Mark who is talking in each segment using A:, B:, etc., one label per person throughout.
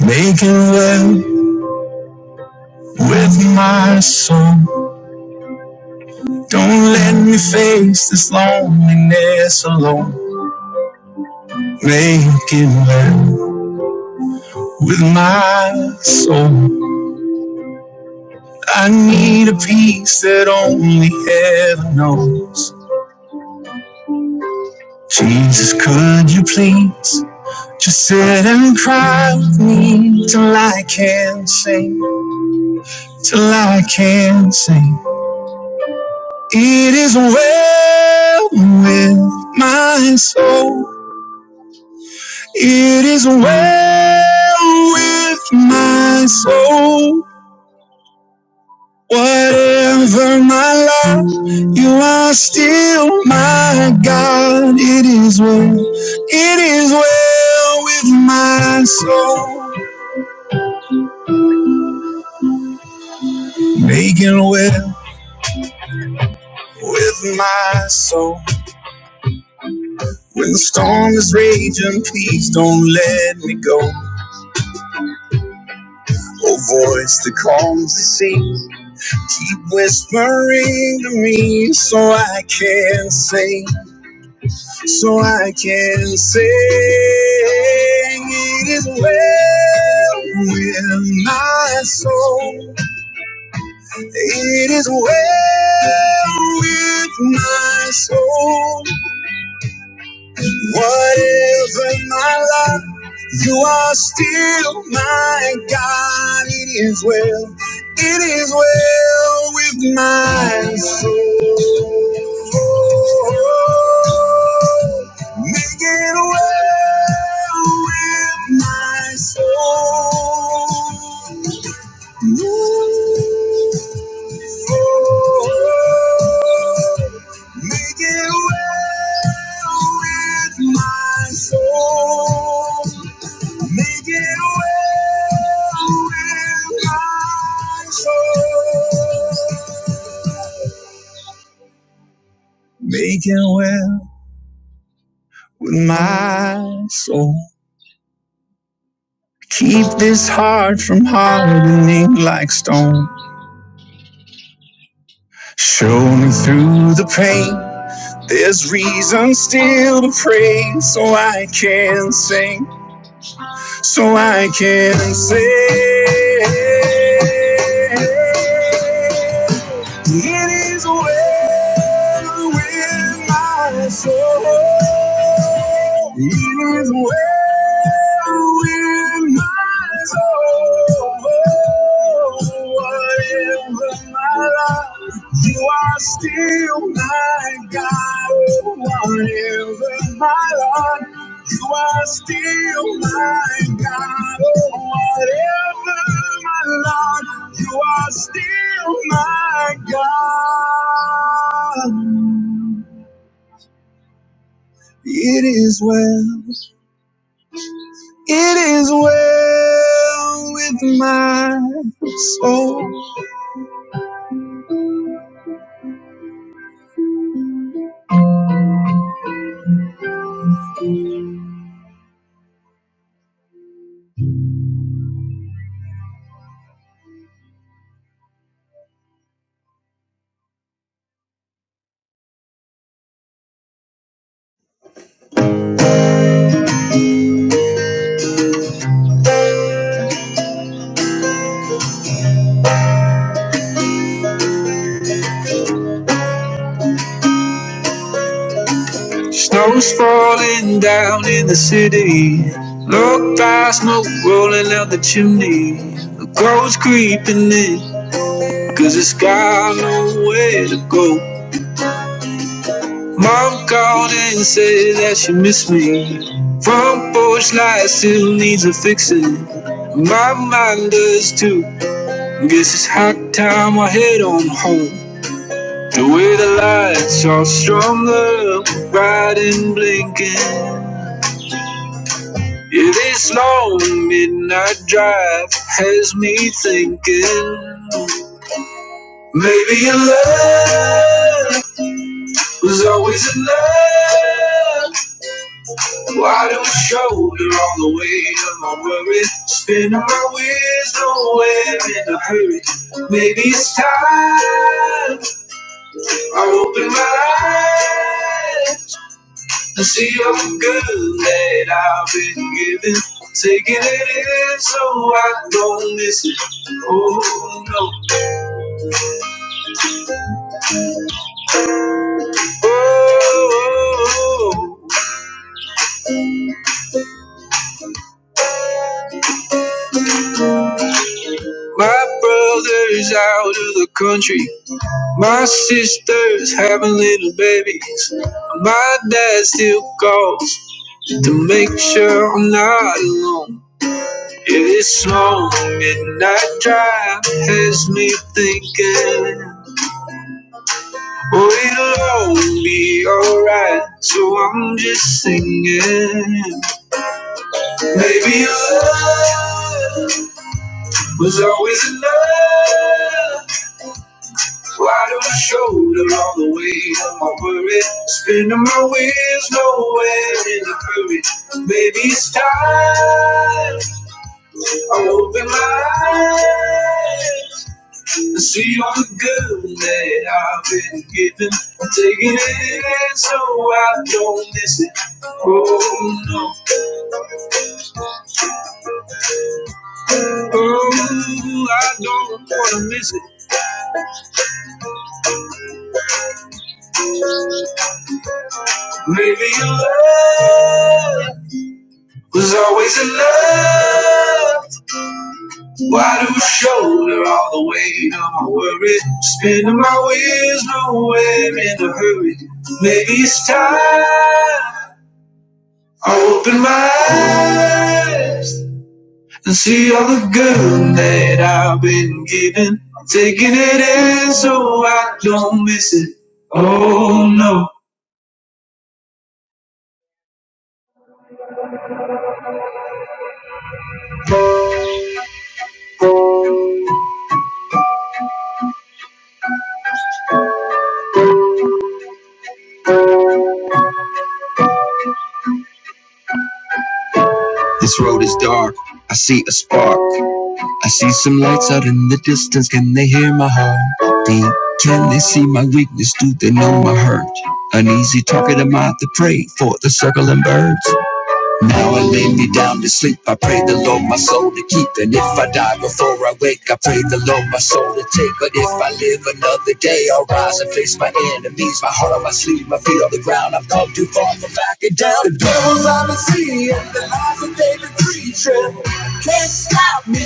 A: Making love with my soul. Don't let me face this loneliness alone. Making love with my soul. I need a peace that only heaven knows. Jesus, could you please just sit and cry with me till I can sing, till I can sing. It is well with my soul. It is well with my soul. Whatever my lot, you are still my God. It is well, it is well with my soul. Making well with my soul. When the storm is raging, please don't let me go. Oh, voice that calms the sea. Keep whispering to me so I can sing, so I can sing. It is well with my soul. It is well with my soul. Whatever my life, you are still my God. It is well. It is well with my soul. Making a way with my soul. Ooh, Making a way with my soul. Making a way with my soul. Making well with my soul. Keep this heart from hardening like stone. Show me through the pain. There's reason still to pray, so I can sing, so I can sing. It is well with my soul. It is well. in my soul. Whatever my life, you are still my God. Whatever my life, you are still my God. Whatever my life, you are still my God. It is well. It is well with my soul. Snow's falling down in the city. Look by smoke rolling out the chimney. The cold's creeping in, cause it's got nowhere to go. Mom called and said that she missed me. Front porch light still needs a fixing. My mind does too. Guess it's high time I head on home. The way the lights are strung up, bright and blinking. Yeah, this long midnight drive has me thinking. Maybe your love was always enough. Why don't you shoulder all the weight of my worry? Spinning my wheels nowhere in a hurry. Maybe it's time I open my eyes. I see all the good that I've been given. Taking it in so I don't miss it. Oh no. Oh, my brother's out of the country. My sister's having little babies. My dad still calls to make sure I'm not alone. Yeah, this long midnight drive has me thinking. Oh, it'll all be alright. So I'm just singing. Maybe love was always enough. Why do I shoulder all the weight of my worry? Spinning my wheels nowhere in a hurry. Maybe it's time I open my eyes. and see all the good that I've been given. I'm taking it in so I don't miss it. Oh, no. Oh, I don't wanna miss it. Maybe your love was always enough. Why do you shoulder all the weight of my worry? Spinning my wheels nowhere in a hurry. Maybe it's time I open my eyes and see all the good that I've been given. Taking it in so I don't miss it. Oh no. This road is dark. I see a spark. I see some lights out in the distance. Can they hear my heart beat? Can they see my weakness? Do they know my hurt? Uneasy talking to mind to pray for the circling birds. Now I lay me down to sleep. I pray the Lord my soul to keep. And if I pray the Lord my soul to take, but if I live another day, I'll rise and face my enemies. My heart on my sleeve, my feet on the ground. I've come too far. Can't stop me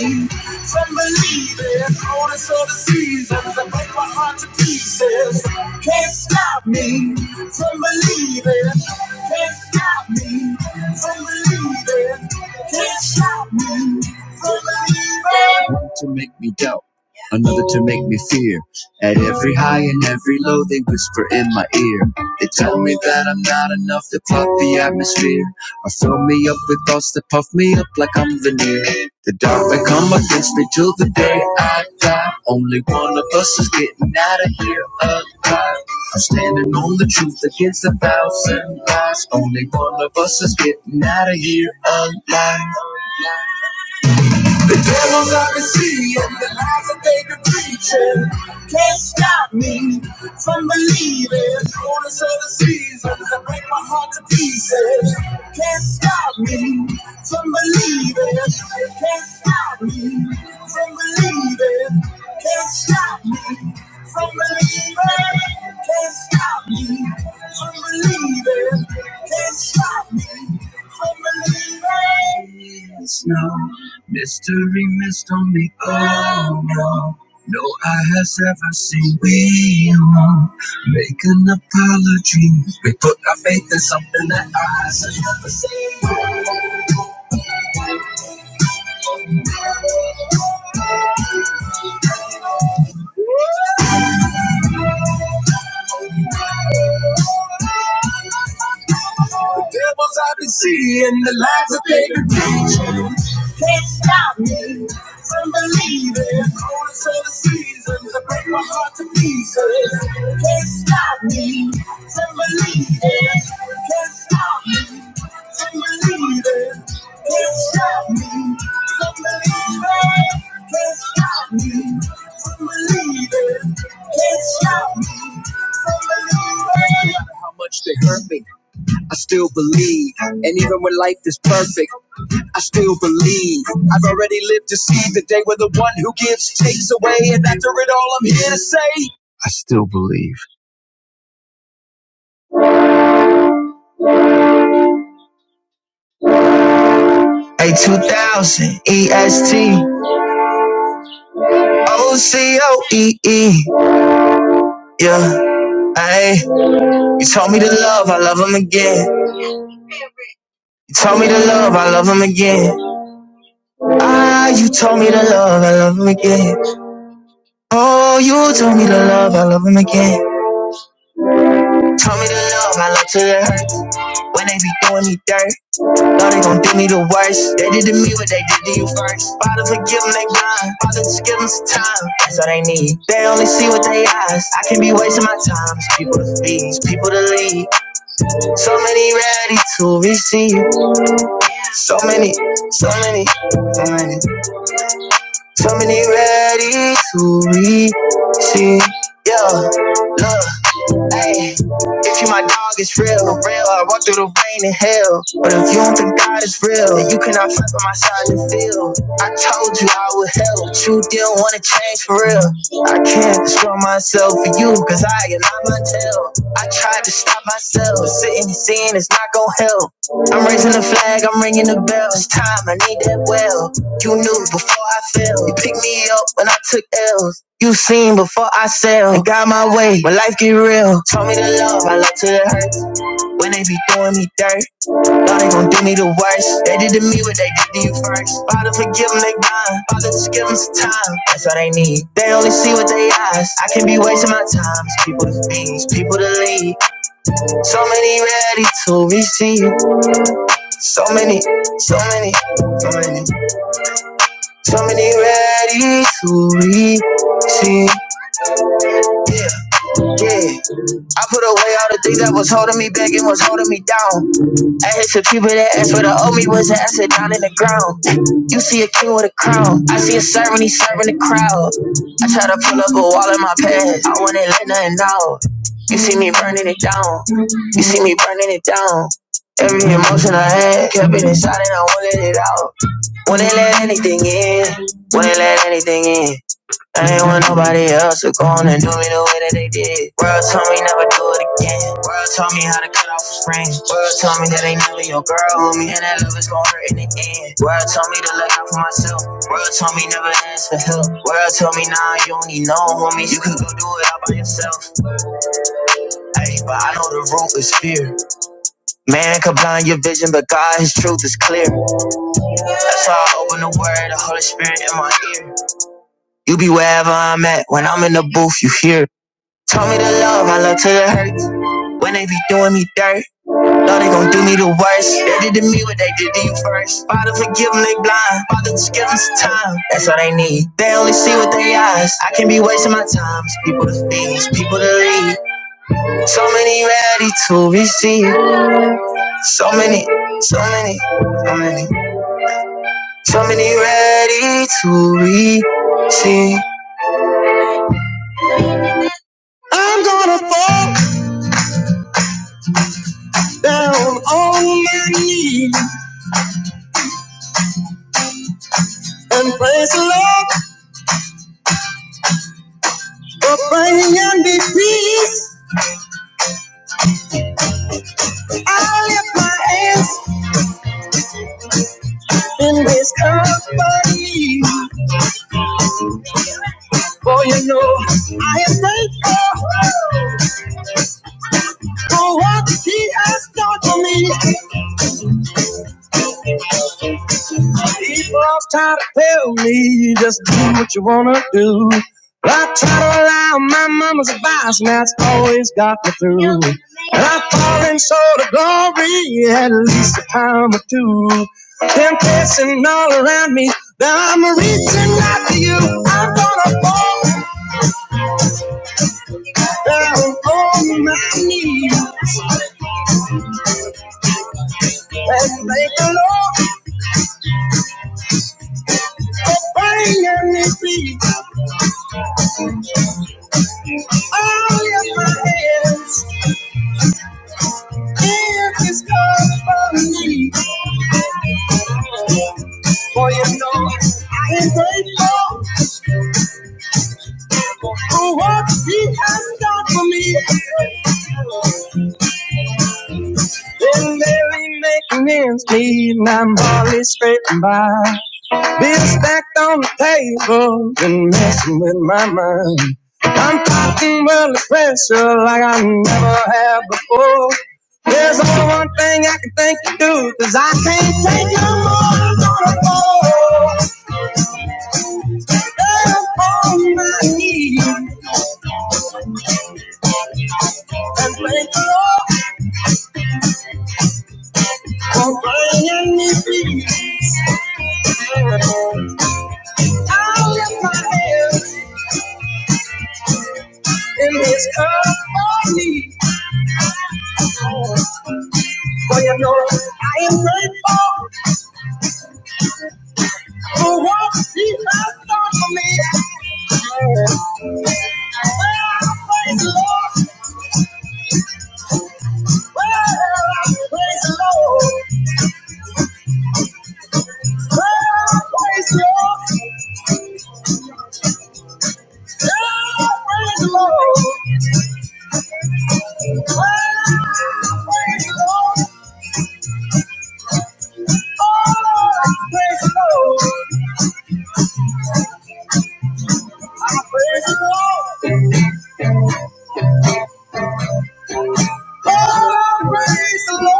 A: from believing. Onus of the seasons that break my heart to pieces. Can't stop me from believing. Can't stop me from believing. Can't stop me from believing. One to make me doubt. Another to make me fear. At every high and every low, they whisper in my ear. They tell me that I'm not enough to pop the atmosphere. I fill me up with thoughts that puff me up like I'm veneer. The dark may come against me till the day I die. Only one of us is getting out of here alive. I'm standing on the truth against a thousand lies. Only one of us is getting out of here alive. The devils I've been seeing, the lies that they've been preaching, can't stop me from believing. Corners of the seasons that break my heart to pieces, can't stop me from believing. Can't stop me from believing. Can't stop me from believing, can't stop me. From believing, can't stop me. From believing, is no mystery missed on me. Oh no. No eye has ever seen. We won't make an apology. We put our faith in something that eyes have seen. The devils I be seeing, the lies that they be preaching, can't stop me from believing. Only certain seasons that break my heart to pieces. Can't stop me from believing. Can't stop me from believing. Can't stop me from believing. Can't stop me from believing. Can't stop me from believing. No matter How much they hurt me. I still believe. And even when life is perfect, I still believe. I've already lived to see the day where the one who gives takes away. And after it all, I'm here to say, I still believe. A2000 EST OCOEE. Yeah, ayy. You told me to love, I love him again. You told me to love, I love him again. Ah, you told me to love, I love him again. Oh, you told me to love, I love him again. Told me to love, I love to love. When they be doing me dirt, know they gon' do me the worst. They did to me what they did to you first. Father, forgive them, they blind. Father, just give them some time. That's all they need. They only see with their eyes. I can be wasting my time. People to feed, people to lead. So many ready to receive. So many, so many, so many. So many ready to receive. Yeah, love. Ay, if you my dog, it's real, real. I walk through the rain and hell. But if you don't think God is real, then you cannot fight by my side in the field. I told you I would help, but you didn't want to change for real. I can't destroy myself for you, cause I am not my tail. I tried to stop myself, but sitting and seeing is not gonna help. I'm raising the flag, I'm ringing the bell. It's time, I need that well. You knew before I fell. You picked me up when I took L's. You seen before I sail, and got my way when life get real. Told me to love, I love till it hurts. When they be doing me dirt, God they gon' do me the worst. They did to me what they did to you first. Father forgive them, they gone. Father just give them some time. That's all they need. They only see with their eyes. I can be wasting my time. It's people to feed, it's people to lead. So many ready to receive. So many, so many, so many, so many ready to receive. Yeah. I put away all the things that was holding me back and was holding me down. I had some people that asked where the owe me was at. I said down in the ground. You see a king with a crown. I see a servant, he's serving the crowd. I try to pull up a wall in my past. I wouldn't let nothing out. You see me burning it down. You see me burning it down. Every emotion I had kept it inside and I won't let it out. Wouldn't let anything in. Wouldn't let anything in. I ain't want nobody else to go on and do me the way that they did. World told me never do it again. World told me how to cut off the spring. World told me that ain't never your girl, homie. And that love is gonna hurt in the end. World told me to look out for myself. World told me never ask for help. World told me nah, you don't need no homie. You could go do it all by yourself. Hey, but I know the root is fear. Man can blind your vision, but God, His truth is clear. That's why I open the Word, the Holy Spirit in my ear. You be wherever I'm at. When I'm in the booth, you hear. it. Told me to love, I love till it hurts. When they be doing me dirt, Lord, they gon' do me the worst. They did to me what they did to you first. Father, forgive them, they blind. Father, just give them some time. That's all they need. They only see with their eyes. I can not be wasting my time. It's people to feed, it's people to lead. So many ready to receive. So many, so many, so many, so many ready to receive. I'm gonna fall down on my knees and praise the Lord. Abiding and be peace. I lift my hands in this company. For you know, I am thankful for what He has done for me. people. Tell me you just do what you wanna do. I try to allow my mama's advice, and that's always got me through. And I fall in short of glory at least a time or two. Temptation all around me, now I'm reaching out to you. I know that I need you, and thank the Lord for bringing me peace. All of my hands, give this cup from me. For you know, I am grateful for what he has done for me. Lord, I'm gonna fall down on my knees and thank the for bringing me peace. I lift my hands in this cup of need. For you know, I am grateful for what Jesus has done for me. Well, praise the Lord. Well, praise the Lord. Well, praise the Lord. Well, praise the Lord. Well, praise the Lord. Oh, praise the Lord. Well, I praise the Lord. Oh, praise the Lord.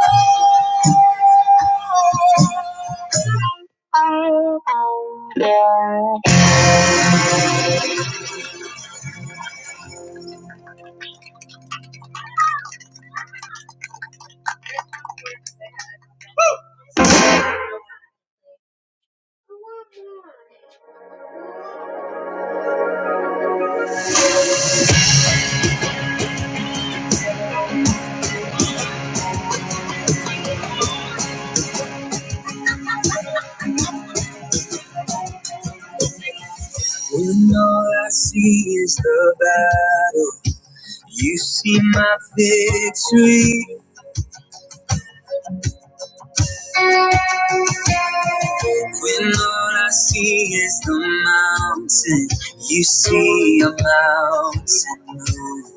A: When all I see is the battle, you see my victory. When all I see is the mountain, you see a mountain. move.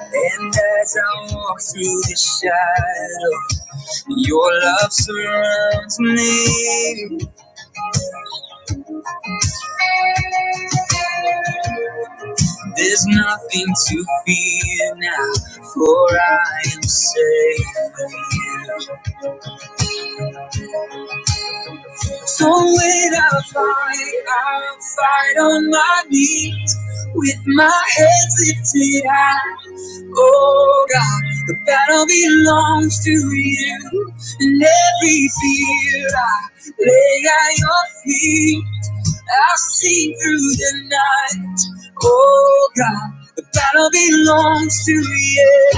A: And as I walk through the shadow, Your love surrounds me. There's nothing to fear now, for I am safe. with you. So when I fight, I'll fight on my knees with my head lifted high. Oh God, the battle belongs to you, and every fear I lay at your feet. i will seen through the night. Oh God, the battle belongs to you.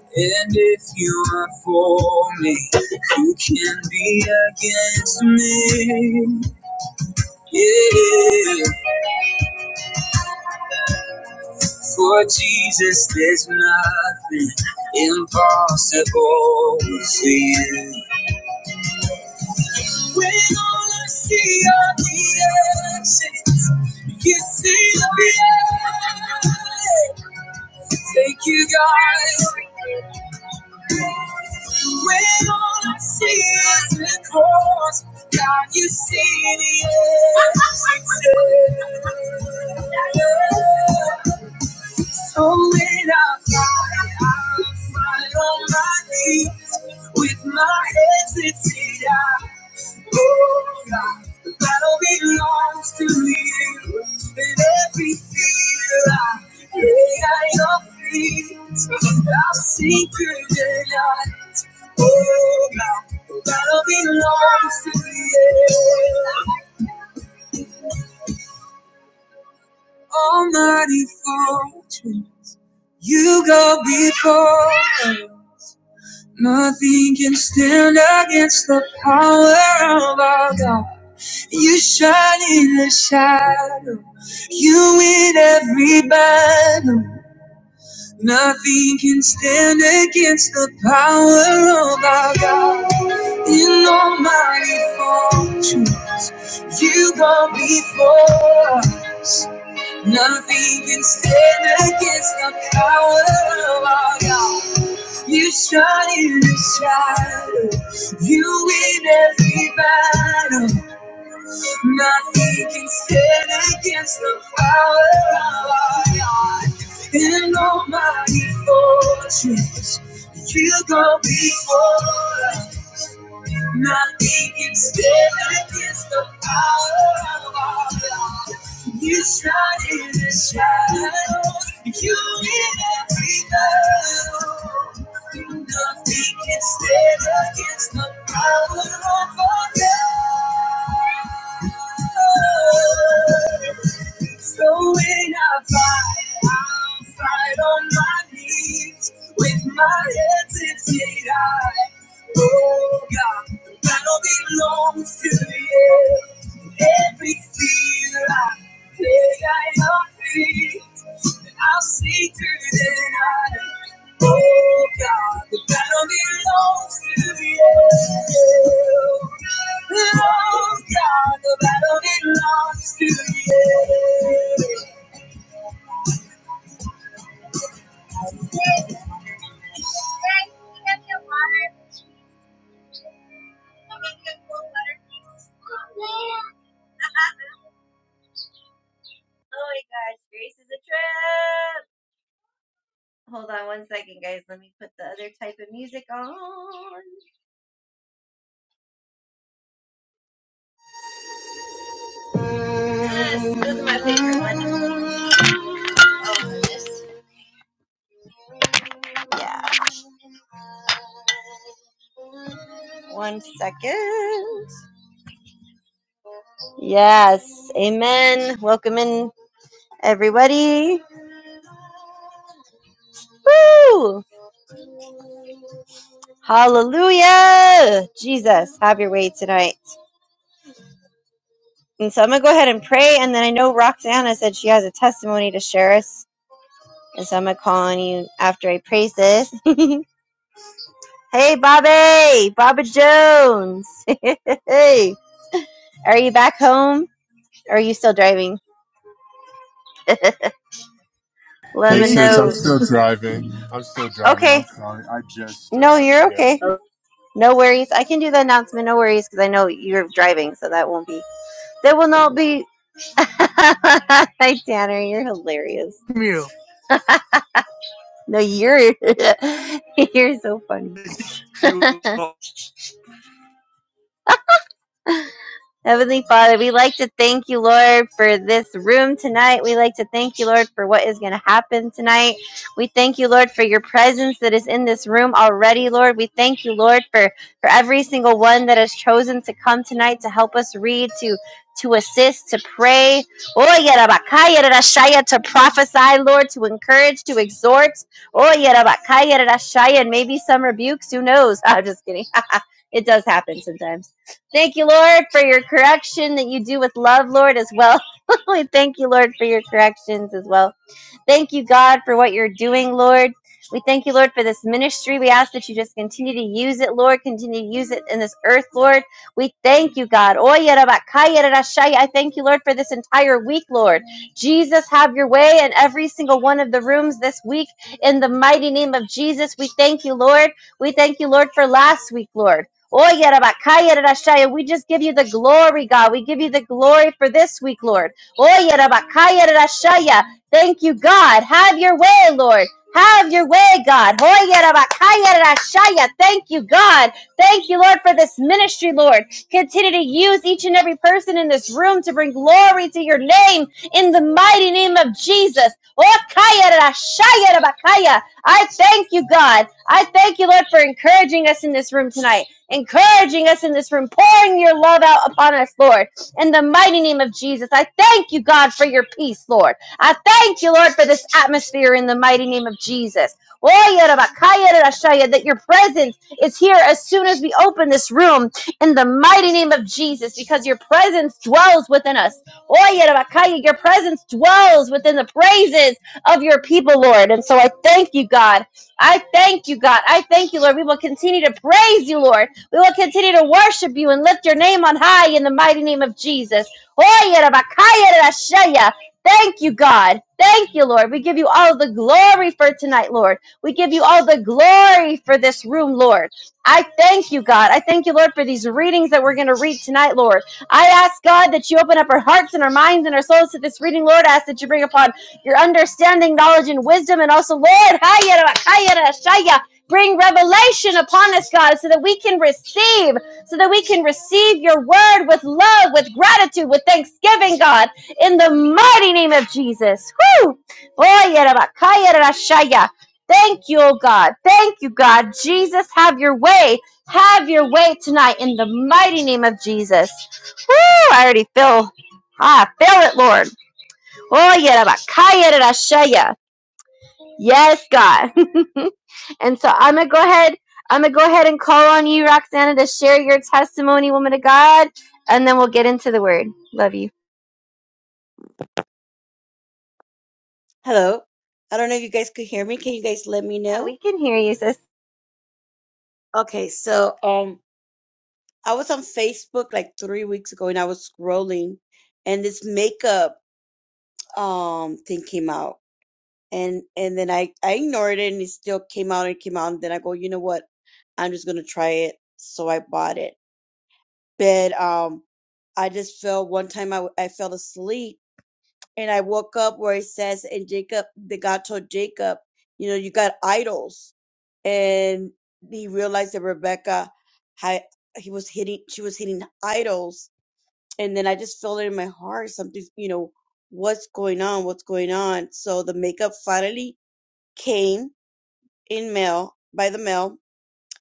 A: And if you are for me, who can be against me? Yeah, for Jesus, there's nothing impossible for you. When all I see are the ashes, you see the reality. Thank you, God. When all I see is the cross, God, you see the end. So when I fly, I'll fly on my knee with my hesitation. God, The battle belongs to you. And every fear I lay at your feet, I'll sink you denied. Oh God, the battle belongs to you. Almighty fortune, you go before. us. Nothing can stand against the power of our God. You shine in the shadow. You win every battle. Nothing can stand against the power of our God. In almighty fortunes, you go before us. Nothing can stand against the power of our God. You shine in the shadow. You win every battle. Nothing can stand against the power of our God. In almighty fortress, you go before us. Nothing can stand against the power of our God. You shine in the shadows. You in every battle. Nothing can stand against the power of our God. So when I fight, I'll fight on my knees with my head lifted high. Oh God, the battle belongs to you. Every fear I think I am free, I'll see through the night. Oh God, the battle belongs to you. Oh God, the battle belongs to you. Oh my gosh, grace is a trip. Hold on one second, guys. Let me put the other type of music on. Yes, this is my favorite one. Oh, this. Yeah. One second. Yes. Amen. Welcome in, everybody. Woo! Hallelujah! Jesus, have your way tonight. And so I'm going to go ahead and pray. And then I know Roxana said she has a testimony to share us. And so I'm going to call on you after I praise this. Hey, Bobby, Bobby Jones. hey, are you back home? Or are you still driving? Let
B: Hey Hey
A: me
B: sis, I'm
A: know.
B: still sis, driving. I'm still driving. I'm
A: Okay.
B: sorry. I just
A: No,
B: uh
A: you're
B: yeah.
A: okay. No worries. I can do the announcement. No worries, because I know you're driving, so that won't be. That will not be. Hi, Tanner. You're hilarious.
B: come
A: No, you're you're so funny.
B: you.
A: Heavenly Father, we like to thank you, Lord, for this room tonight. We like to thank you, Lord, for what is going to happen tonight. We thank you, Lord, for your presence that is in this room already, Lord. We thank you, Lord, for, for every single one that has chosen to come tonight to help us read, to to assist, to pray, Oye, Rabakaya, Rarashaya, to prophesy, Lord, to encourage, to exhort. Oye, Rabakaya, Rarashaya, and maybe some rebukes, who knows? I'm just kidding. it does happen sometimes. Thank you, Lord, for your correction that you do with love, Lord, as well. we thank you, Lord, for your corrections as well. Thank you, God, for what you're doing, Lord. We thank you, Lord, for this ministry. We ask that you just continue to use it, Lord. Continue to use it in this earth, Lord. We thank you, God. Oye, rabakaya, rarashaya. I thank you, Lord, for this entire week, Lord. Jesus, have your way in every single one of the rooms this week. In the mighty name of Jesus, we thank you, Lord. We thank you, Lord, for last week, Lord. Oye, rabakaya, rarashaya. We just give you the glory, God. We give you the glory for this week, Lord. Oye, rabakaya, rarashaya. Thank you, God. Have your way, Lord. Have your way, God. Hoyerabakayerashaya. Thank you, God. Thank you, Lord, for this ministry, Lord. Continue to use each and every person in this room to bring glory to your name in the mighty name of Jesus. Okayerashayerabakaya. I thank you, God. I thank you, Lord, for encouraging us in this room tonight, encouraging us in this room, pouring your love out upon us, Lord. In the mighty name of Jesus, I thank you, God, for your peace, Lord. I thank you, Lord, for this atmosphere in the mighty name of Jesus. That your presence is here as soon as we open this room in the mighty name of Jesus, because your presence dwells within us. Your presence dwells within the praises of your people, Lord. And so I thank you, God. I thank you, God. I thank you, Lord. We will continue to praise you, Lord. We will continue to worship you and lift your name on high in the mighty name of Jesus. Thank you, God. Thank you, Lord. We give you all the glory for tonight, Lord. We give you all the glory for this room, Lord. I thank you, God. I thank you, Lord, for these readings that we're going to read tonight, Lord. I ask, God, that you open up our hearts and our minds and our souls to this reading, Lord. I ask that you bring upon your understanding, knowledge, and wisdom. And also, Lord, hayara, hayara, shaya, bring revelation upon us, God, so that we can receive, so that we can receive your word with love, with gratitude, with thanksgiving, God in the mighty name of Jesus. Woo! Oh, yerabakaya rashaya. Thank you, oh God. Thank you, God. Jesus, have your way. Have your way tonight in the mighty name of Jesus. Woo! I already feel, ah, I feel it, Lord. Oh, yerabakaya rashaya. Yes, God. and so I'm going to go ahead. I'm going to go ahead and call on you, Roxana, to share your testimony, woman of God, and then we'll get into the word. Love you.
C: Hello. I don't know if you guys could hear me. Can you guys let me
A: Yeah,
C: know?
A: we can hear you, sis.
C: Okay, so um I was on Facebook like three weeks ago and I was scrolling and this makeup um thing came out. And and then I, I ignored it and it still came out and came out and then I go, you know what? I'm just gonna try it. So I bought it. But um I just fell one time I w- I fell asleep and I woke up where it says, and Jacob, the God told Jacob, you know, you got idols. And he realized that Rebecca had, he was hitting, she was hitting idols. And then I just felt it in my heart, something, you know, what's going on? What's going on? So the makeup finally came in mail, by the mail.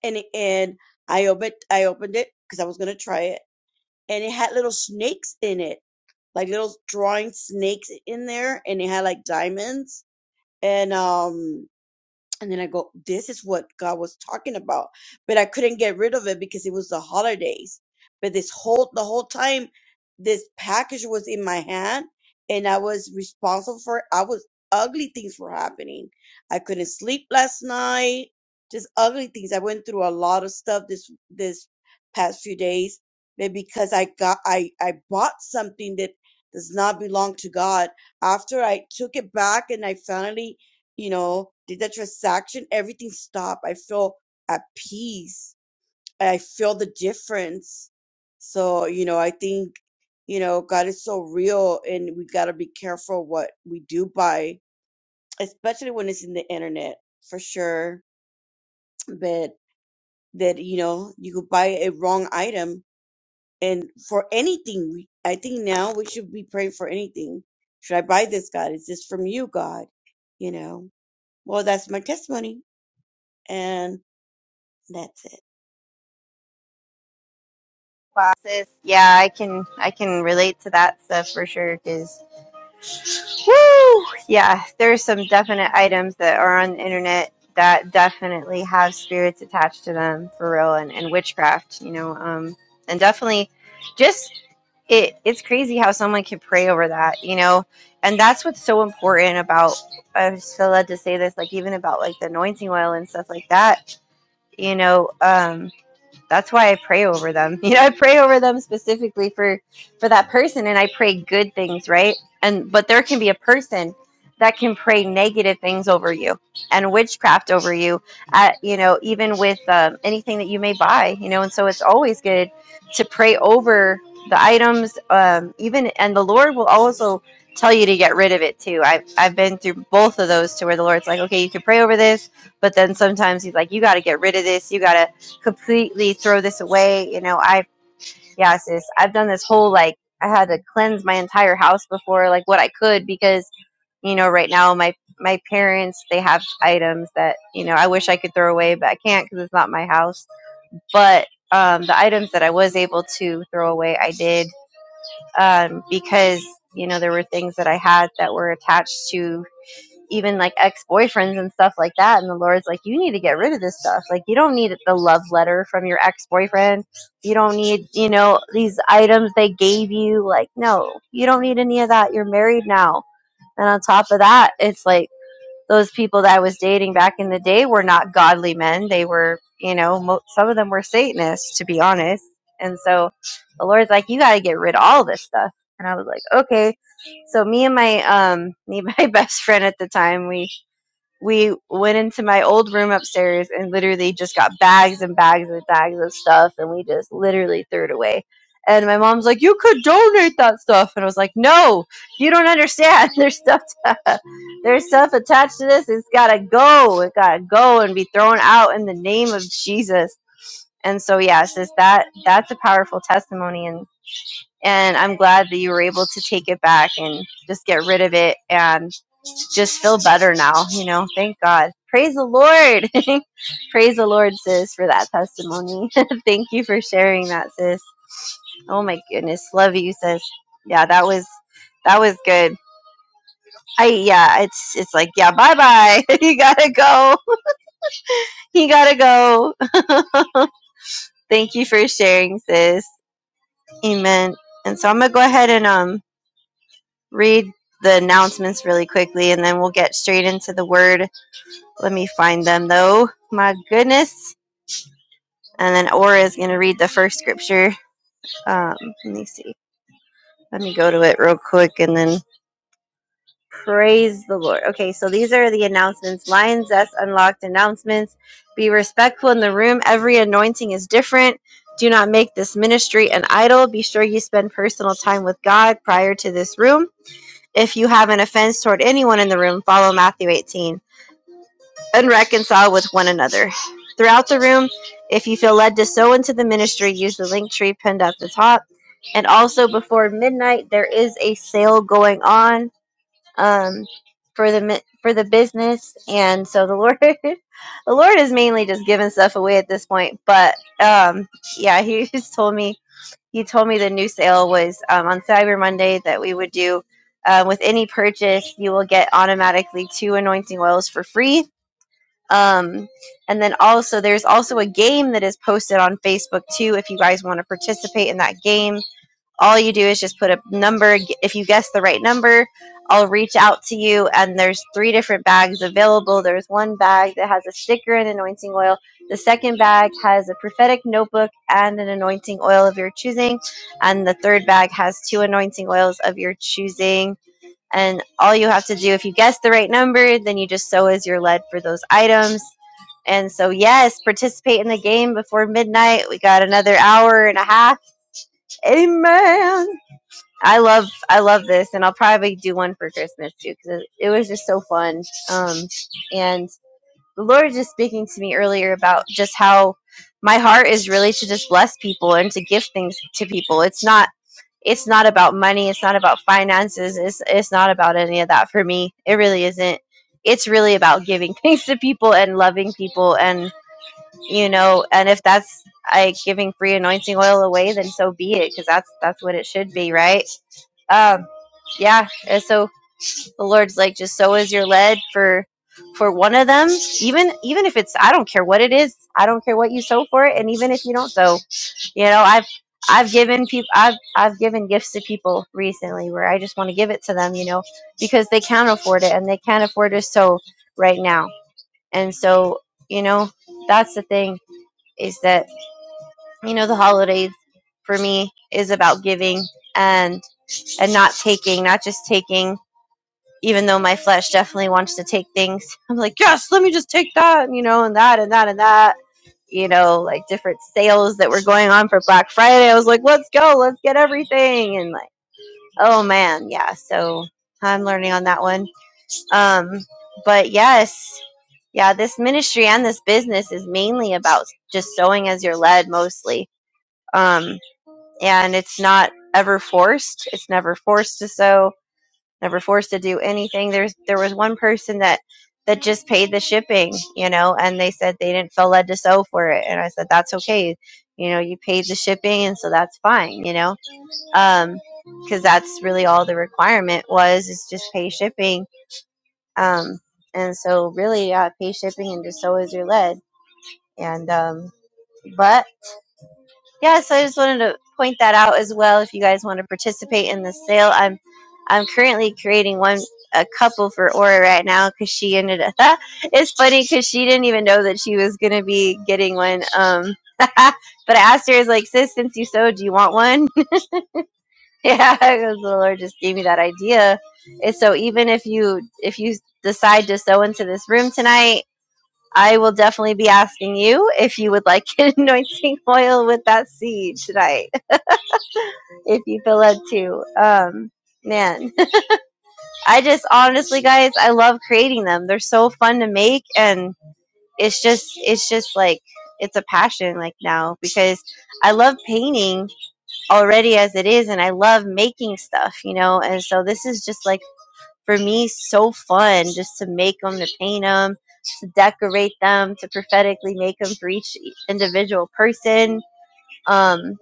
C: And, it- and I opened, I opened it because I was going to try it. And it had little snakes in it, like little drawing snakes in there. And it had like diamonds and um and then i go this is what god was talking about but i couldn't get rid of it because it was the holidays but this whole the whole time this package was in my hand and i was responsible for it. i was ugly things were happening i couldn't sleep last night just ugly things i went through a lot of stuff this this past few days but because i got i i bought something that does not belong to god after i took it back and i finally you know, did that transaction, everything stopped. I feel at peace. I feel the difference. So, you know, I think, you know, God is so real and we got to be careful what we do buy, especially when it's in the internet for sure. But that, you know, you could buy a wrong item and for anything, we- I think now we should be praying for anything. Should I buy this, God? Is this from you, God? You know, well, that's my testimony. And That's it.
A: classes. Yeah, I can I can relate to that stuff for sure. Cause yeah, there's some definite items that are on the internet that definitely have spirits attached to them for real, and, and witchcraft. You know, um, and definitely just it. It's crazy how someone can pray over that. You know, and that's what's so important about. I just feel led to say this, like even about like the anointing oil and stuff like that. You know, Um that's why I pray over them. You know, I pray over them specifically for for that person and I pray good things, right? And but there can be a person that can pray negative things over you and witchcraft over you at you know even with um, anything that you may buy you know and so it's always good to pray over the items um, even and the lord will also tell you to get rid of it too I've, I've been through both of those to where the lord's like okay you can pray over this but then sometimes he's like you got to get rid of this you got to completely throw this away. You know, I've, yeah, sis, I've done this whole like, I had to cleanse my entire house before, like what I could, because, you know, right now my, my parents, they have items that, you know, I wish I could throw away, but I can't because it's not my house. But um, the items that I was able to throw away, I did um, because, you know, there were things that I had that were attached to even like ex-boyfriends and stuff like that and the lord's like you need to get rid of this stuff like you don't need the love letter from your ex-boyfriend you don't need you know these items they gave you like no you don't need any of that you're married now and on top of that it's like those people that i was dating back in the day were not godly men they were you know mo- some of them were satanists to be honest and so the lord's like you got to get rid of all this stuff and i was like okay so me and my um me and my best friend at the time we we went into my old room upstairs and literally just got bags and bags and bags of stuff and we just literally threw it away. And my mom's like, You could donate that stuff and I was like, No, you don't understand. There's stuff to, there's stuff attached to this. It's gotta go. It gotta go and be thrown out in the name of Jesus. And so yeah, sis, that that's a powerful testimony and and I'm glad that you were able to take it back and just get rid of it and just feel better now, you know. Thank God. Praise the Lord. Praise the Lord, sis, for that testimony. Thank you for sharing that, sis. Oh my goodness. Love you, sis. Yeah, that was that was good. I yeah, it's it's like, yeah, bye bye. you gotta go. You gotta go. Thank you for sharing, sis. Amen. And so I'm gonna go ahead and um read the announcements really quickly and then we'll get straight into the word. Let me find them though. My goodness. And then Aura is going to read the first scripture. Um, let me see. Let me go to it real quick and then praise the Lord. Okay, so these are the announcements. Lions S unlocked announcements. Be respectful in the room. Every anointing is different. Do not make this ministry an idol. Be sure you spend personal time with God prior to this room. If you have an offense toward anyone in the room, follow Matthew 18. and reconcile with one another. Throughout the room, if you feel led to sow into the ministry, use the link tree pinned at the top. And also before midnight, there is a sale going on um, for the mi- for the business, and so the Lord, the Lord is mainly just giving stuff away at this point. But um, yeah, He just told me He told me the new sale was um, on Cyber Monday that we would do. Uh, with any purchase, you will get automatically two anointing oils for free um, and then also, there's also a game that is posted on Facebook too. If you guys want to participate in that game, all you do is just put a number. If you guess the right number, I'll reach out to you. And there's three different bags available. There's one bag that has a sticker and anointing oil. The second bag has a prophetic notebook and an anointing oil of your choosing. And the third bag has two anointing oils of your choosing and all you have to do, if you guess the right number, then you just sow as your lead for those items. And so, yes, participate in the game before midnight. We got another hour and a half. Amen. I love, I love this, and I'll probably do one for Christmas too because it, it was just so fun. Um, and the Lord was just speaking to me earlier about just how my heart is really to just bless people and to give things to people. It's not it's not about money it's not about finances it's it's not about any of that for me it really isn't it's really about giving things to people and loving people and you know and if that's like giving free anointing oil away then so be it because that's that's what it should be right um yeah and so the lord's like just so is your lead for for one of them even even if it's i don't care what it is i don't care what you sow for it and even if you don't sow you know, I've I've given people I've I've given gifts to people recently where I just want to give it to them, you know, because they can't afford it and they can't afford to sew right now. And so, you know, that's the thing is that you know the holidays for me is about giving and and not taking, not just taking even though my flesh definitely wants to take things. I'm like, "Yes, let me just take that," you know, and that and that and that you know, like different sales that were going on for Black Friday. I was like, let's go, let's get everything. And like, oh man, yeah. So I'm learning on that one. Um, but yes, yeah, this ministry and this business is mainly about just sewing as you're led mostly. Um, and it's not ever forced, it's never forced to sew never forced to do anything. There's there was one person that that just paid the shipping, you know, and they said they didn't feel led to sew for it, and I said that's okay, you know, you paid the shipping, and so that's fine, you know, um, because that's really all the requirement was is just pay shipping, um, and so really uh, pay shipping and just sew as you're led, and um, but yeah, so I just wanted to point that out as well. If you guys want to participate in the sale, I'm I'm currently creating one a couple for Aura right now because she ended up. it's funny because she didn't even know that she was gonna be getting one. Um, but I asked her, "Is like, sis, since you sewed, do you want one?" yeah, because the Lord just gave me that idea. And so even if you if you decide to sew into this room tonight. I will definitely be asking you if you would like an anointing oil with that seed tonight if you feel led to. Um, man, I just honestly, guys, I love creating them. They're so fun to make, and it's just, it's just like it's a passion like now because I love painting already as it is, and I love making stuff, you know. And so this is just like for me so fun just to make them, to paint them, to decorate them, to prophetically make them for each individual person. Um,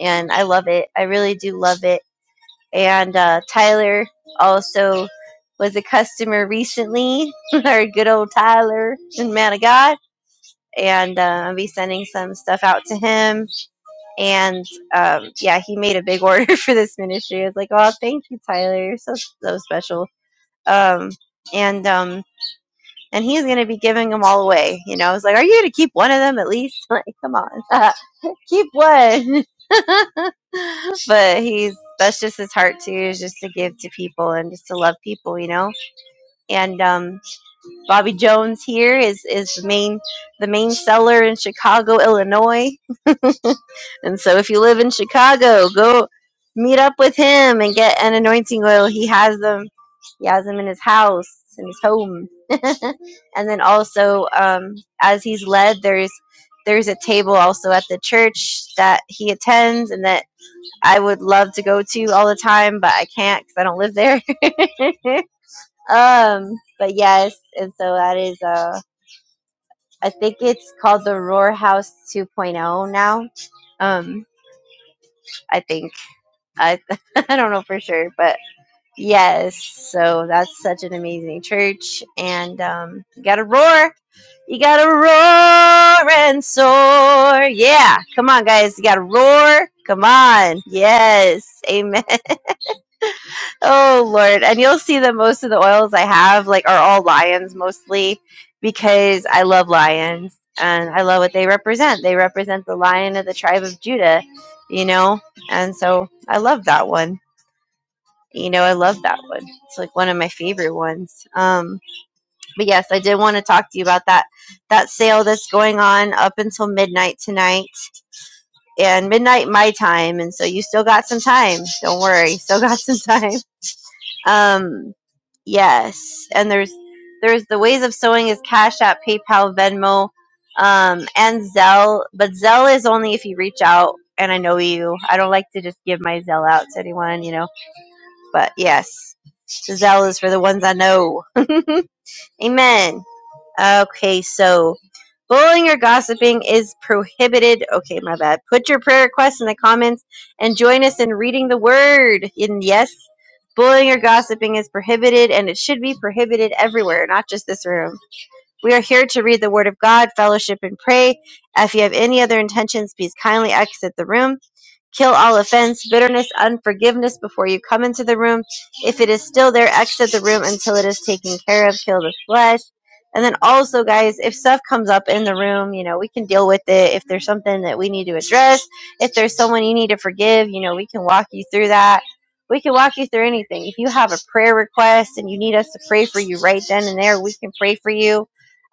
A: and I love it. I really do love it and uh, Tyler also was a customer recently. Our good old Tyler, man of God, and uh, I'll be sending some stuff out to him. And um, yeah, he made a big order for this ministry. I was like, "Oh, thank you, Tyler. You're so so special." Um, and um, and he's gonna be giving them all away. You know, I was like, "Are you gonna keep one of them at least? Like, come on, keep one." but he's that's just his heart too is just to give to people and just to love people you know and um, bobby jones here is is the main the main seller in chicago illinois and so if you live in chicago go meet up with him and get an anointing oil he has them he has them in his house in his home and then also um, as he's led there's there's a table also at the church that he attends and that I would love to go to all the time, but I can't because I don't live there. um, but yes, and so that is uh, I think it's called the Roar House 2.0 now. Um, I think I I don't know for sure, but yes, so that's such an amazing church, and um, you gotta roar. You gotta roar and soar. Yeah. Come on, guys. You gotta roar. Come on. Yes. Amen. Oh Lord. And you'll see that most of the oils I have like are all lions mostly because I love lions and I love what they represent. They represent the lion of the tribe of Judah, you know? And so I love that one. You know, I love that one. It's like one of my favorite ones. Um but yes, I did want to talk to you about that that sale that's going on up until midnight tonight and midnight my time and so you still got some time. Don't worry. Still got some time. Um, yes, and there's there's the ways of sewing is Cash App, PayPal, Venmo, um, and Zelle. But Zelle is only if you reach out and I know you. I don't like to just give my Zelle out to anyone, you know. But yes, Zelle is for the ones I know. Amen. Okay, so bullying or gossiping is prohibited. Okay, my bad. Put your prayer requests in the comments and join us in reading the word. And yes, bullying or gossiping is prohibited and it should be prohibited everywhere, not just this room. We are here to read the word of God, fellowship, and pray. If you have any other intentions, please kindly exit the room. Kill all offense, bitterness, unforgiveness before you come into the room. If it is still there, exit the room until it is taken care of. Kill the flesh. And then also, guys, if stuff comes up in the room, you know, we can deal with it. If there's something that we need to address, if there's someone you need to forgive, you know, we can walk you through that. We can walk you through anything. If you have a prayer request and you need us to pray for you right then and there, we can pray for you.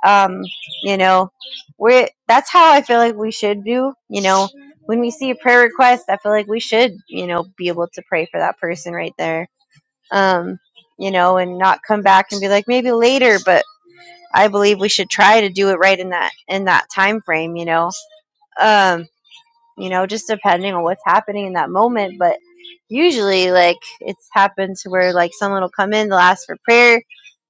A: Um, you know, we're that's how I feel like we should do. You know, when we see a prayer request, I feel like we should, you know, be able to pray for that person right there. Um, you know, and not come back and be like maybe later, but I believe we should try to do it right in that in that time frame, you know. Um, you know, just depending on what's happening in that moment, but usually like it's happened to where like someone will come in, they'll ask for prayer,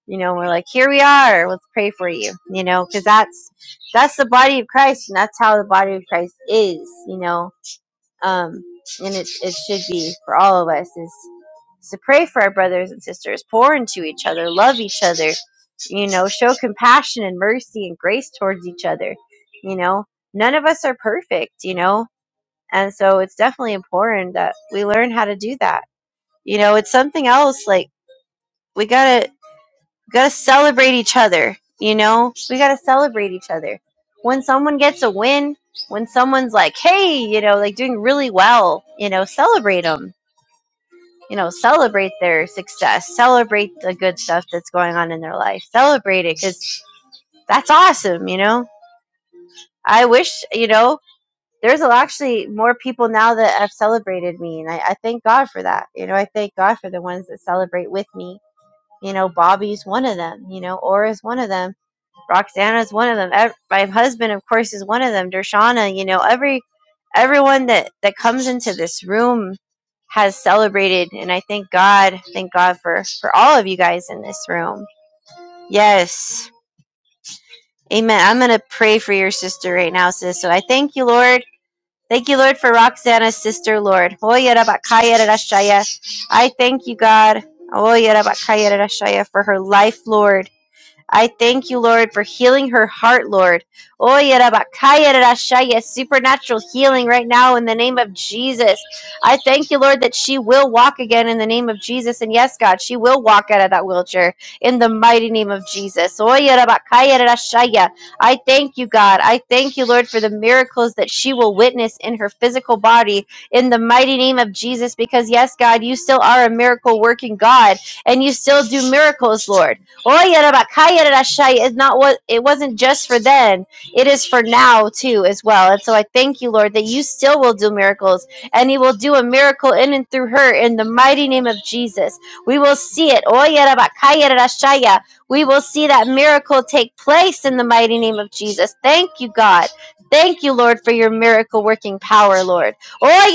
A: you know, and we're like, "Here we are. Let's pray for you." You know, cuz that's that's the body of Christ and that's how the body of Christ is, you know um, and it, it should be for all of us is to pray for our brothers and sisters pour into each other love each other you know show compassion and mercy and grace towards each other you know none of us are perfect you know and so it's definitely important that we learn how to do that you know it's something else like we gotta gotta celebrate each other you know we gotta celebrate each other when someone gets a win when someone's like hey you know like doing really well you know celebrate them. you know celebrate their success celebrate the good stuff that's going on in their life celebrate it because that's awesome you know i wish you know there's actually more people now that have celebrated me and I, I thank god for that you know i thank god for the ones that celebrate with me you know bobby's one of them you know aura's one of them roxana's one of them ev- my husband of course is one of them dershana you know every everyone that that comes into this room has celebrated and i thank god thank god for for all of you guys in this room yes amen i'm gonna pray for your sister right now sis so i thank you lord thank you lord for roxana's sister lord i thank you god for her life lord I thank you, Lord, for healing her heart, Lord. Oy, Rabakaya, Rashaya, Supernatural healing right now in the name of Jesus. I thank you, Lord, that she will walk again in the name of Jesus. And yes, God, she will walk out of that wheelchair in the mighty name of Jesus. Oy, Rabakaya, Rashaya. I thank you, God. I thank you, Lord, for the miracles that she will witness in her physical body in the mighty name of Jesus. Because yes, God, you still are a miracle working God and you still do miracles, Lord. Oh, Rabakaya It's not what it wasn't just for then. It is for now too as well. And so I thank you, Lord, that you still will do miracles and you will do a miracle in and through her in the mighty name of Jesus. We will see it. Oh, Rashaya. We will see that miracle take place in the mighty name of Jesus. Thank you, God. Thank you, Lord, for your miracle working power, Lord. Oh,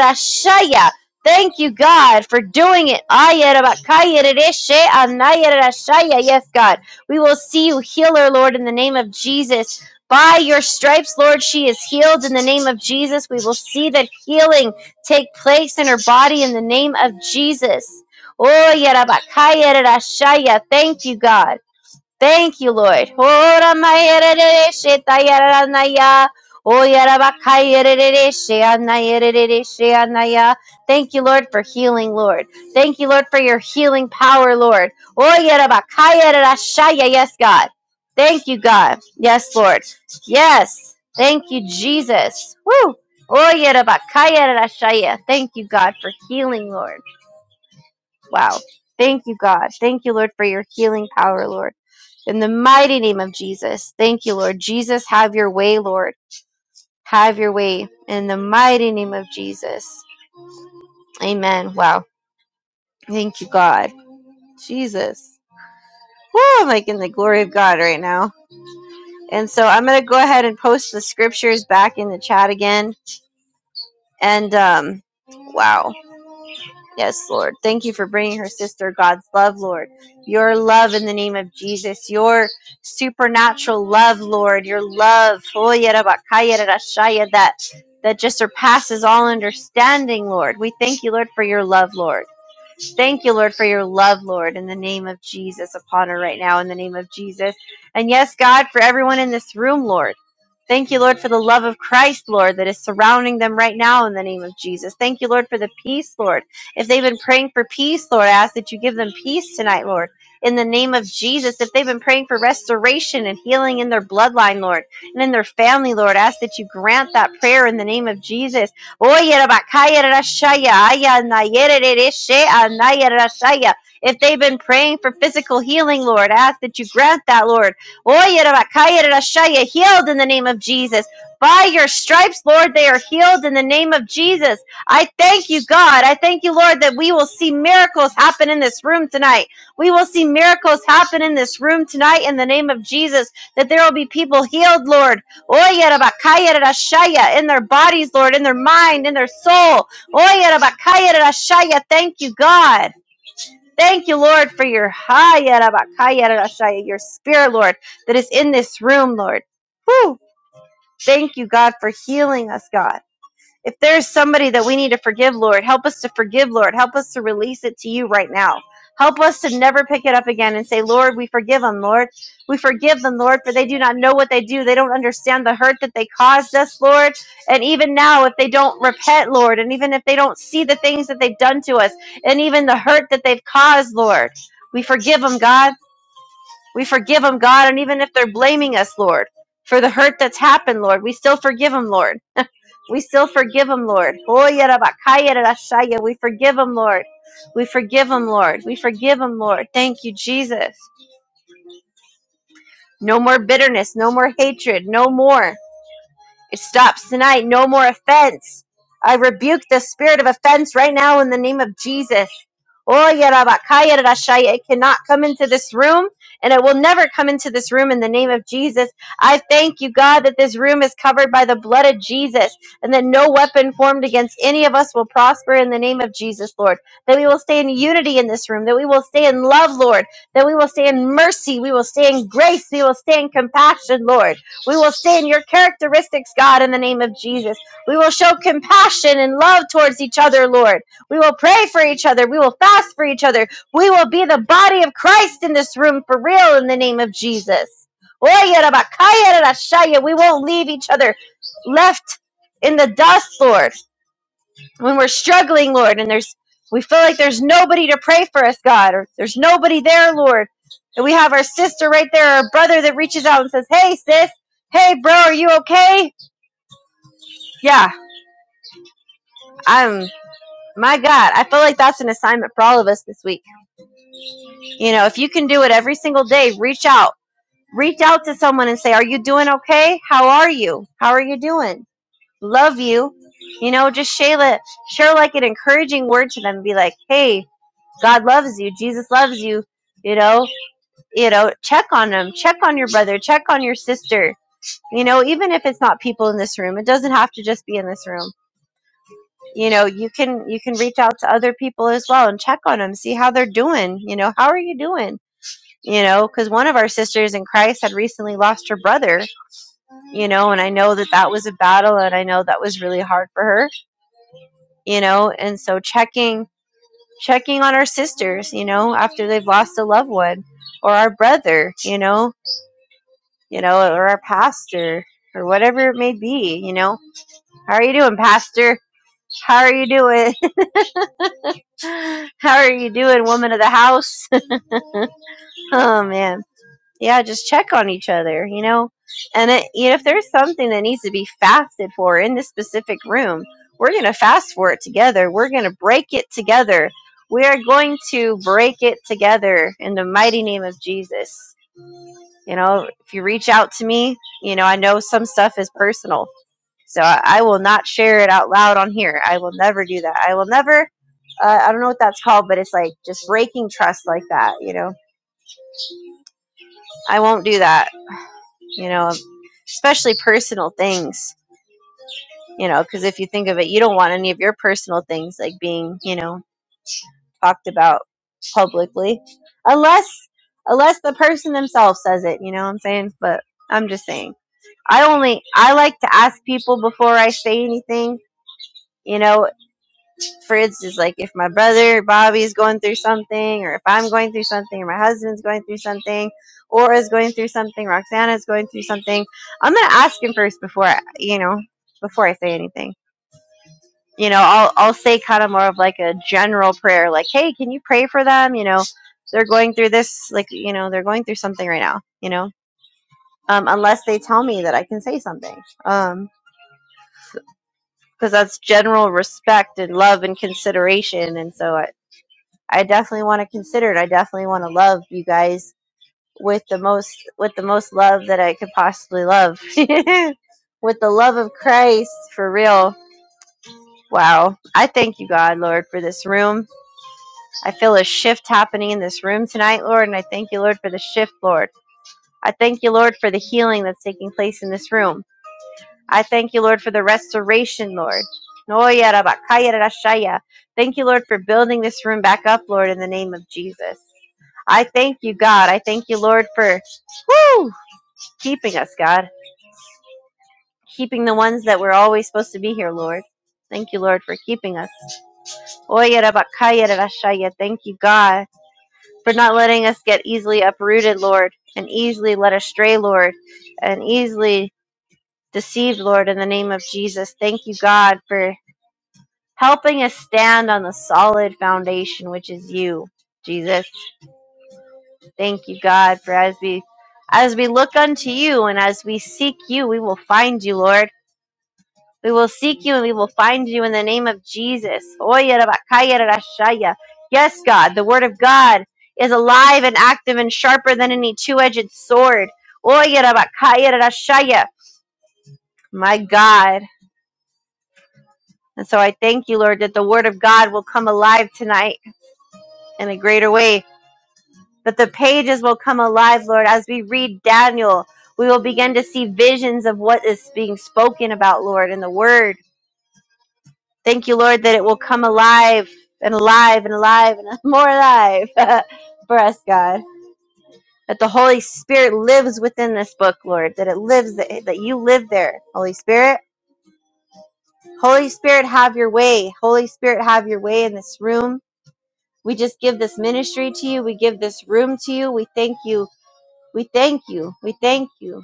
A: Rashaya. Thank you, God, for doing it. Ayarabakayaradeshe anayarashaya. Yes, God. We will see you, healer, Lord, in the name of Jesus. By your stripes, Lord, she is healed in the name of Jesus. We will see that healing take place in her body in the name of Jesus. Oh, Thank you, God. Thank you, Lord. Ora maerere she tayara naya. Oyara bakayerere she anayerere she anaya. Thank you, Lord, for healing, Lord. Thank you, Lord, for your healing power, Lord. Oyara bakayerere shaya. Yes, God. Thank you, God. Yes, Lord. Yes. Thank you, Jesus. Woo. Oyara bakayerere shaya. Thank you, God, for healing, Lord. Wow. Thank you, God. Thank you, Lord, for your healing power, Lord. In the mighty name of Jesus. Thank you, Lord. Jesus, have your way, Lord. Have your way. In the mighty name of Jesus. Amen. Wow. Thank you, God. Jesus. Woo, I'm like in the glory of God right now. And so I'm going to go ahead and post the scriptures back in the chat again. And um, wow. Yes, Lord. Thank you for bringing her sister God's love, Lord. Your love in the name of Jesus. Your supernatural love, Lord. Your love. Oh, yarabakayarashaya, That that just surpasses all understanding, Lord. We thank you, Lord, for your love, Lord. Thank you, Lord, for your love, Lord, in the name of Jesus upon her right now, in the name of Jesus. And yes, God, for everyone in this room, Lord. Thank you, Lord, for the love of Christ, Lord, that is surrounding them right now in the name of Jesus. Thank you, Lord, for the peace, Lord. If they've been praying for peace, Lord, I ask that you give them peace tonight, Lord. In the name of Jesus, if they've been praying for restoration and healing in their bloodline, Lord, and in their family, Lord, I ask that you grant that prayer in the name of Jesus. If they've been praying for physical healing, Lord, I ask that you grant that, Lord. Healed in the name of Jesus. By your stripes, Lord, they are healed in the name of Jesus. I thank you, God. I thank you, Lord, that we will see miracles happen in this room tonight. We will see miracles happen in this room tonight in the name of Jesus, that there will be people healed, Lord. Oya rabakaya In their bodies, Lord, in their mind, in their soul. Oya rabakaya Thank you, God. Thank you, Lord, for your haya rabakaya rarashaya, your spirit, Lord, that is in this room, Lord. Whew. Thank you, God, for healing us, God. If there's somebody that we need to forgive, Lord, help us to forgive, Lord. Help us to release it to you right now. Help us to never pick it up again and say, Lord, we forgive them, Lord. We forgive them, Lord, for they do not know what they do. They don't understand the hurt that they caused us, Lord. And even now, if they don't repent, Lord, and even if they don't see the things that they've done to us, and even the hurt that they've caused, Lord, we forgive them, God. We forgive them, God. And even if they're blaming us, Lord, for the hurt that's happened, Lord, we still forgive them, Lord. We still forgive them, Lord. We forgive them, Lord. We forgive them, Lord. We forgive them, Lord. Thank you, Jesus. No more bitterness. No more hatred. No more. It stops tonight. No more offense. I rebuke the spirit of offense right now in the name of Jesus. Oh, yarabakaya rashaya. It cannot come into this room, and it will never come into this room in the name of Jesus. I thank you, God, that this room is covered by the blood of Jesus, and that no weapon formed against any of us will prosper in the name of Jesus, Lord. That we will stay in unity in this room, that we will stay in love, Lord, that we will stay in mercy, we will stay in grace, we will stay in compassion, Lord. We will stay in your characteristics, God, in the name of Jesus. We will show compassion and love towards each other, Lord. We will pray for each other. We will fast for each other. We will be the body of Christ in this room for real in the name of Jesus. We won't leave each other left in the dust, Lord when we're struggling, Lord, and there's we feel like there's nobody to pray for us, God, or there's nobody there, Lord. And we have our sister right there, our brother that reaches out and says, Hey sis, hey bro, are you okay? Yeah, I'm my God, I feel like that's an assignment for all of us this week. You know, if you can do it every single day, reach out. Reach out to someone and say, Are you doing okay? How are you? How are you doing? Love you. You know, just Shayla, share like an encouraging word to them. Be like, hey, God loves you. Jesus loves you. You know, you know, check on them. Check on your brother. Check on your sister. You know, even if it's not people in this room, it doesn't have to just be in this room. You know, you can you can reach out to other people as well and check on them, see how they're doing. You know, how are you doing? You know, because one of our sisters in Christ had recently lost her brother. You know, and I know that that was a battle, and I know that was really hard for her. You know, and so checking checking on our sisters, you know, after they've lost a loved one, or our brother, you know, you know, or our pastor, or whatever it may be, you know. How are you doing, pastor? How are you doing? How are you doing, woman of the house? oh man. yeah, just check on each other, you know. And it, you know, if there's something that needs to be fasted for in this specific room, we're going to fast for it together. We're going to break it together. We are going to break it together in the mighty name of Jesus. You know, if you reach out to me, you know, I know some stuff is personal. So I, I will not share it out loud on here. I will never do that. I will never, uh, I don't know what that's called, but it's like just breaking trust like that, you know. I won't do that. you know, especially personal things, you know, because if you think of it, you don't want any of your personal things like being, you know, talked about publicly, unless unless the person themselves says it. You know what I'm saying? But I'm just saying, I only I like to ask people before I say anything. You know, for instance, like if my brother Bobby's going through something, or if I'm going through something, or my husband's going through something, or is going through something, Roxana's going through something, I'm gonna ask him first before I, you know before I say anything. You know, I'll I'll say kind of more of like a general prayer, like, hey, can you pray for them? You know, they're going through this, like you know, they're going through something right now. You know, um, unless they tell me that I can say something. Um, because that's general respect and love and consideration, and so I. I definitely want to consider it. I definitely want to love you guys with the most with the most love that I could possibly love. with the love of Christ for real. Wow. I thank you God, Lord, for this room. I feel a shift happening in this room tonight, Lord, and I thank you, Lord, for the shift, Lord. I thank you, Lord, for the healing that's taking place in this room. I thank you, Lord, for the restoration, Lord. Thank you, Lord, for building this room back up, Lord, in the name of Jesus. I thank you, God. I thank you, Lord, for woo, keeping us, God. Keeping the ones that were always supposed to be here, Lord. Thank you, Lord, for keeping us. Thank you, God, for not letting us get easily uprooted, Lord, and easily led astray, Lord, and easily deceived, Lord, in the name of Jesus. Thank you, God, for helping us stand on the solid foundation which is you jesus thank you god for as we as we look unto you and as we seek you we will find you lord we will seek you and we will find you in the name of jesus Oya rabakaya rarashaya. yes god the word of god is alive and active and sharper than any two-edged sword Oya rabakaya rarashaya. my god and so i thank you lord that the word of god will come alive tonight in a greater way that the pages will come alive, Lord. As we read Daniel, we will begin to see visions of what is being spoken about, Lord, in the word. Thank you, Lord, that it will come alive and alive and alive and more alive for us, God. That the Holy Spirit lives within this book, Lord. That it lives, that that you live there, Holy Spirit. Holy Spirit, have your way. Holy Spirit, have your way in this room. We just give this ministry to you. We give this room to you. We thank you. We thank you. We thank you.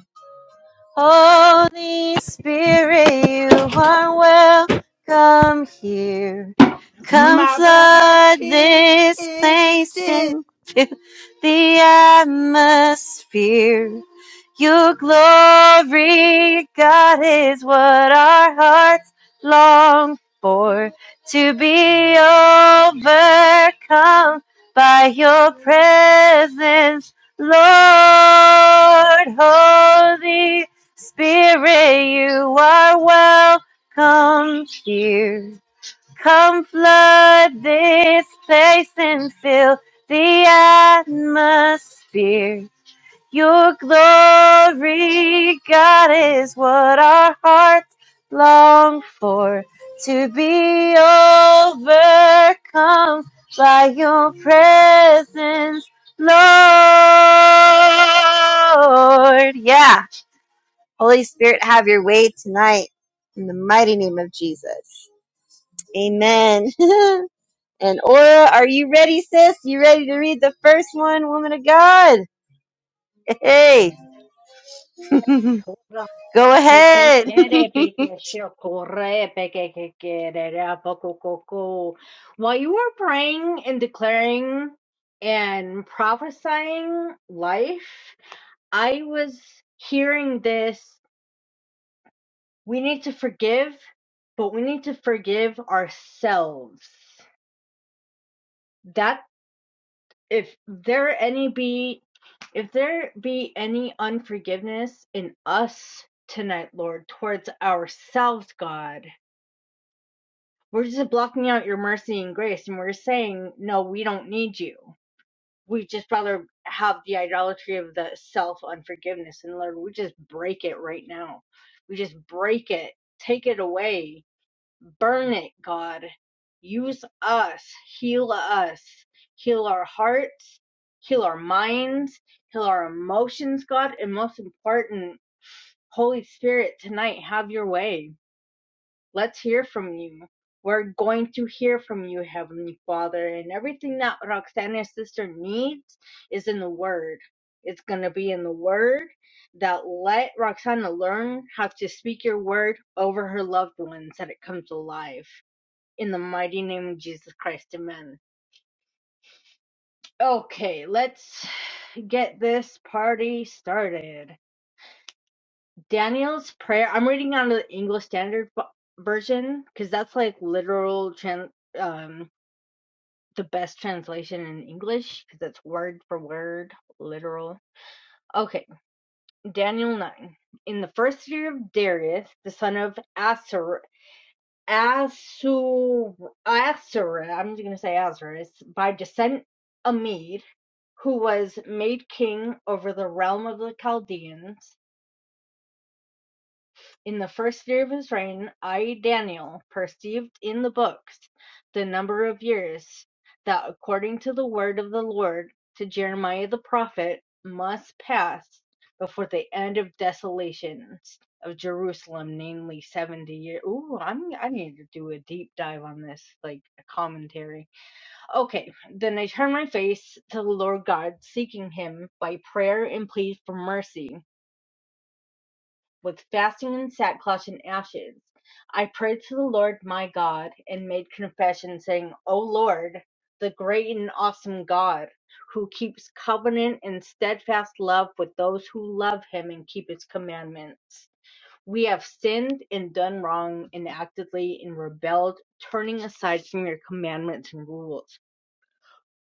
A: Holy Spirit, you are welcome here. Come flood this place and fill the atmosphere. Your glory, God, is what our hearts long for. To be overcome by your presence, Lord. Holy Spirit, you are welcome here. Come flood this place and fill the atmosphere. Your glory, God, is what our hearts long for. To be overcome by your presence, Lord. Yeah. Holy Spirit, have your way tonight in the mighty name of Jesus. Amen. and Aura, are you ready, sis? You ready to read the first one, woman of God? Hey.
D: Porra,
A: Go
D: peke
A: ahead.
D: kere peke shokore peke kere apokokoko. While you were praying and declaring and prophesying life, I was hearing this. We need to forgive, but we need to forgive ourselves. That if there any be if there be any unforgiveness in us tonight, Lord, towards ourselves, God We're just blocking out your mercy and grace, and we're saying, no, we don't need you. We just rather have the idolatry of the self unforgiveness. And Lord, we just break it right now. We just break it, take it away, burn it, God. Use us, heal us, heal our hearts, heal our minds, heal our emotions, God. And most important, Holy Spirit, tonight, have your way Let's hear from you. We're going to hear from you, Heavenly Father. And everything that Roxana's sister needs is in the Word. It's going to be in the Word that let Roxana learn how to speak your Word over her loved ones that it comes alive. In the mighty name of Jesus Christ, amen. Okay, let's get this party started. Daniel's prayer. I'm reading out of the English Standard Bi- Version because that's like literal trans. the best translation in English because it's word for word, literal. Okay, Daniel 9. In the first year of Darius, the son of Asur, Asur, Asur, I'm just going to say Asur, by descent a Mede, who was made king over the realm of the Chaldeans, In the first year of his reign, I Daniel perceived in the books the number of years that according to the word of the Lord to Jeremiah the prophet must pass before the end of desolations of Jerusalem, namely seventy years. Ooh, I'm I need to do a deep dive on this, like a commentary. Okay, then I turned my face to the Lord God, seeking him by prayer and plead for mercy with fasting and sackcloth and ashes. I prayed to the Lord my God and made confession, saying, O Lord, the great and awesome God, who keeps covenant and steadfast love with those who love him and keep his commandments. We have sinned and done wrong and actively and rebelled, turning aside from your commandments and rules.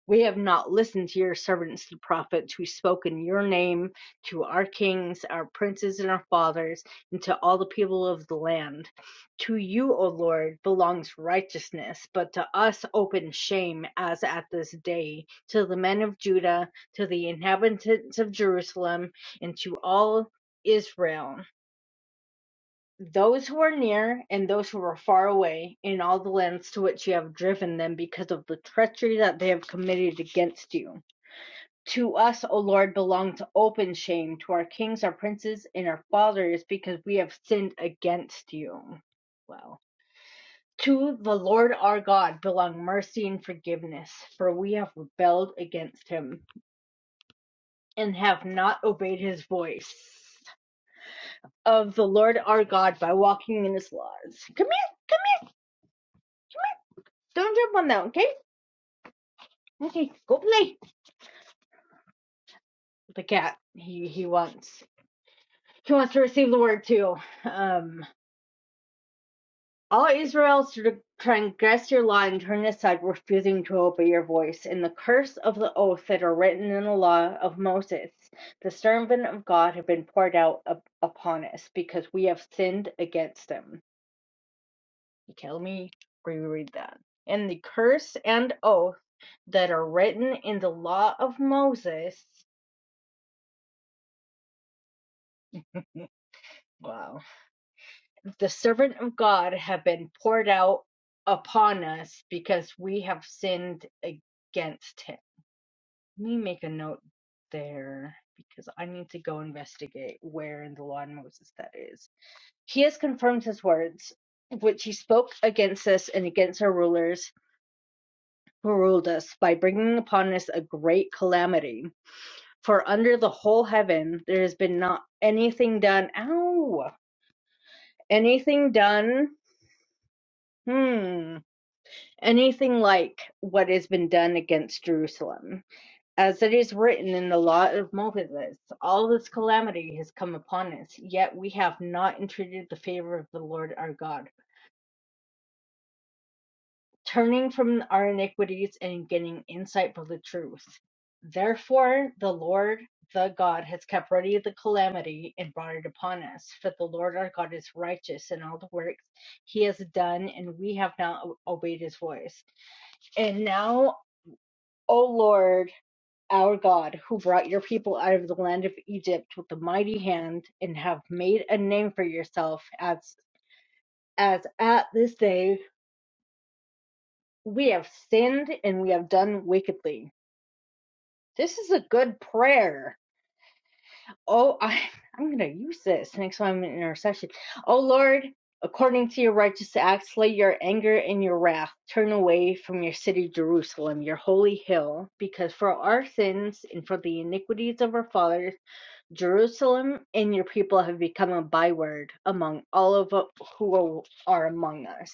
D: We have not listened to your servants, the prophets, who spoke in your name to our kings, our princes, and our fathers, and to all the people of the land. To you, O Lord, belongs righteousness, but to us open shame as at this day, to the men of Judah, to the inhabitants of Jerusalem, and to all Israel. Those who are near and those who are far away, in all the lands to which you have driven them because of the treachery that they have committed against you. To us, O Lord, belongs open shame, to our kings, our princes, and our fathers, because we have sinned against you. Wow. To the Lord our God belong mercy and forgiveness, for we have rebelled against him and have not obeyed his voice of the Lord our God by walking in his laws. Come here, come here. Don't jump on that, okay? Okay, go play. The cat. He he wants he wants to receive the word too. Um All Israel transgressed your law and turned aside, refusing to obey your voice. And the curse of the oaths that are written in the law of Moses, the servant of God, have been poured out up- upon us because we have sinned against him. Okay, let me reread that. And the curse and oath that are written in the law of Moses, wow, the servant of God, have been poured out upon us because we have sinned against him. Let me make a note there because I need to go investigate where in the law in Moses that is. He has confirmed his words, which he spoke against us and against our rulers who ruled us by bringing upon us a great calamity. For under the whole heaven there has been not anything done. Ow! Anything done. Hmm. Anything like what has been done against Jerusalem. As it is written in the law of Moses, all this calamity has come upon us, yet we have not entreated the favor of the Lord our God, turning from our iniquities and getting insight for the truth. Therefore, the Lord the God has kept ready the calamity and brought it upon us. For the Lord our God is righteous in all the works he has done, and we have not obeyed his voice. And now, O Lord, our God, who brought your people out of the land of Egypt with a mighty hand, and have made a name for yourself, as as at this day we have sinned and we have done wickedly. This is a good prayer. Oh, I, I'm gonna use this next time I'm in intercession. Oh Lord, according to your righteous acts, lay your anger and your wrath. Turn away from your city Jerusalem, your holy hill, because for our sins and for the iniquities of our fathers Jerusalem and your people have become a byword among all of who are among us.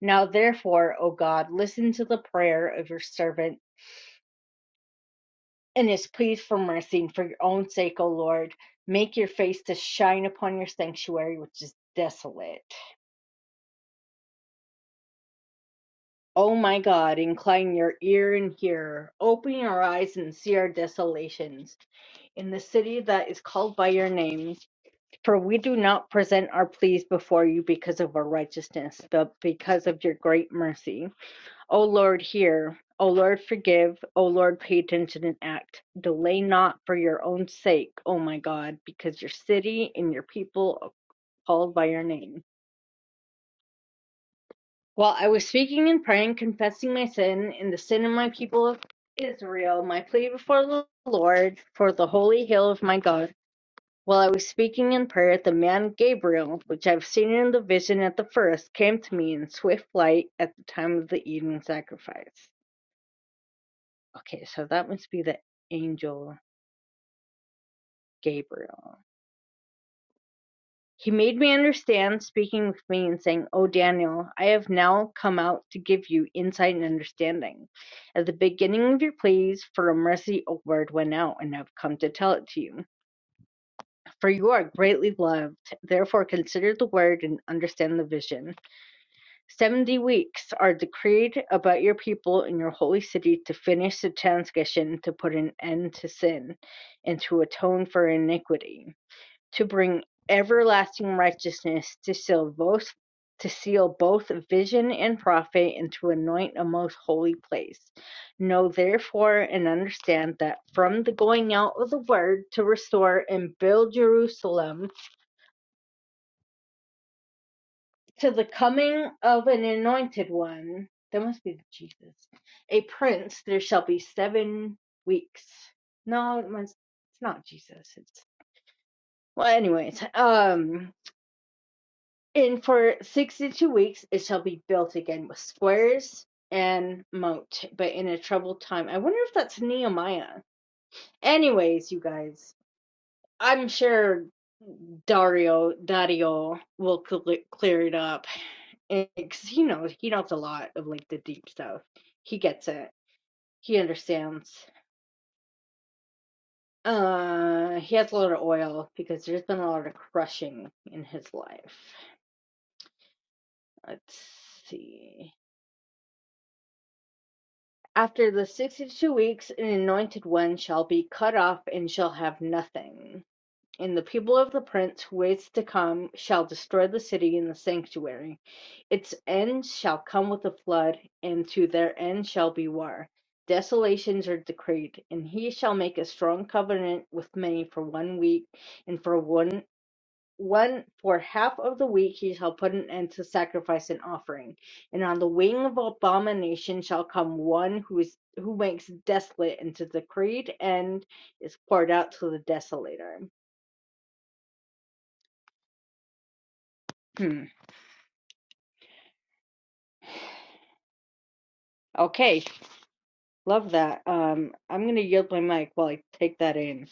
D: Now, therefore, O God, listen to the prayer of your servant and his pleas for mercy. And for your own sake, O Lord, make your face to shine upon your sanctuary, which is desolate. O my God, incline your ear and hear. Open your eyes and see our desolations in the city that is called by your name For we do not present our pleas before you because of our righteousness, but because of your great mercy. O Lord, hear. O Lord, forgive. O Lord, pay attention and act. Delay not for your own sake, O my God, because your city and your people are called by your name. While I was speaking and praying, confessing my sin and the sin of my people Israel, my plea before the Lord for the holy hill of my God. While I was speaking in prayer, the man Gabriel, which I've seen in the vision at the first, came to me in swift flight at the time of the evening sacrifice. Okay, so that must be the angel Gabriel. He made me understand, speaking with me and saying, Oh, Daniel, I have now come out to give you insight and understanding. At the beginning of your pleas for a mercy, a word went out, and I've come to tell it to you. For you are greatly loved. Therefore, consider the word and understand the vision. Seventy weeks are decreed about your people in your holy city to finish the transgression, to put an end to sin, and to atone for iniquity, to bring everlasting righteousness, to seal both to seal both vision and prophet, and to anoint a most holy place. Know therefore and understand that from the going out of the word to restore and build Jerusalem to the coming of an anointed one, that must be Jesus, a prince, there shall be seven weeks. No, it must, it's not Jesus. It's well, anyways. Um, and for sixty-two weeks, it shall be built again with squares and moat, but in a troubled time. I wonder if that's Nehemiah. Anyways, you guys, I'm sure Dario Dario will cle- clear it up And 'cause he knows he knows a lot of like the deep stuff. He gets it. He understands. Uh, he has a lot of oil because there's been a lot of crushing in his life. Let's see. After the sixty-two weeks, an anointed one shall be cut off and shall have nothing. And the people of the prince who waits to come shall destroy the city and the sanctuary. Its end shall come with a flood, and to their end shall be war. Desolations are decreed, and he shall make a strong covenant with many for one week, and for one one for half of the week he shall put an end to sacrifice and offering. And on the wing of abomination shall come one who is who makes desolate, and to the decreed end is poured out to the desolator. Hmm. Okay, love that. Um, I'm going to yield my mic while I take that in.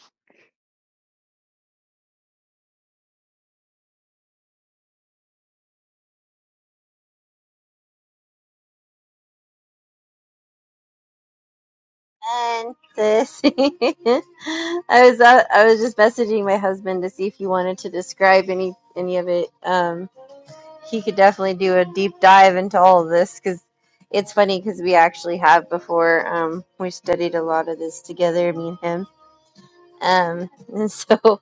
A: And this, I was out, I was just messaging my husband to see if he wanted to describe any any of it. Um, he could definitely do a deep dive into all of this because it's funny because we actually have before. Um, we studied a lot of this together, me and him. Um, and so,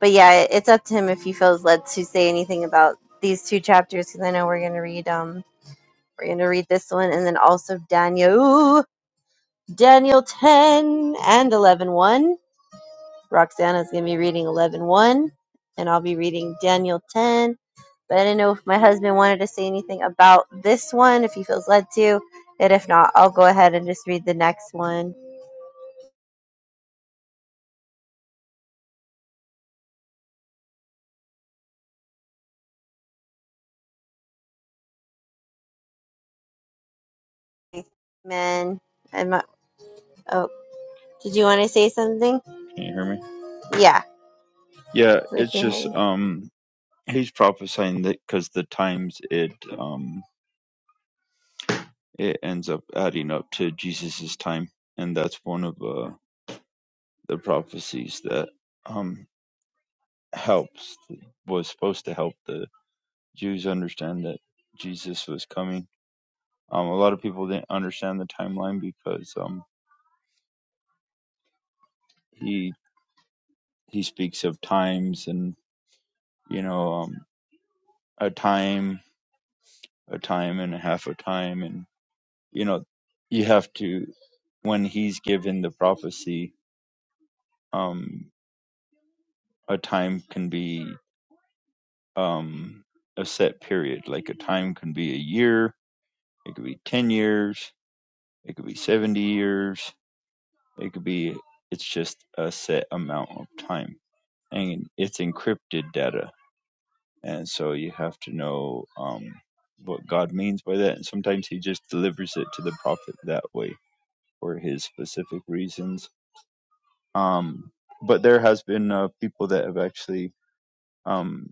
A: but yeah, it's up to him if he feels led to say anything about these two chapters because I know we're gonna read um we're gonna read this one and then also Daniel. Daniel 10 and eleven one. 1. Roxana's going to be reading eleven one, and I'll be reading Daniel 10. But I didn't know if my husband wanted to say anything about this one, if he feels led to. And if not, I'll go ahead and just read the next one. Amen. I'm not, oh, did you want to say something?
E: Can you hear me?
A: Yeah,
E: Yeah,
A: we
E: it's
A: can hear
E: just
A: you.
E: um he's prophesying that because the times it um it ends up adding up to Jesus's time, and that's one of uh, the prophecies that um helps was supposed to help the Jews understand that Jesus was coming. Um, a lot of people didn't understand the timeline because um he he speaks of times and you know um a time a time and a half a time and you know you have to when he's given the prophecy, um, a time can be um, a set period. Like a time can be a year, it could be 10 years, it could be 70 years, it could be, it's just a set amount of time. And it's encrypted data. And so you have to know um, what God means by that. And sometimes he just delivers it to the prophet that way for his specific reasons. Um, but there has been uh, people that have actually um,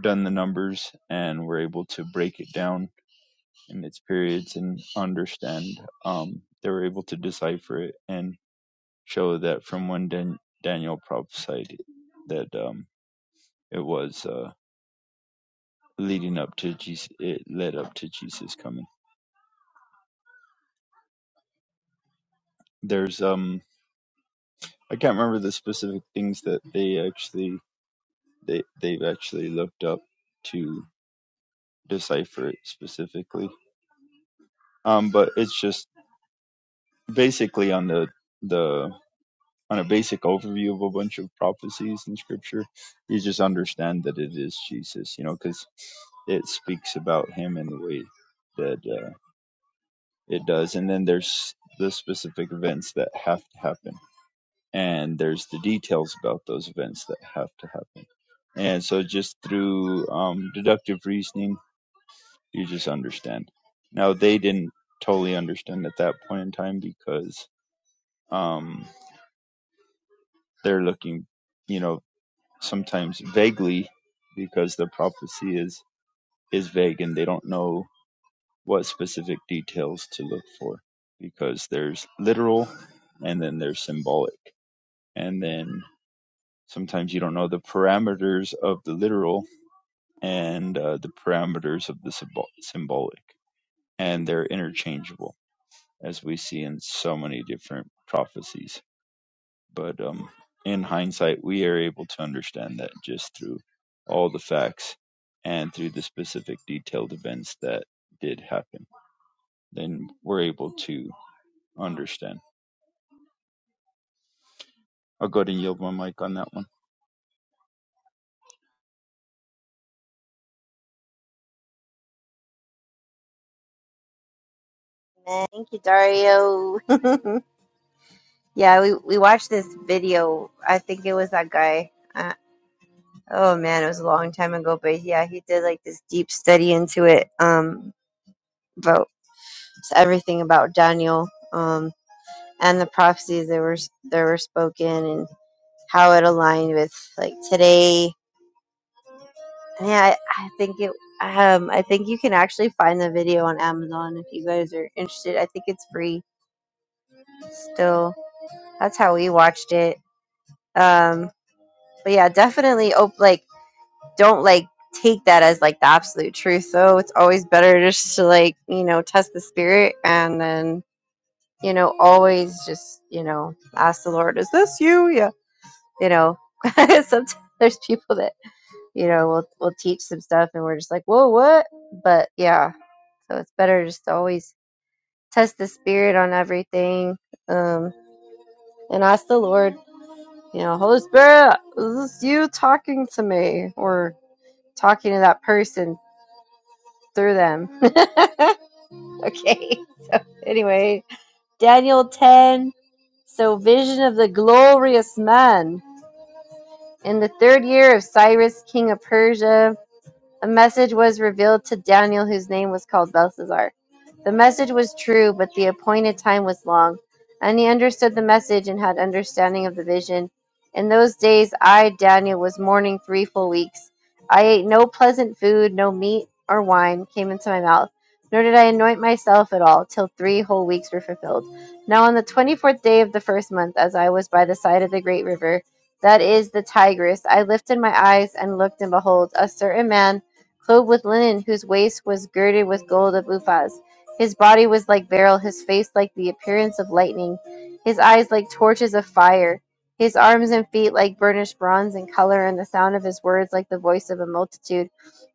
E: done the numbers and were able to break it down in its periods and understand. Um, they were able to decipher it and show that from when Dan- Daniel prophesied that um, it was uh, leading up to Jesus, it led up to Jesus coming. There's um, I can't remember the specific things that they actually they they've actually looked up to decipher it specifically. Um, but it's just basically on the the on a basic overview of a bunch of prophecies in scripture you just understand that it is jesus you know because it speaks about him in the way that uh, it does and then there's the specific events that have to happen and there's the details about those events that have to happen and so just through um, deductive reasoning you just understand now they didn't totally understand at that point in time because um, they're looking you know sometimes vaguely because the prophecy is is vague and they don't know what specific details to look for because there's literal and then there's symbolic and then sometimes you don't know the parameters of the literal and uh, the parameters of the symbol- symbolic and they're interchangeable as we see in so many different prophecies but um, in hindsight, we are able to understand that just through all the facts and through the specific detailed events that did happen, then we're able to understand. I'll go ahead and yield my mic on that one.
A: Amen. Thank you, Dario. yeah, we, we watched this video. I think it was that guy. Uh, Oh man, it was a long time ago, but yeah, he did like this deep study into it, um, about everything about Daniel, um, and the prophecies that were that were spoken and how it aligned with like today. And Yeah, I, I think it. Um, I think you can actually find the video on Amazon if you guys are interested. I think it's free still. That's how we watched it. Um, but yeah, definitely. Op- like. don't like take that as like the absolute truth though it's always better just to like you know test the spirit and then you know always just you know ask the lord is this you yeah you know sometimes there's people that you know will will teach some stuff and we're just like whoa what but yeah so it's better just to always test the spirit on everything um and ask the lord you know holy spirit is this you talking to me or talking to that person through them Okay. So anyway, Daniel 10. So vision of the glorious man in the third year of Cyrus, king of Persia. A message was revealed to Daniel, whose name was called Belshazzar. The message was true, but the appointed time was long. And he understood the message and had understanding of the vision. In those days, I, Daniel, was mourning three full weeks. I ate no pleasant food, no meat or wine came into my mouth, nor did I anoint myself at all, till three whole weeks were fulfilled. Now, on the twenty fourth day of the first month, as I was by the side of the great river, that is the Tigris, I lifted my eyes and looked, and behold, a certain man clothed with linen, whose waist was girded with gold of Uphaz. His body was like beryl, his face like the appearance of lightning, his eyes like torches of fire, his arms and feet like burnished bronze in color, and the sound of his words like the voice of a multitude.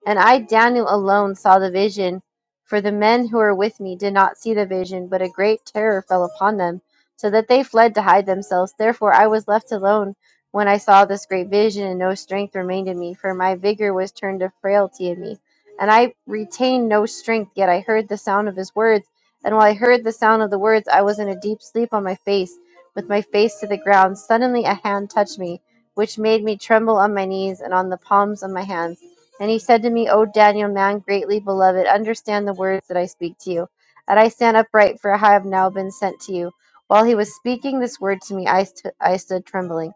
A: And I, Daniel, alone saw the vision, for the men who were with me did not see the vision, but a great terror fell upon them, so that they fled to hide themselves. Therefore I was left alone when I saw this great vision, no strength remained in me, for my vigor was turned to frailty in me. And I retained no strength, yet I heard the sound of his words. And while I heard the sound of the words, I was in a deep sleep on my face, with my face to the ground. Suddenly a hand touched me, which made me tremble on my knees and on the palms of my hands. And he said to me, O Daniel, man greatly beloved, understand the words that I speak to you. And I stand upright, for I have now been sent to you. While he was speaking this word to me, I, st- I stood trembling.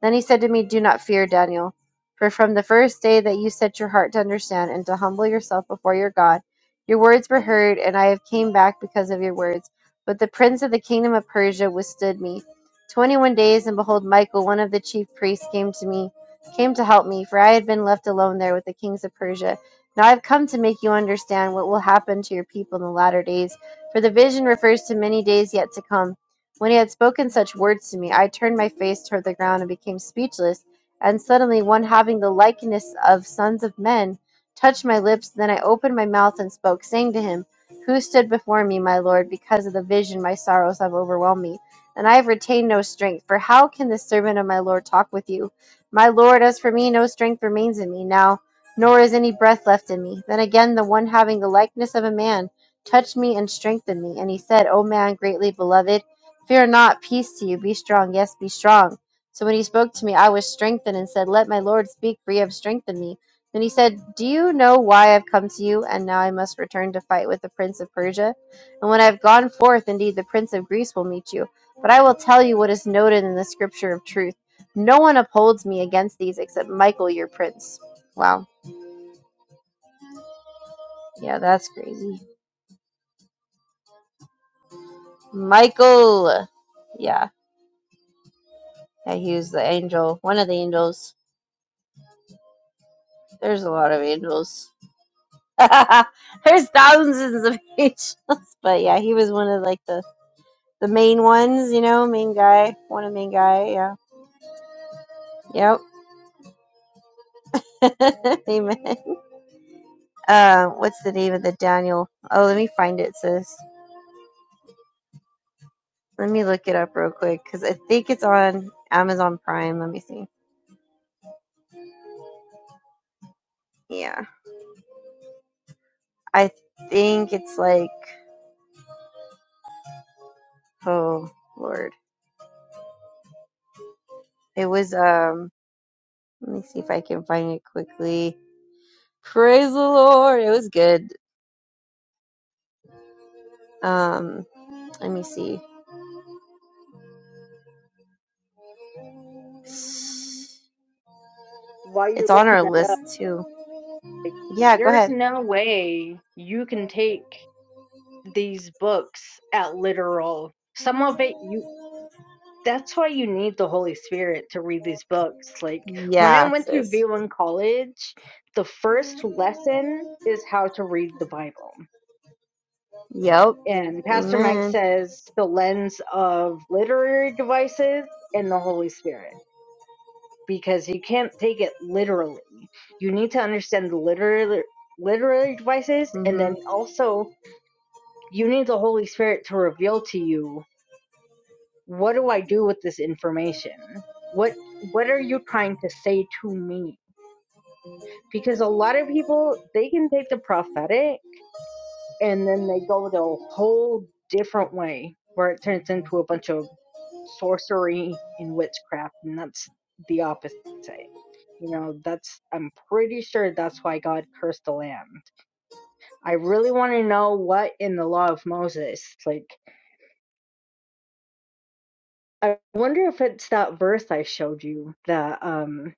A: Then he said to me, Do not fear, Daniel, for from the first day that you set your heart to understand and to humble yourself before your God, your words were heard, and I have came back because of your words. But the prince of the kingdom of Persia withstood me. Twenty one days, and behold, Michael, one of the chief priests, came to me, came to help me, for I had been left alone there with the kings of Persia. Now I have come to make you understand what will happen to your people in the latter days, for the vision refers to many days yet to come. When he had spoken such words to me, I turned my face toward the ground and became speechless. And suddenly one having the likeness of sons of men touched my lips. Then I opened my mouth and spoke, saying to him, Who stood before me, my Lord, because of the vision my sorrows have overwhelmed me? And I have retained no strength. For how can the servant of my Lord talk with you? My Lord, as for me, no strength remains in me now, nor is any breath left in me. Then again the one having the likeness of a man touched me and strengthened me. And he said, O man greatly beloved, Fear not, peace to you. Be strong, yes, be strong. So when he spoke to me, I was strengthened and said, Let my Lord speak, for you have strengthened me. Then he said, Do you know why I've come to you? And now I must return to fight with the prince of Persia. And when I have gone forth, indeed the prince of Greece will meet you. But I will tell you what is noted in the scripture of truth. No one upholds me against these except Michael, your prince. Wow. Yeah, that's crazy. Michael! Yeah. Yeah, he was the angel, one of the angels. There's a lot of angels. There's thousands of angels, but yeah, he was one of like the the main ones, you know, main guy, one of the main guy. Yeah, yep. Amen. Uh, what's the name of the Daniel? Oh, let me find it, sis. Let me look it up real quick because I think it's on Amazon Prime. Let me see. Yeah, I think it's like oh Lord, it was um. Let me see if I can find it quickly. Praise the Lord. It was good. Um, let me see. It's
D: While you're
A: on
D: looking
A: our
D: that up,
A: list too.
D: like,
A: Yeah, go
D: there's
A: ahead.
D: no way you can take these books at literal. Some of it you that's why you need the Holy Spirit to read these books. Like when I
A: Yeah,
D: went to
A: sis.
D: V1 college, the first lesson is how to read the Bible.
A: Yep.
D: And Pastor Mike
A: Amen.
D: says the lens of literary devices and the Holy Spirit because you can't take it literally. You need to understand the literary literary devices, and
A: hmm
D: then also you need the Holy Spirit to reveal to you what do I do with this information? What what are you trying to say to me? Because a lot of people they can take the prophetic and then they go the whole different way where it turns into a bunch of sorcery and witchcraft and that's the opposite you know that's i'm pretty sure that's why god cursed the land i really want to know what in the law of moses like i wonder if it's that verse i showed you that um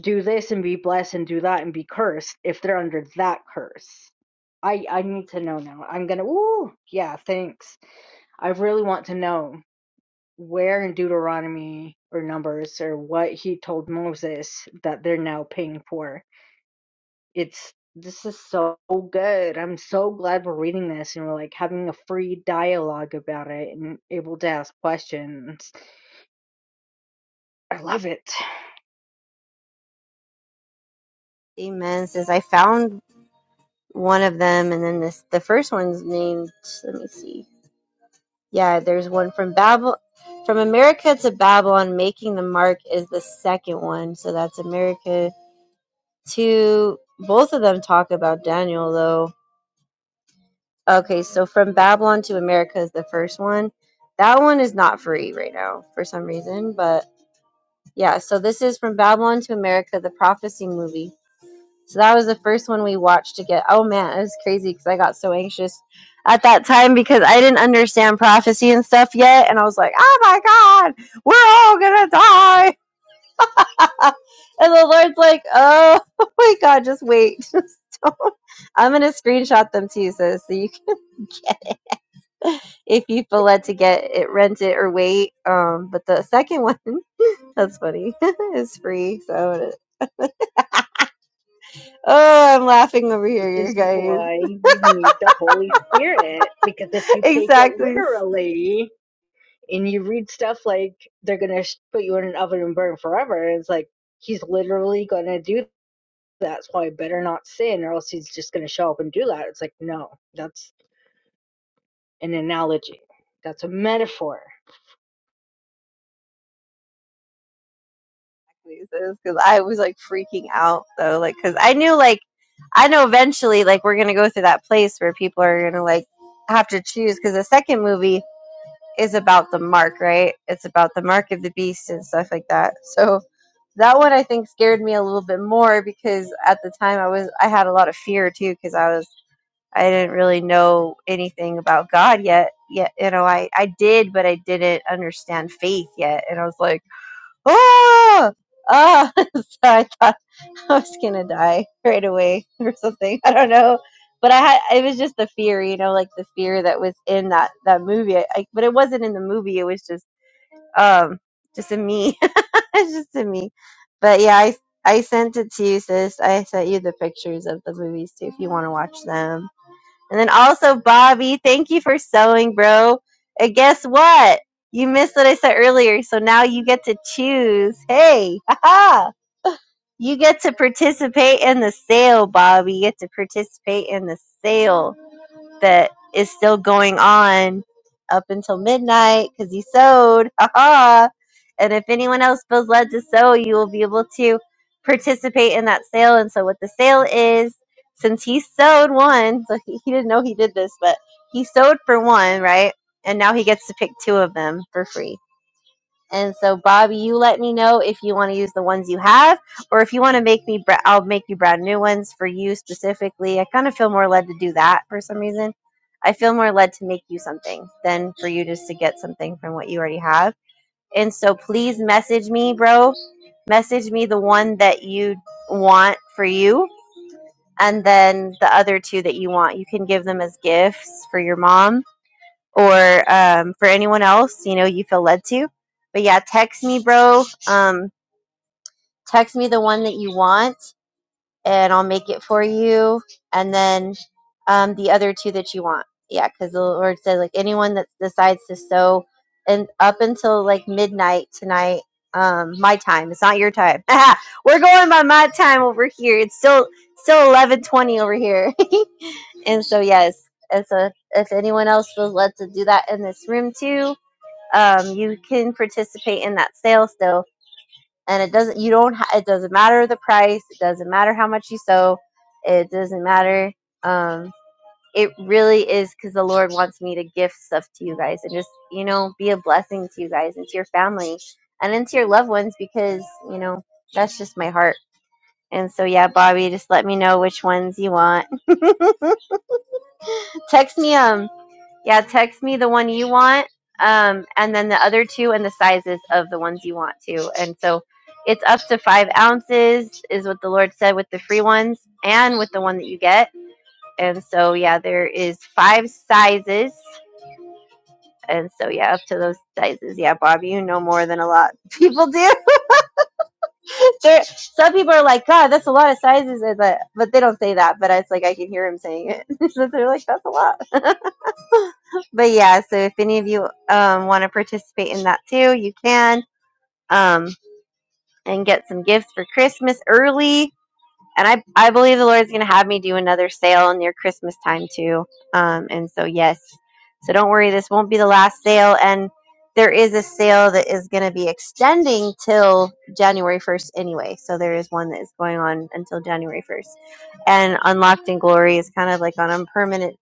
D: do this and be blessed and do that and be cursed if they're under that curse i i need to know now i'm gonna ooh yeah thanks i really want to know where in Deuteronomy or Numbers or what he told Moses that they're now paying for. It's this is so good. I'm so glad we're reading this and we're like having a free dialogue about it and able to ask questions. I love it.
A: Amen. Says I found one of them, and then this the first one's named. Let me see. Yeah, there's one from Babel, from America to Babylon. Making the mark is the second one. So that's America to. Both of them talk about Daniel though. Okay, so from Babylon to America is the first one. That one is not free right now for some reason, but Yeah, so this is from Babylon to America, the prophecy movie. So that was the first one we watched to get. Oh man, it was crazy because I got so anxious at that time because I didn't understand prophecy and stuff yet, and I was like, "Oh my God, we're all gonna die!" and the Lord's like, "Oh my God, just wait, just don't." I'm gonna screenshot them to you, sis, so you, can, if you
D: Yeah,
A: feel led to get it, rent it or wait. Um, but the second one, that's funny, is free, so Oh, I'm laughing over
D: Which
A: here, you
D: is
A: guys.
D: why you need the Holy Spirit because if you take it
A: exactly,
D: literally and you read stuff like they're going to put you in an oven and burn forever, it's like he's literally going to do that, so I better not sin, or else he's just going to show up and do that. It's like, no, that's an analogy. That's a metaphor.
A: because I was like freaking out though, like because I knew, like, I know eventually, like, we're gonna go through that place where people are gonna like have to choose because the second movie is about the mark, right? It's about the mark of the beast and stuff like that. So that one I think scared me a little bit more because at the time I was I had a lot of fear too because I was I didn't really know anything about God yet. Yet, you know, I, I did, but I didn't understand faith yet. And I was like, ah, ah. so I thought I was going to die right away or something. I don't know. But I had, it was just the fear, you know, like the fear that was in that, that movie. I, I- but it wasn't in the movie. It was just, um, just in me. it's just in me. But yeah, I, I sent it to you, sis. I sent you the pictures of the movies too, if you want to watch them and then also, Bobby, thank you for sewing, bro. And guess what? You missed what I said earlier, so now you get to choose. Hey, haha! You get to participate in the sale, Bobby. You get to participate in the sale that is still going on up until midnight because you sewed. Haha. And if anyone else feels led to sew, you will be able to participate in that sale. And so, what the sale is, since he sewed one, so he, he didn't know he did this, but he sewed for one, right? And now he gets to pick two of them for free. And so, Bobby, you let me know if you want to use the ones you have, or if you want to make me, br- I'll make you brand new ones for you specifically. I kind of feel more led to do that for some reason. I feel more led to make you something than for you just to get something from what you already have. And so, please message me, bro. Message me the one that you want for you, and then the other two that you want. You can give them as gifts for your mom or um, for anyone else, you know, you feel led to. But yeah, text me, bro. Um, text me the one that you want, and I'll make it for you. And then um, the other two that you want. Yeah, because the Lord says, like, anyone that decides to sow, and up until like midnight tonight, um, my time. It's not your time. We're going by my time over here. It's still still eleven twenty over here. and so yes, and so if anyone else feels led to do that in this room too, um, you can participate in that sale still and it doesn't you don't ha- it doesn't matter the price it doesn't matter how much you sow it doesn't matter um, it really is because the lord wants me to gift stuff to you guys and just you know be a blessing to you guys and to your family and into your loved ones because you know that's just my heart and so yeah bobby just let me know which ones you want text me um Yeah, text me the one you want, um, and then the other two and the sizes of the ones you want to. And so it's up to five ounces, is what the Lord said with the free ones and with the one that you get. And so, yeah, there is five sizes. And so, yeah, up to those sizes. Yeah, Bob, you know more than a lot of people do. There- Some people are like, God, that's a lot of sizes. Is it? But they don't say that. But it's like I can hear him saying it. so they're like, that's a lot. but yeah, so if any of you um, want to participate in that too, you can um, and get some gifts for Christmas early. And I, I believe the Lord's going to have me do another sale near Christmas time too. Um, and so, yes. So don't worry, this won't be the last sale. And there is a sale that is going to be extending till January 1st anyway. So there is one that is going on until January 1st. And Unlocked in Glory is kind of like on a permanent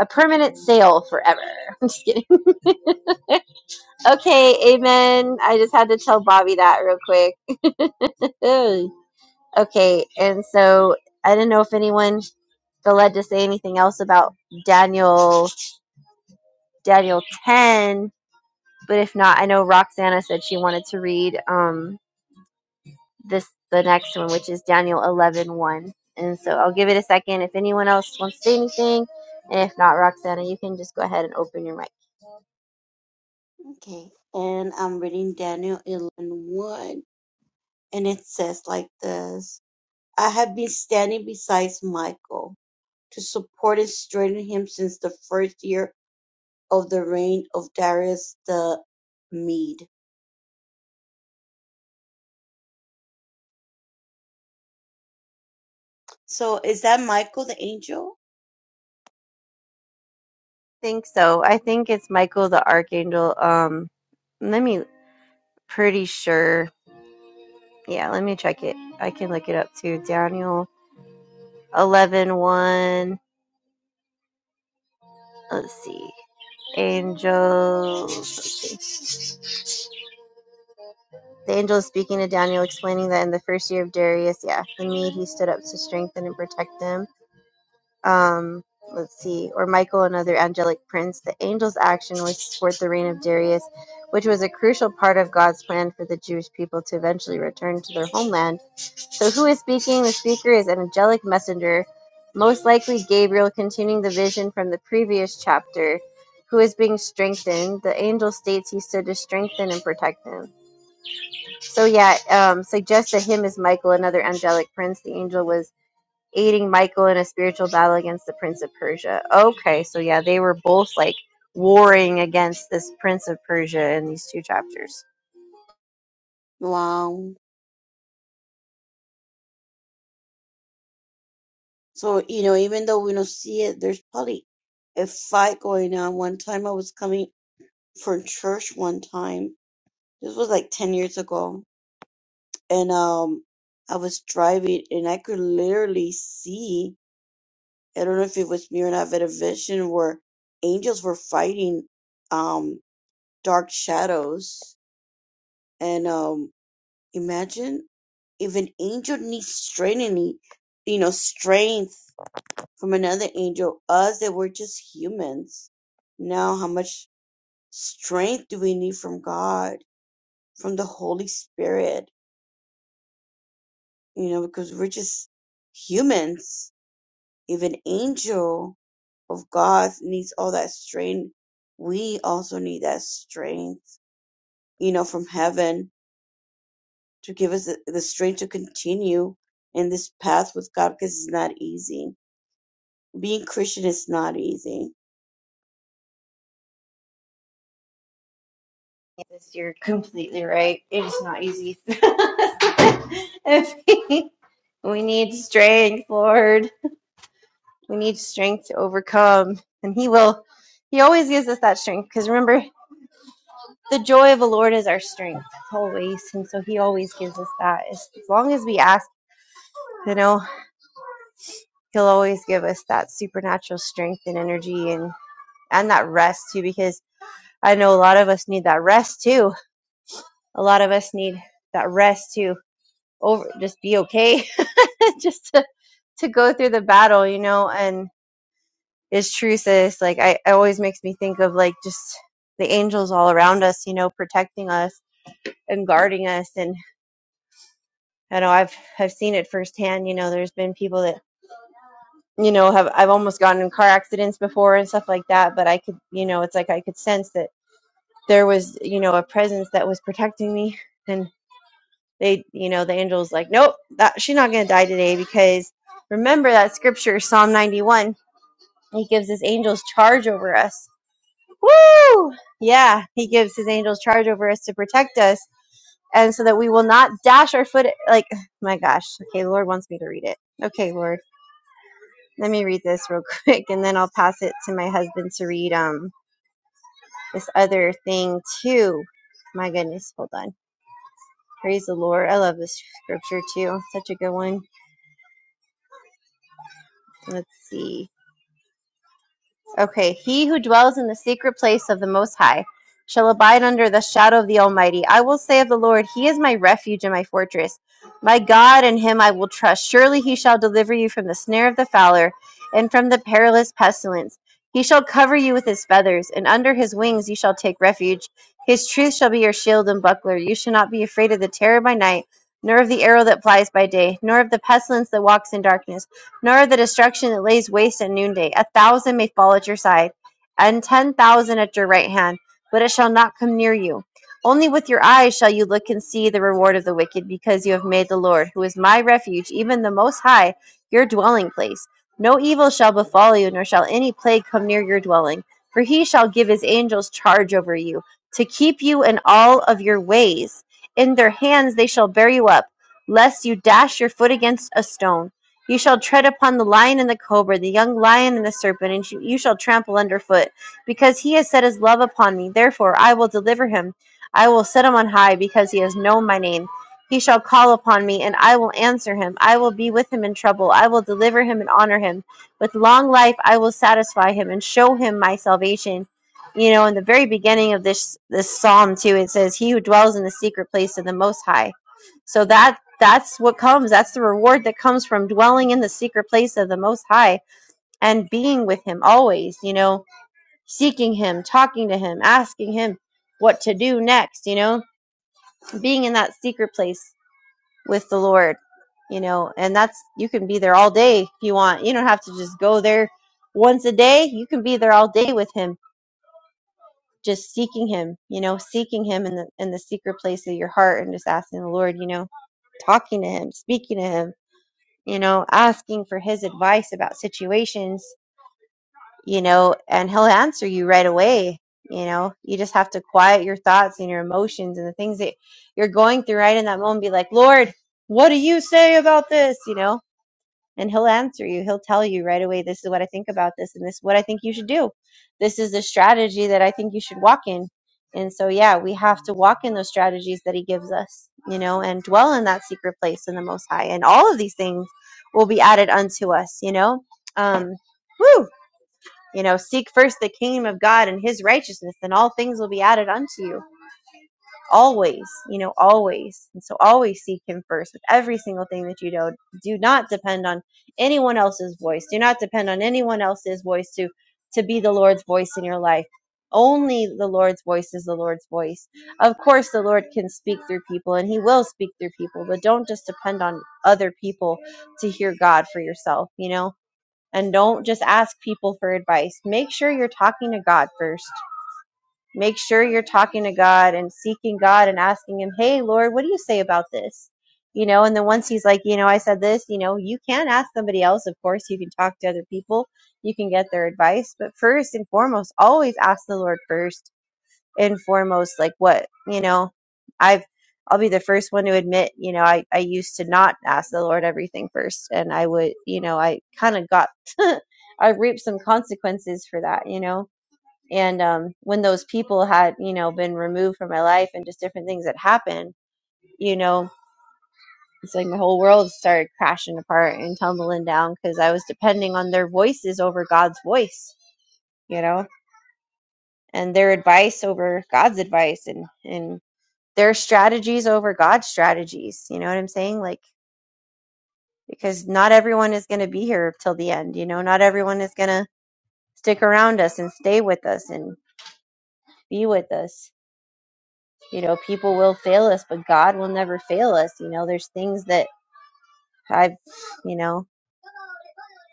A: a permanent sale forever. I'm just kidding. Okay, amen. I just had to tell Bobby that real quick. okay, and so I didn't know if anyone felt led to say anything else about Daniel Daniel ten, but if not, I know Roxana said she wanted to read um this the next one, which is Daniel eleven one. And so I'll give it a second if anyone else wants to say anything. And if not, Roxana, you can just go ahead and open your mic.
C: Okay. And I'm reading Daniel eleven one, and it says like this I have been standing beside Michael to support and strengthen him since the first year of the reign of Darius the Mede. So is that Michael the angel?
A: I think so. I think it's Michael the Archangel. Um let me pretty sure Yeah, let me check it. I can look it up too. Daniel eleven one. Let's see. Angels. let's see. The angel is speaking to Daniel, explaining that in the first year of Darius, yeah, the Mede, he stood up to strengthen and protect them. Um, let's see. Or Michael, another angelic prince. The angel's action was to support the reign of Darius, which was a crucial part of God's plan for the Jewish people to eventually return to their homeland So who is speaking? The speaker is an angelic messenger, most likely Gabriel, continuing the vision from the previous chapter, who is being strengthened. The angel states he stood to strengthen and protect him. So yeah, um, suggests that him is Michael, another angelic prince. The angel was aiding Michael in a spiritual battle against the prince of Persia. Okay, so yeah, they were both like warring against this prince of Persia in these two chapters.
C: Wow. So, you know, even though we don't see it, there's probably a fight going on. One time I was coming from church one time. This was like 10 years ago and um I was driving and I could literally see I don't know if it was me or not, but a vision where angels were fighting um dark shadows and um imagine if an angel needs strengthening you know strength from another angel us that we're just humans now how much strength do we need from God from the Holy Spirit you know because we're just humans If an angel of God needs all that strength, we also need that strength, you know, from heaven to give us the, the strength to continue in this path with God because it's not easy. Being Christian is not easy
A: This, you're completely right. It is not easy. we need strength, Lord. We need strength to overcome. And He will, He always gives us that strength. Because remember, the joy of the Lord is our strength, always. And so He always gives us that. As, as long as we ask, you know, He'll always give us that supernatural strength and energy and, and that rest too. Because I know a lot of us need that rest too. A lot of us need that rest too over just be okay just to, to go through the battle you know and it's true sis like I, it always makes me think of like just the angels all around us you know protecting us and guarding us and i know i've i've seen it firsthand you know there's been people that you know have i've almost gotten in car accidents before and stuff like that but i could you know it's like i could sense that there was you know a presence that was protecting me and. they you know the angel's like nope that she's not going to die today because remember that scripture psalm 91 he gives his angels charge over us woo yeah he gives his angels charge over us to protect us and so that we will not dash our foot like my gosh okay lord wants me to read it okay lord let me read this real quick and then i'll pass it to my husband to read um this other thing too my goodness hold on praise the lord i love this scripture too such a good one let's see Okay, he who dwells in the secret place of the Most High shall abide under the shadow of the Almighty. I will say of the Lord, He is my refuge and my fortress. My God, in Him I will trust. Surely He shall deliver you from the snare of the fowler and from the perilous pestilence. He shall cover you with His feathers, and under His wings you shall take refuge. His truth shall be your shield and buckler. You shall not be afraid of the terror by night, nor of the arrow that flies by day, nor of the pestilence that walks in darkness nor the destruction that lays waste at noonday. A thousand may fall at your side, and ten thousand at your right hand, but it shall not come near you. Only with your eyes shall you look and see the reward of the wicked, because you have made the Lord, who is my refuge, even the Most High, your dwelling place. No evil shall befall you, nor shall any plague come near your dwelling, for he shall give his angels charge over you, to keep you in all of your ways. In their hands they shall bear you up, lest you dash your foot against a stone. You shall tread upon the lion and the cobra, the young lion and the serpent, and you shall trample underfoot. Because he has set his love upon me, therefore I will deliver him. I will set him on high, because he has known my name. He shall call upon me, and I will answer him. I will be with him in trouble. I will deliver him and honor him. With long life I will satisfy him and show him my salvation. You know, in the very beginning of this this psalm too, it says, "He who dwells in the secret place of the Most High." So that that's what comes. That's the reward that comes from dwelling in the secret place of the Most High and being with Him always, you know, seeking Him, talking to Him, asking Him what to do next, you know, being in that secret place with the Lord, you know, and that's, you can be there all day if you want. You don't have to just go there once a day. You can be there all day with Him, just seeking Him, you know, seeking Him in the, in the secret place of your heart and just asking the Lord, you know, talking to Him, speaking to Him you know, asking for his advice about situations, you know, and he'll answer you right away. You know, you just have to quiet your thoughts and your emotions and the things that you're going through right in that moment. Be like, Lord, what do you say about this? You know, and he'll answer you. He'll tell you right away, this is what I think about this, and this is what I think you should do. This is the strategy that I think you should walk in. And so, yeah, we have to walk in those strategies that he gives us, you know, and dwell in that secret place in the Most High. And all of these things will be added unto us, you know. Um, woo! You know, seek first the kingdom of God and his righteousness, and all things will be added unto you always, you know, always. And so always seek him first with every single thing that you do. Do not depend on anyone else's voice. Do not depend on anyone else's voice to to be the Lord's voice in your life. Only the Lord's voice is the Lord's voice. Of course, the Lord can speak through people and he will speak through people, but don't just depend on other people to hear God for yourself, you know? And don't just ask people for advice. Make sure you're talking to God first Make sure you're talking to God and seeking God and asking Him, hey, Lord, what do you say about this? You know, and then once He's like, you know, I said this, you know, you can ask somebody else. Of course, you can talk to other people, you can get their advice. But first and foremost, always ask the Lord first and foremost, like what, you know, I've, I'll be the first one to admit, you know, I, I used to not ask the Lord everything first. And I would, you know, I kind of got, I reaped some consequences for that, you know and um, when those people had, you know, been removed from my life and just different things that happened, you know, it's like my whole world started crashing apart and tumbling down because I was depending on their voices over God's voice, you know, and their advice over God's advice and, and their strategies over God's strategies. You know what I'm saying? Like, because not everyone is going to be here till the end, you know, not everyone is going to stick around us and stay with us and be with us you know people will fail us but god will never fail us you know there's things that i've you know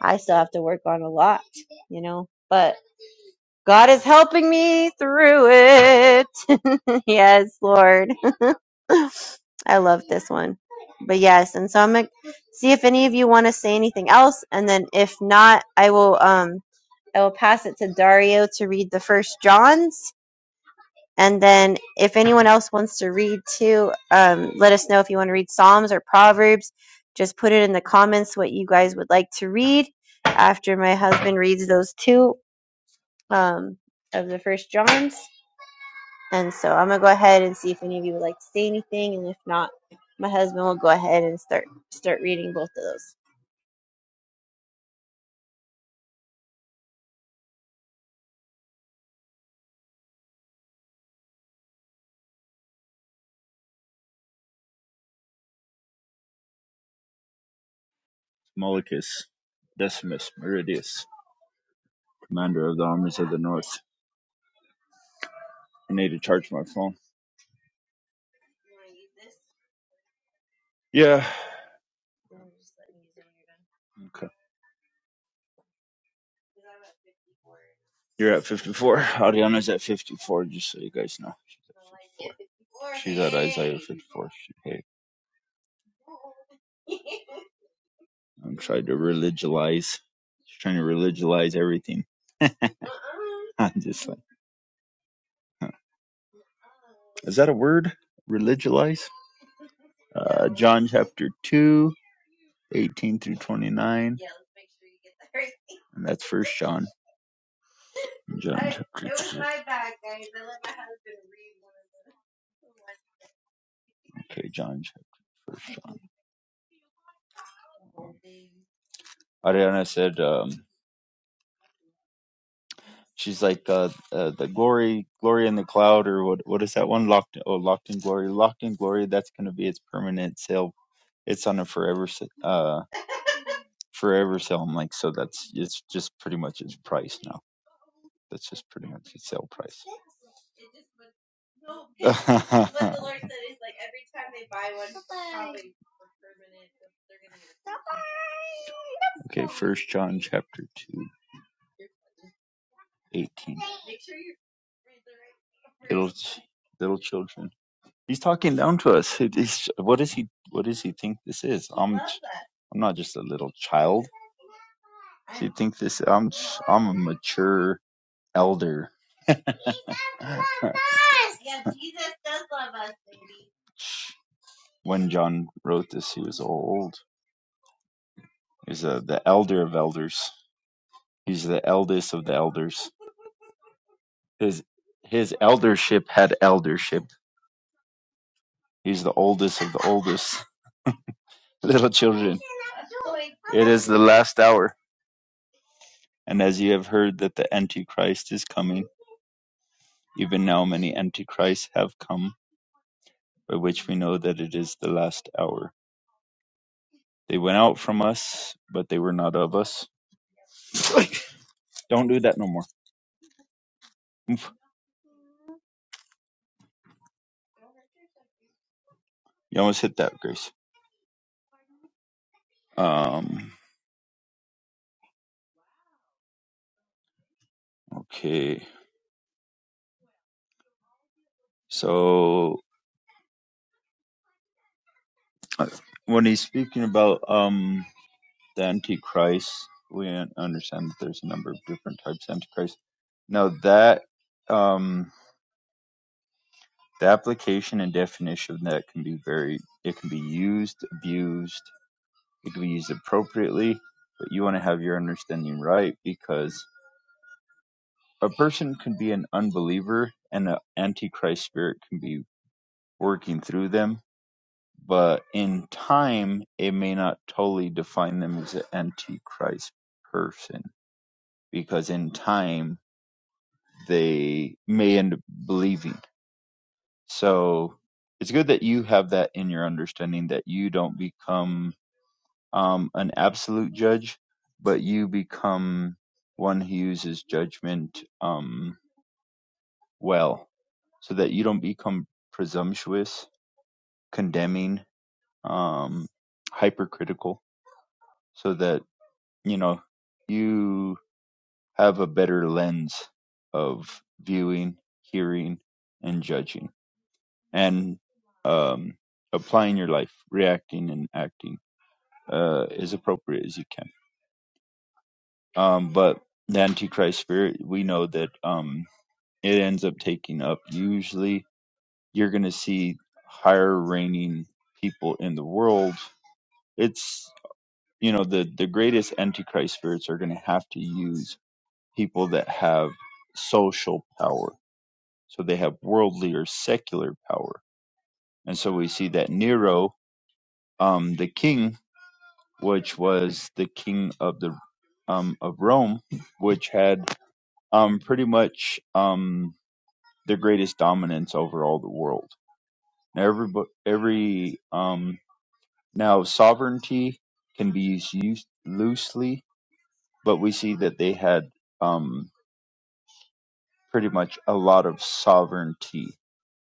A: i still have to work on a lot you know but god is helping me through it yes lord i love this one but yes and so i'm gonna see if any of you want to say anything else and then if not i will um i will pass it to dario to read the first johns And then if anyone else wants to read too, um, let us know if you want to read Psalms or Proverbs. Just put it in the comments what you guys would like to read after my husband reads those two um, of the first Johns. And so I'm going to go ahead and see if any of you would like to say anything. And if not, my husband will go ahead and start start reading both of those.
E: Molochus, Decimus Meridius, commander of the armies of the north. I need to charge my phone. Yeah. Okay. You're at 54. Ariana's at 54, just so you guys know. She's at 54. She's at Isaiah 54. She, hey, I'm trying to religionize, trying to religionize everything. I'm just like, huh. is that a word? Religionize? Uh, John chapter 2, 18 through 29. And that's first John. John chapter 2. Okay, John chapter first John. Ariana said, um, she's like, uh, uh, the glory, glory in the cloud, or what? What is that one? Locked, oh, locked in glory, locked in glory. That's going to be its permanent self. It's on a forever uh forever sale. I'm like, so that's it's just pretty much its price now. That's just pretty much its sale price. It just was no but the Lord said is like every time they buy one probably for permanent they're gonna get a Okay, First John chapter two, eighteen. Make sure you're Little little children. He's talking down to us. It is what does he what does he think this is? I'm I'm not just a little child. Do you think this I'm I'm a mature elder. when John wrote this, he was old. He's a, the elder of elders. He's the eldest of the elders. His his eldership had eldership. He's the oldest of the oldest little children. It is the last hour. And as you have heard that the Antichrist is coming, even now many antichrists have come, by which we know that it is the last hour. They went out from us, but they were not of us. Don't do that no more. Oof. You almost hit that, Grace. Um. Okay. So uh, when he's speaking about um the Antichrist, we un- understand that there's a number of different types of Antichrist. Now that um The application and definition of that can be very it can be used, abused, it can be used appropriately, but you want to have your understanding right because a person can be an unbeliever and an antichrist spirit can be working through them, but in time it may not totally define them as an antichrist person because in time they may end up believing So it's good that you have that in your understanding that you don't become um, an absolute judge, but you become one who uses judgment um, well, so that you don't become presumptuous, condemning, um, hypercritical, so that, you know, you have a better lens of viewing, hearing, and judging and um, applying your life, reacting and acting uh, as appropriate as you can. Um, but the Antichrist spirit, we know that um, it ends up taking up. Usually, you're going to see higher reigning people in the world. It's you know the the greatest Antichrist spirits are going to have to use people that have social power. So they have worldly or secular power, and so we see that Nero, um, the king, which was the king of the um, of Rome, which had um, pretty much um, the greatest dominance over all the world. Now, every every um, now sovereignty can be used use- loosely, but we see that they had um, pretty much a lot of sovereignty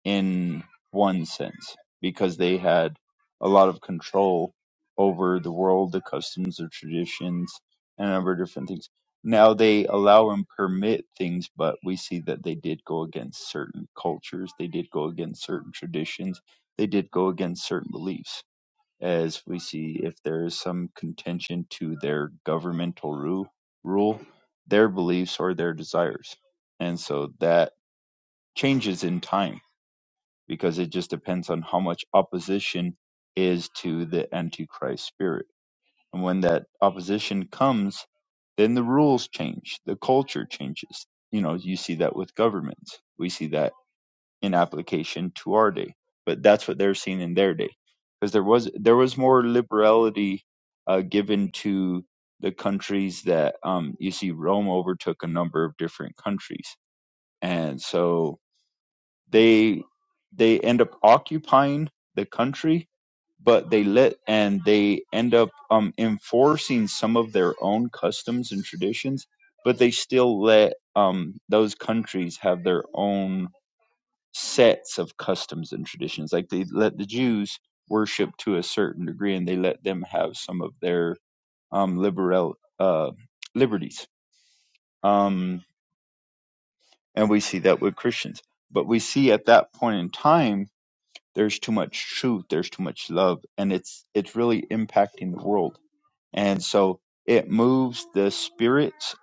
E: in one sense because they had a lot of control over the world, the customs, the traditions, and a number of different things. Now they allow and permit things, but we see that they did go against certain cultures, they did go against certain traditions, they did go against certain beliefs. As we see, if there is some contention to their governmental rule, rule, their beliefs or their desires, and so that changes in time because it just depends on how much opposition is to the antichrist spirit and when that opposition comes then the rules change the culture changes you know you see that with governments we see that in application to our day but that's what they're seeing in their day because there was there was more liberality uh, given to the countries that um, you see rome overtook a number of different countries and so they they end up occupying the country, but they let and they end up um, enforcing some of their own customs and traditions, but they still let um, those countries have their own sets of customs and traditions. Like they let the Jews worship to a certain degree, and they let them have some of their um, liberal uh, liberties. Um, and we see that with Christians, but we see at that point in time there's too much truth there's too much love and it's it's really impacting the world and so it moves the spirits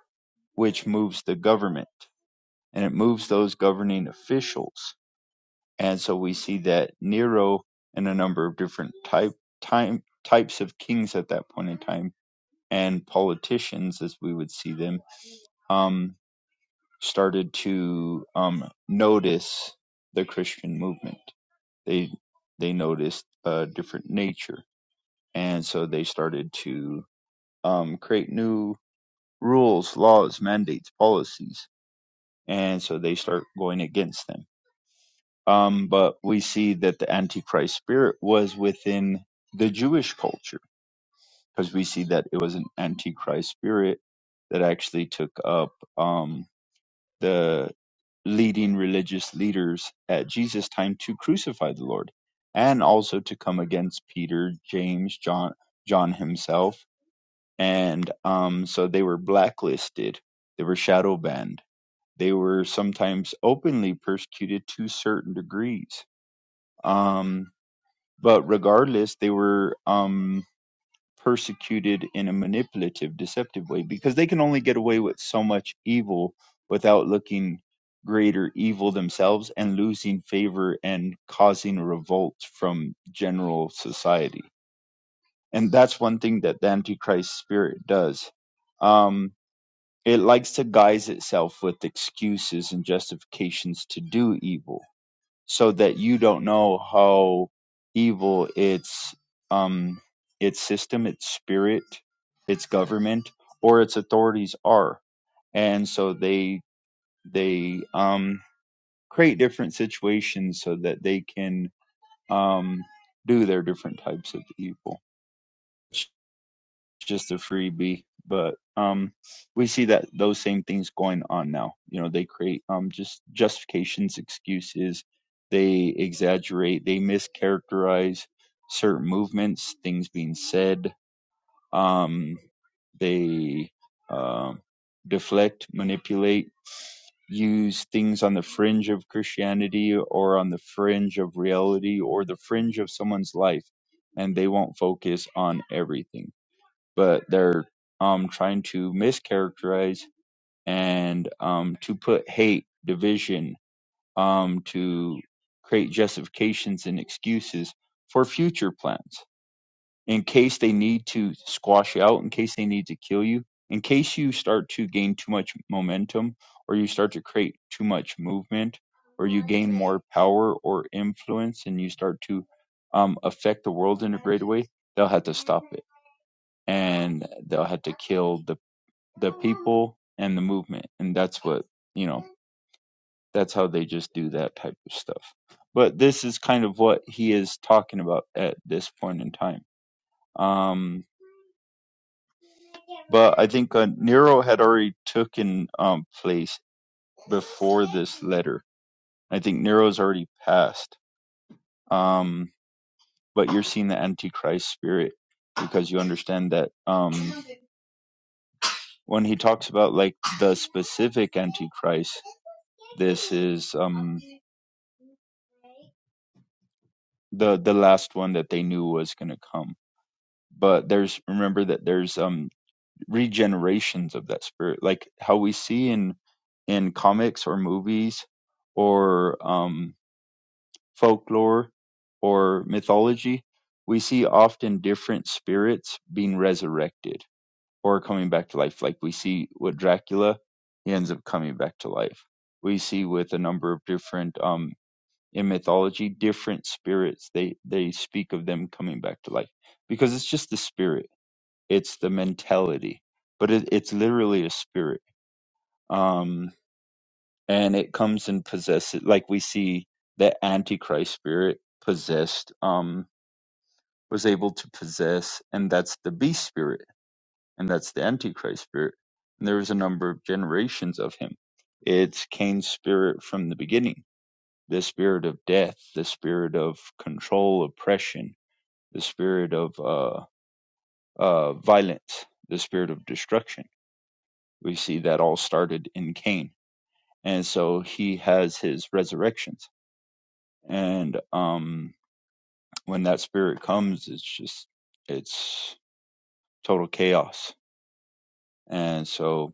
E: which moves the government and it moves those governing officials and so we see that nero and a number of different type time types of kings at that point in time and politicians as we would see them um started to um notice the christian movement they they noticed a different nature and so they started to um, create new rules, laws, mandates, policies, and so they start going against them. Um, but we see that the Antichrist spirit was within the Jewish culture because we see that it was an Antichrist spirit that actually took up um, the leading religious leaders at Jesus' time to crucify the Lord and also to come against Peter, James, John, John himself and um, so they were blacklisted, they were shadow banned, they were sometimes openly persecuted to certain degrees. Um, but regardless, they were um, persecuted in a manipulative, deceptive way because they can only get away with so much evil without looking greater evil themselves and losing favor and causing revolt from general society. And that's one thing that the Antichrist spirit does. Um, It likes to guise itself with excuses and justifications to do evil, so that you don't know how evil its um its system, its spirit, its government, or its authorities are. And so they they um create different situations so that they can um do their different types of evil. just a freebie but um we see that those same things going on now you know they create um just justifications excuses they exaggerate they mischaracterize certain movements things being said um they um deflect manipulate use things on the fringe of christianity or on the fringe of reality or the fringe of someone's life and they won't focus on everything but they're um, trying to mischaracterize and um, to put hate, division, um, to create justifications and excuses for future plans in case they need to squash you out, in case they need to kill you, in case you start to gain too much momentum or you start to create too much movement or you gain more power or influence and you start to um, affect the world in a great way, they'll have to stop it and they'll have to kill the people and the movement and that's what you know that's how they just do that type of stuff but this is kind of what he is talking about at this point in time um but i think uh, nero had already taken um place before this letter i think nero's already passed um but you're seeing the antichrist spirit because you understand that um when he talks about like the specific antichrist this is um the the last one that they knew was going to come but there's remember that there's um regenerations of that spirit like how we see in in comics or movies or um folklore or mythology we see often different spirits being resurrected or coming back to life like we see with Dracula he ends up coming back to life we see with a number of different um in mythology, different spirits. They they speak of them coming back to life because it's just the spirit. It's the mentality, but it, it's literally a spirit. Um, and it comes and possesses. Like we see the Antichrist spirit possessed. Um, was able to possess, and that's the beast spirit, and that's the Antichrist spirit. And there was a number of generations of him. It's Cain's spirit from the beginning. The spirit of death, the spirit of control, oppression, the spirit of uh, uh, violence, the spirit of destruction. We see that all started in Cain, and so he has his resurrections. And um, when that spirit comes, it's just it's total chaos. And so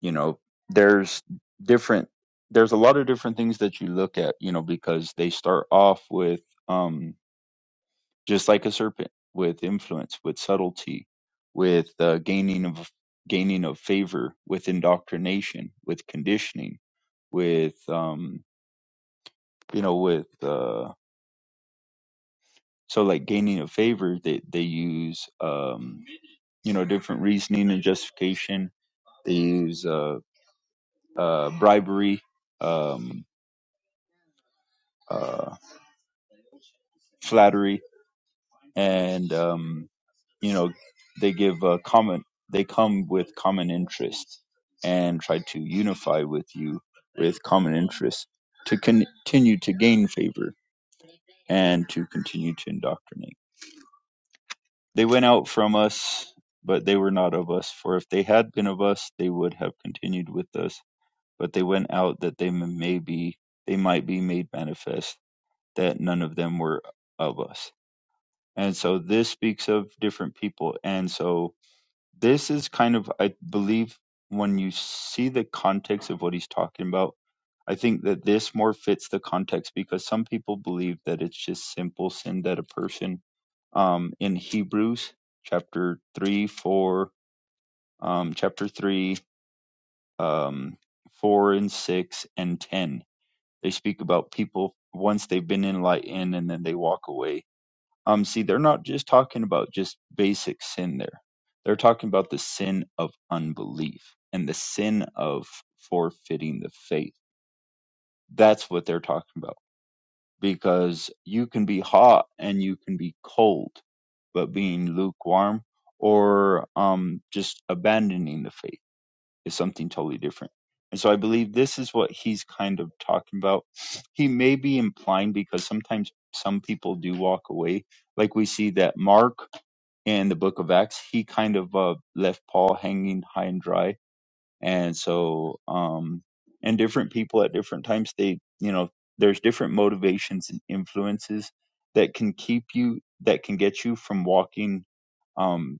E: you know, there's different there's a lot of different things that you look at, you know, because they start off with um. just like a serpent, with influence, with subtlety, with uh, gaining of gaining of favor, with indoctrination, with conditioning, with um, you know, with uh, so like gaining of favor, they they use um, you know different reasoning and justification. They use uh, uh, bribery, um, uh, flattery, and um, you know they give a common they come with common interests and try to unify with you with common interests to con- continue to gain favor and to continue to indoctrinate they went out from us but they were not of us for if they had been of us they would have continued with us but they went out that they m- may be they might be made manifest that none of them were of us and so this speaks of different people and so This is kind of, I believe, when you see the context of what he's talking about, I think that this more fits the context because some people believe that it's just simple sin that a person um, in Hebrews chapter 3, 4, um, chapter 3, um, 4 and 6 and 10, they speak about people once they've been enlightened and then they walk away um, see, they're not just talking about just basic sin there. They're talking about the sin of unbelief and the sin of forfeiting the faith. That's what they're talking about. Because you can be hot and you can be cold, but being lukewarm or um, just abandoning the faith is something totally different. And so I believe this is what he's kind of talking about. He may be implying because sometimes some people do walk away. Like we see that Mark in the book of Acts, he kind of uh, left Paul hanging high and dry. And so, um, and different people at different times, they, you know, there's different motivations and influences that can keep you, that can get you from walking. Um,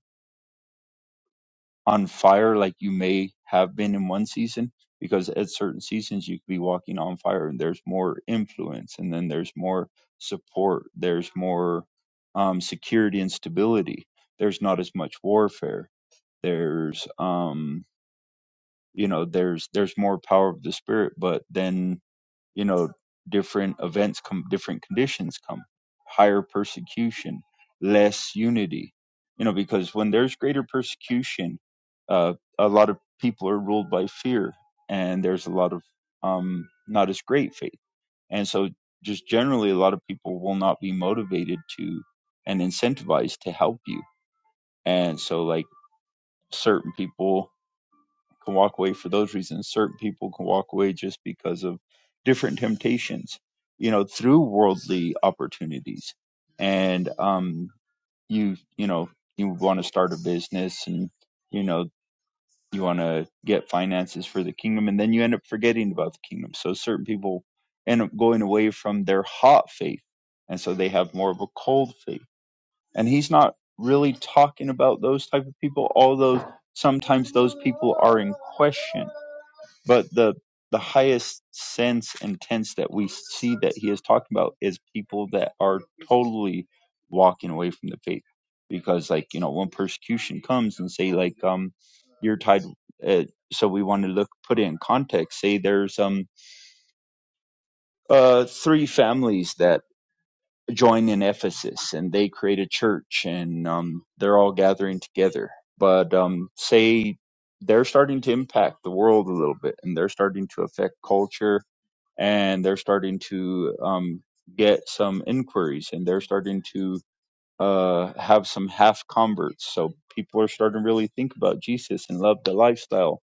E: on fire like you may have been in one season because at certain seasons you could be walking on fire and there's more influence and then there's more support there's more um, security and stability there's not as much warfare there's um you know there's there's more power of the spirit but then you know different events come different conditions come higher persecution less unity you know because when there's greater persecution uh, a lot of people are ruled by fear and there's a lot of um, not as great faith and so just generally a lot of people will not be motivated to and incentivized to help you and so like certain people can walk away for those reasons. Certain people can walk away just because of different temptations, you know, through worldly opportunities. And um, you, you know, you want to start a business and, you know, you want to get finances for the kingdom, and then you end up forgetting about the kingdom. So certain people end up going away from their hot faith. And so they have more of a cold faith and he's not really talking about those type of people although sometimes those people are in question but the the highest sense and tense that we see that he is talking about is people that are totally walking away from the faith because like you know when persecution comes and say like um you're tied uh, so we want to look put it in context say there's um uh three families that join in Ephesus and they create a church and um, they're all gathering together. But um, say they're starting to impact the world a little bit and they're starting to affect culture and they're starting to um, get some inquiries and they're starting to uh, have some half converts. So people are starting to really think about Jesus and love the lifestyle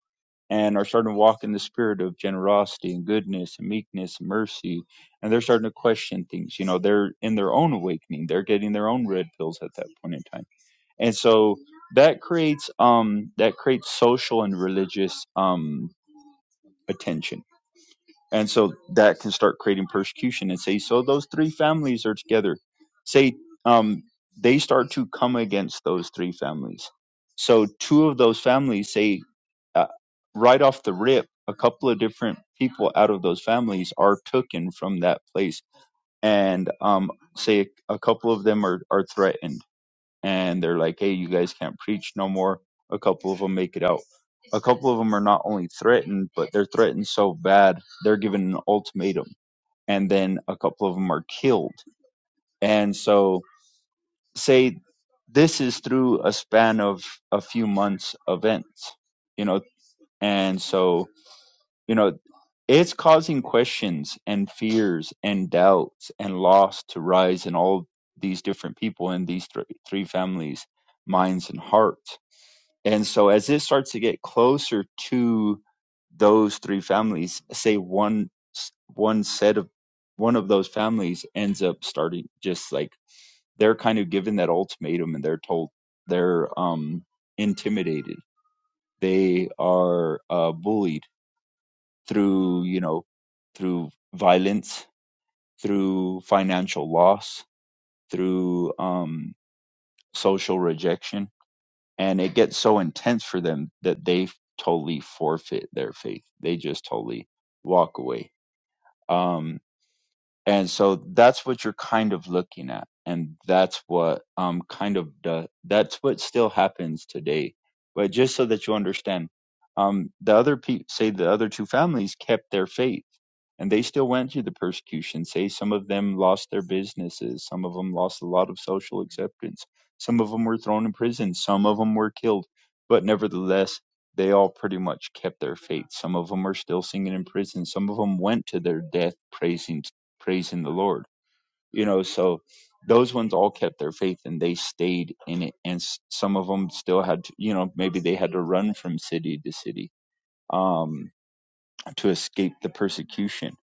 E: and are starting to walk in the spirit of generosity and goodness and meekness and mercy and they're starting to question things you know they're in their own awakening they're getting their own red pills at that point in time and so that creates um that creates social and religious um attention and so that can start creating persecution and say, so those three families are together. Say, um, they start to come against those three families. So two of those families say, uh, right off the rip, a couple of different people out of those families are taken from that place. And um, say a couple of them are, are threatened and they're like, "Hey, you guys can't preach no more." A couple of them make it out. A couple of them are not only threatened, but they're threatened so bad they're given an ultimatum, and then a couple of them are killed. And so, say this is through a span of a few months events, you know, and so you know it's causing questions and fears and doubts and loss to rise in all these different people in these thr- three families minds and hearts And so as it starts to get closer to those three families, say one one set of one of those families ends up starting just like they're kind of given that ultimatum and they're told they're um intimidated. They are uh bullied through, you know, through violence, through financial loss, through um social rejection and it gets so intense for them that they totally forfeit their faith. They just totally walk away. Um, and so that's what you're kind of looking at and that's what um kind of the, that's what still happens today but just so that you understand um the other people say the other two families kept their faith and they still went through the persecution say some of them lost their businesses some of them lost a lot of social acceptance some of them were thrown in prison some of them were killed but nevertheless they all pretty much kept their faith some of them are still singing in prison some of them went to their death praising praising the Lord. You know, so those ones all kept their faith and they stayed in it. And s- some of them still had, to, you know, maybe they had to run from city to city um, to escape the persecution,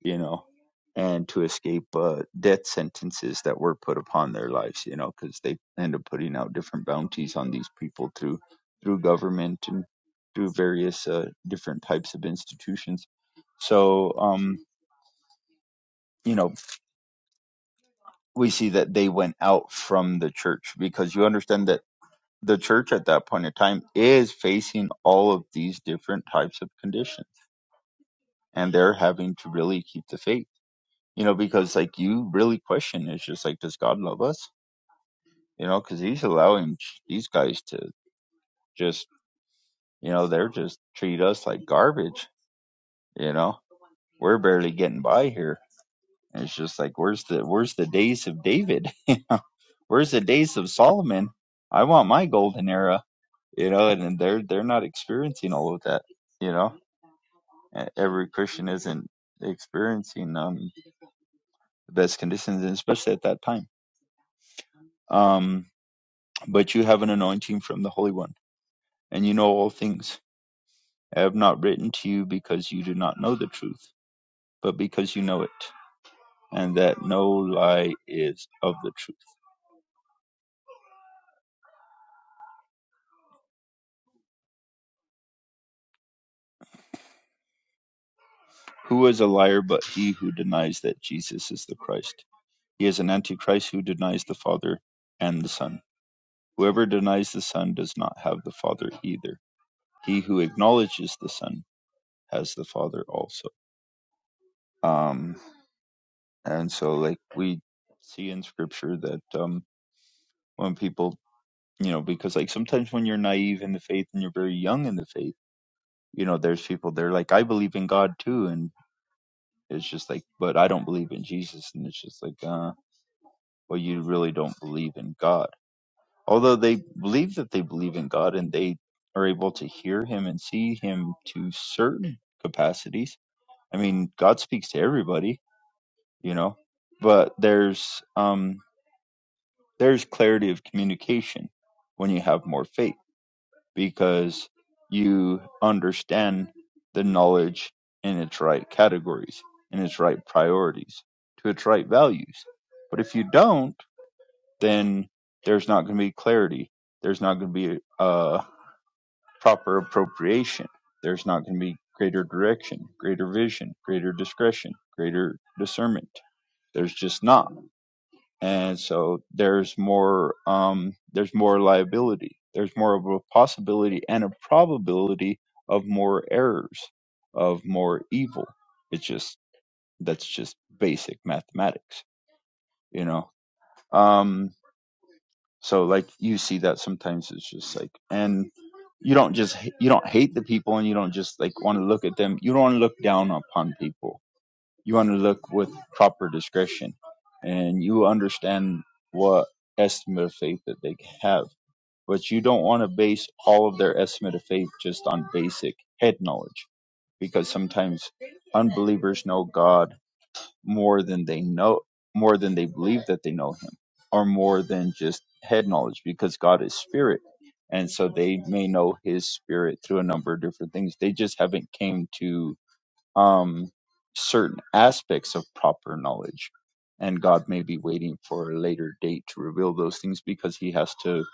E: you know, and to escape uh, death sentences that were put upon their lives, you know, because they end up putting out different bounties on these people through through government and through various uh, different types of institutions. So, um, you know, we see that they went out from the church because you understand that the church at that point in time is facing all of these different types of conditions and they're having to really keep the faith you know because like you really question it's just like does god love us you know because he's allowing these guys to just you know they're just treat us like garbage you know we're barely getting by here and it's just like where's the where's the days of david you know where's the days of solomon i want my golden era you know, and, and they're they're not experiencing all of that, you know. E- Every Christian isn't experiencing um the best conditions, and especially at that time. Um, but you have an anointing from the Holy One, and you know all things. I have not written to you because you do not know the truth, but because you know it, and that no lie is of the truth. Who is a liar but he who denies that Jesus is the Christ? He is an antichrist who denies the Father and the Son. Whoever denies the Son does not have the Father either. He who acknowledges the Son has the Father also. Um, and so, like, we see in Scripture that um, when people, you know, because, like, sometimes when you're naive in the faith and you're very young in the faith, you know, there's people, they're like, I believe in God too. And it's just like, but I don't believe in Jesus. And it's just like, uh, well, you really don't believe in God although they believe that they believe in God and they are able to hear him and see him to certain capacities. I mean, God speaks to everybody, you know, but there's um there's clarity of communication when you have more faith because you understand the knowledge in its right categories, in its right priorities, to its right values. But if you don't, then there's not going to be clarity. There's not going to be uh proper appropriation. There's not going to be greater direction, greater vision, greater discretion, greater discernment. There's just not. And so there's more um, there's more liability. There's more of a possibility and a probability of more errors, of more evil. It's just that's just basic mathematics, you know. Um, So like you see that sometimes it's just like and you don't just h- you don't hate the people and you don't just like want to look at them. You don't want to look down upon people. You want to look with proper discretion and you understand what estimate of faith that they have. But you don't want to base all of their estimate of faith just on basic head knowledge because sometimes unbelievers know God more than they know, more than they believe that they know him, or more than just head knowledge, because God is spirit. And so they may know his spirit through a number of different things. They just haven't came to um, certain aspects of proper knowledge. And God may be waiting for a later date to reveal those things because he has to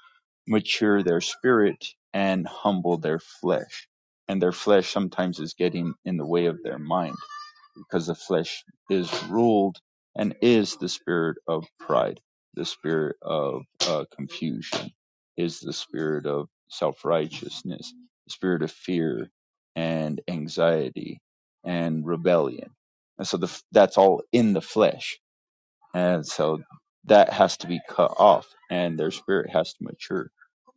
E: mature their spirit and humble their flesh. And their flesh sometimes is getting in the way of their mind because the flesh is ruled and is the spirit of pride, the spirit of uh, confusion, is the spirit of self righteousness, the spirit of fear and anxiety and rebellion. And so the, that's all in the flesh. And so that has to be cut off and their spirit has to mature.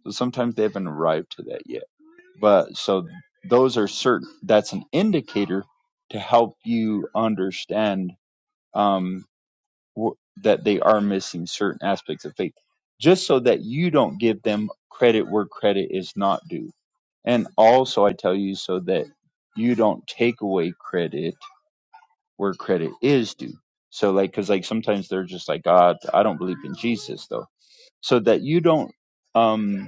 E: So sometimes they haven't arrived to that yet but so those are certain, that's an indicator to help you understand um, wh- that they are missing certain aspects of faith, just so that you don't give them credit where credit is not due. And also, I tell you so that you don't take away credit where credit is due. So, like, because like sometimes they're just like, God, I don't believe in Jesus, though. So that you don't, um,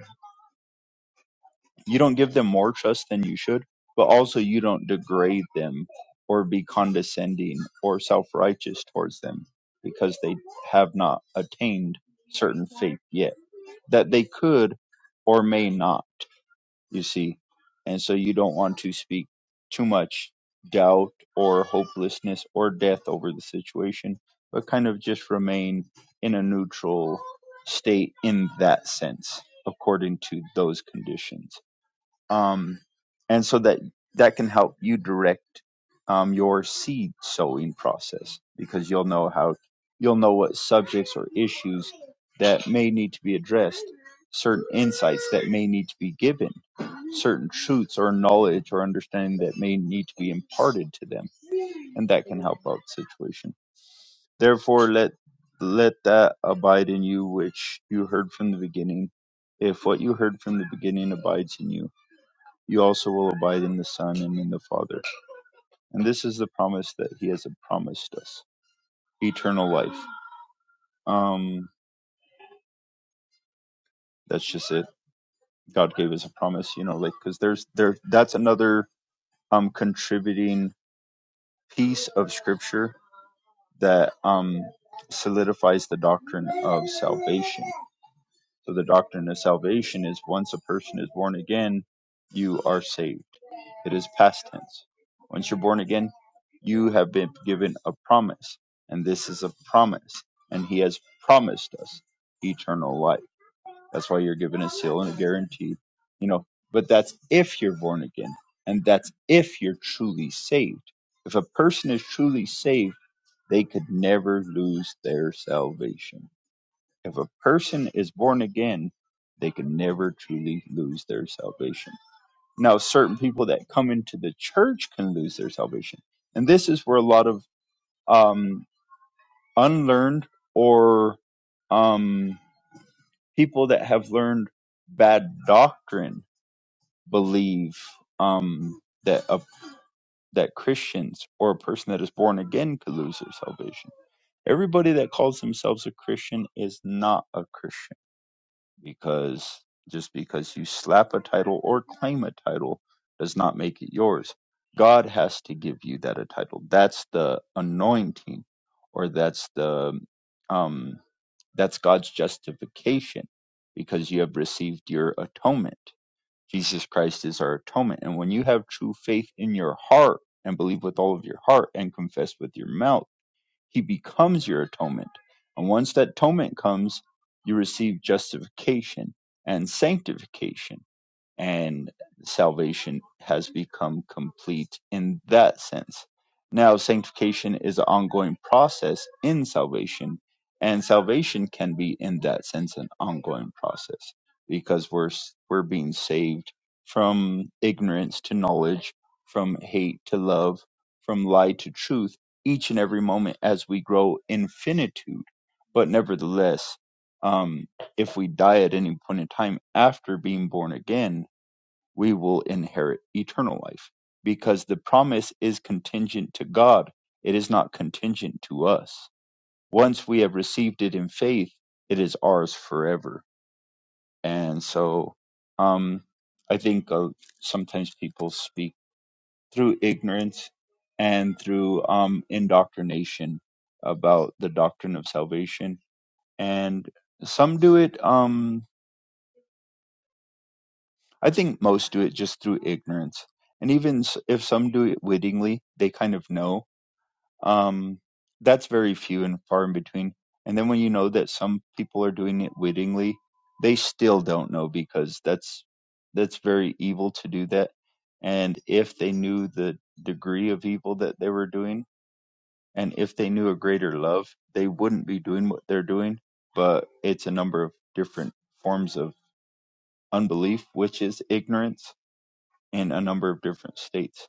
E: You don't give them more trust than you should, but also you don't degrade them or be condescending or self righteous towards them because they have not attained certain faith yet that they could or may not, you see. And so you don't want to speak too much doubt or hopelessness or death over the situation, but kind of just remain in a neutral state in that sense according to those conditions um, and so that that can help you direct um, your seed sowing process because you'll know how you'll know what subjects or issues that may need to be addressed certain insights that may need to be given certain truths or knowledge or understanding that may need to be imparted to them and that can help out the situation therefore let let that abide in you which you heard from the beginning if what you heard from the beginning abides in you you also will abide in the Son and in the Father. And this is the promise that He has promised us eternal life. Um, that's just it. God gave us a promise, you know, like, because there's there, that's another um, contributing piece of scripture that um, solidifies the doctrine of salvation. So the doctrine of salvation is once a person is born again, you are saved. It is past tense. Once you're born again, you have been given a promise, and this is a promise, and he has promised us eternal life. That's why you're given a seal and a guarantee, you know. But that's if you're born again, and that's if you're truly saved. If a person is truly saved, they could never lose their salvation if a person is born again, they can never truly lose their salvation. Now, certain people that come into the church can lose their salvation. And this is where a lot of um, unlearned or um, people that have learned bad doctrine believe um, that a, that Christians or a person that is born again could lose their salvation. Everybody that calls themselves a Christian is not a Christian because just because you slap a title or claim a title does not make it yours. God has to give you that a title. That's the anointing, or that's the um, that's God's justification because you have received your atonement. Jesus Christ is our atonement, and when you have true faith in your heart and believe with all of your heart and confess with your mouth he becomes your atonement. And once that atonement comes, you receive justification and sanctification and salvation has become complete in that sense. Now, sanctification is an ongoing process in salvation, and salvation can be, in that sense, an ongoing process because we're we're being saved from ignorance to knowledge, from hate to love, from lie to truth, each and every moment as we grow in finitude. But nevertheless, um, if we die at any point in time after being born again, we will inherit eternal life because the promise is contingent to God. It is not contingent to us. Once we have received it in faith, it is ours forever. And so, um, I think uh, sometimes people speak through ignorance and through um, indoctrination about the doctrine of salvation. And some do it. Um, I think most do it just through ignorance. And even s- if some do it wittingly, they kind of know. Um, that's very few and far in between. And then when you know that some people are doing it wittingly, they still don't know because that's that's very evil to do that. And if they knew the degree of evil that they were doing, and if they knew a greater love, they wouldn't be doing what they're doing. But it's a number of different forms of unbelief, which is ignorance in a number of different states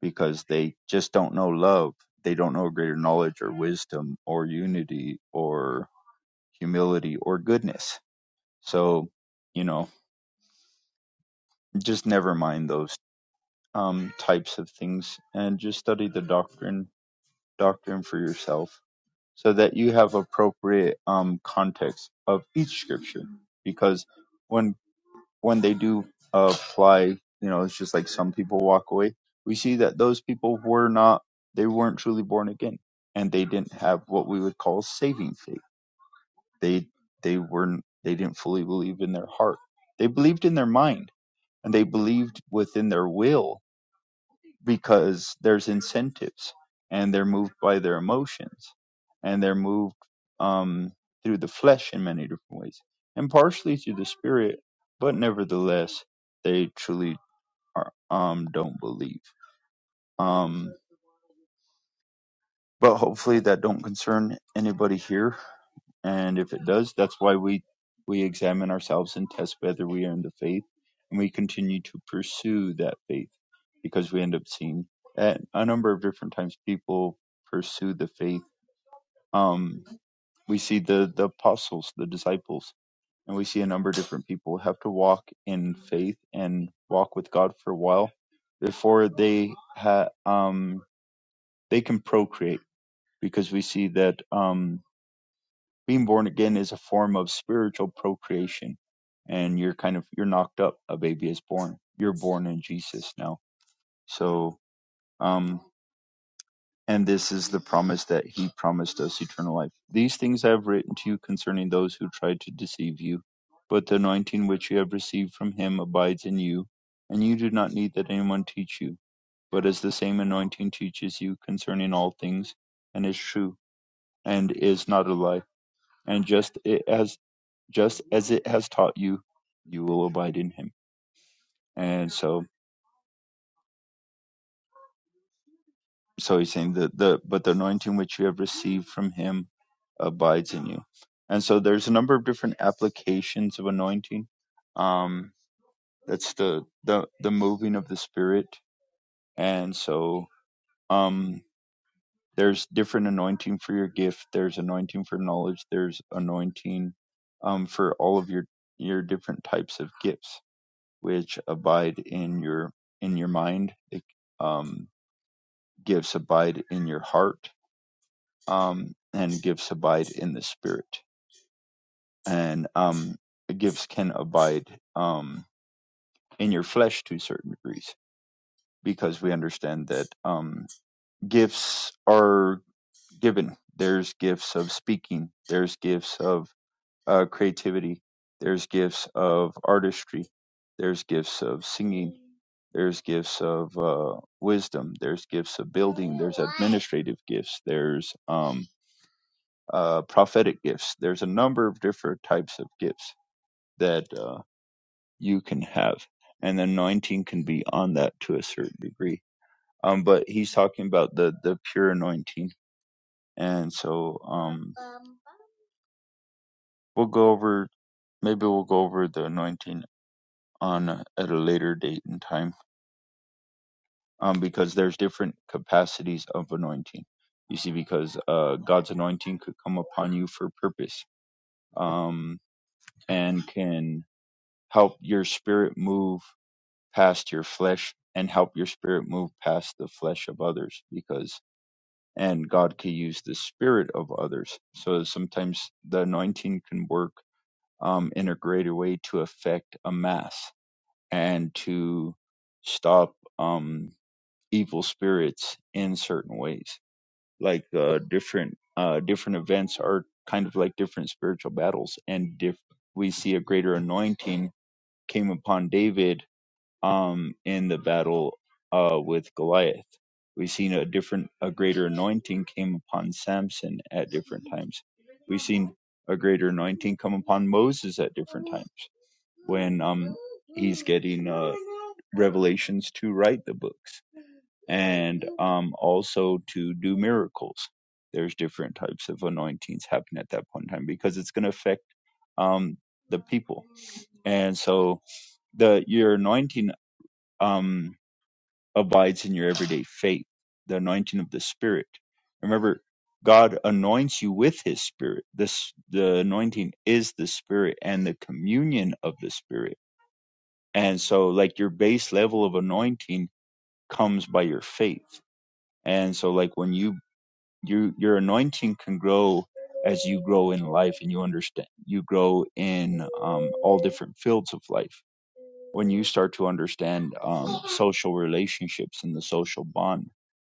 E: because they just don't know love. They don't know greater knowledge or wisdom or unity or humility or goodness. So, you know, just never mind those um, types of things and just study the doctrine doctrine for yourself so that you have appropriate um, context of each scripture because when when they do apply, you know, it's just like some people walk away. We see that those people were not, they weren't truly born again, and they didn't have what we would call saving faith. They they weren't, they didn't fully believe in their heart. They believed in their mind, and they believed within their will, because there's incentives and they're moved by their emotions and they're moved um, through the flesh in many different ways and partially through the spirit but nevertheless they truly are, um, don't believe um, but hopefully that don't concern anybody here And if it does, that's why we, we examine ourselves and test whether we are in the faith and we continue to pursue that faith because we end up seeing at a number of different times people pursue the faith. Um, we see the, the apostles, the disciples, and we see a number of different people have to walk in faith and walk with God for a while before they ha- um, they can procreate because we see that um. being born again is a form of spiritual procreation and you're kind of you're knocked up a baby is born you're born in jesus now so um and this is the promise that he promised us eternal life these things i have written to you concerning those who tried to deceive you but the anointing which you have received from him abides in you and you do not need that anyone teach you but as the same anointing teaches you concerning all things and is true and is not a lie and just as just as it has taught you, you will abide in him. And so, so he's saying that the, but the anointing which you have received from him abides in you. And so there's a number of different applications of anointing. Um, that's the, the, the moving of the spirit. And so, um, there's different anointing for your gift. There's anointing for knowledge. There's anointing, um, for all of your, your different types of gifts which abide in your in your mind it, um, gives abide in your heart um, and gives abide in the spirit and um, it gives can abide um, in your flesh to certain degrees because we understand that um, gifts are given there's gifts of speaking there's gifts of uh, creativity. There's gifts of artistry. There's gifts of singing. There's gifts of uh, wisdom. There's gifts of building. There's administrative gifts. There's um, uh, prophetic gifts. There's a number of different types of gifts that uh, you can have, and the anointing can be on that to a certain degree. Um, but he's talking about the the pure anointing, and so um, we'll go over maybe we'll go over the anointing on at a later date and time um, because there's different capacities of anointing you see because uh, god's anointing could come upon you for purpose um, and can help your spirit move past your flesh and help your spirit move past the flesh of others because and god can use the spirit of others so sometimes the anointing can work um, in a greater way to affect a mass and to stop um, evil spirits in certain ways. Like uh, different uh, different events are kind of like different spiritual battles, and diff- we see a greater anointing came upon David um, in the battle uh, with Goliath. We've seen a different, a greater anointing came upon Samson at different times. We've seen a greater anointing come upon Moses at different times when um, he's getting uh, revelations to write the books and um, also to do miracles. There's different types of anointings happen at that point in time because it's going to affect um, the people, and so the your anointing um, abides in your everyday faith, the anointing of the Spirit. Remember, God anoints you with His Spirit. This the anointing is the Spirit and the communion of the Spirit, and so like your base level of anointing comes by your faith. And so, like when you you your anointing can grow as you grow in life and you understand you grow in um, all different fields of life when you start to understand um, social relationships and the social bond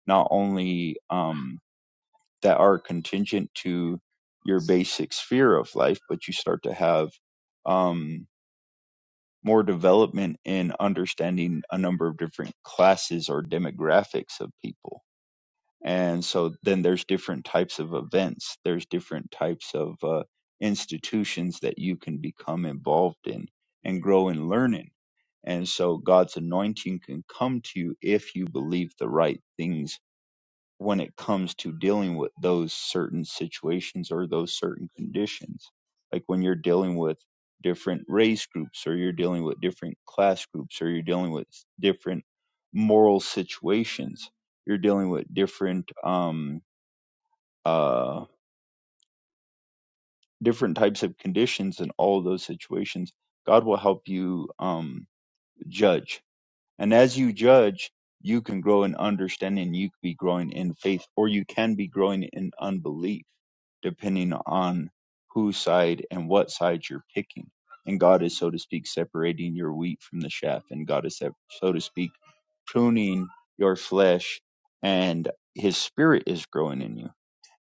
E: not only um, that are contingent to your basic sphere of life but you start to have um, more development in understanding a number of different classes or demographics of people and so then there's different types of events there's different types of uh, institutions that you can become involved in and grow and learn in and so god's anointing can come to you if you believe the right things when it comes to dealing with those certain situations or those certain conditions. Like when you're dealing with different race groups or you're dealing with different class groups or you're dealing with different moral situations, you're dealing with different um uh different types of conditions in all those situations. God will help you um judge And as you judge, you can grow in understanding, you could be growing in faith, or you can be growing in unbelief, depending on whose side and what side you're picking. And God is, so to speak, separating your wheat from the chaff, and God is, sep- so to speak, pruning your flesh, and His Spirit is growing in you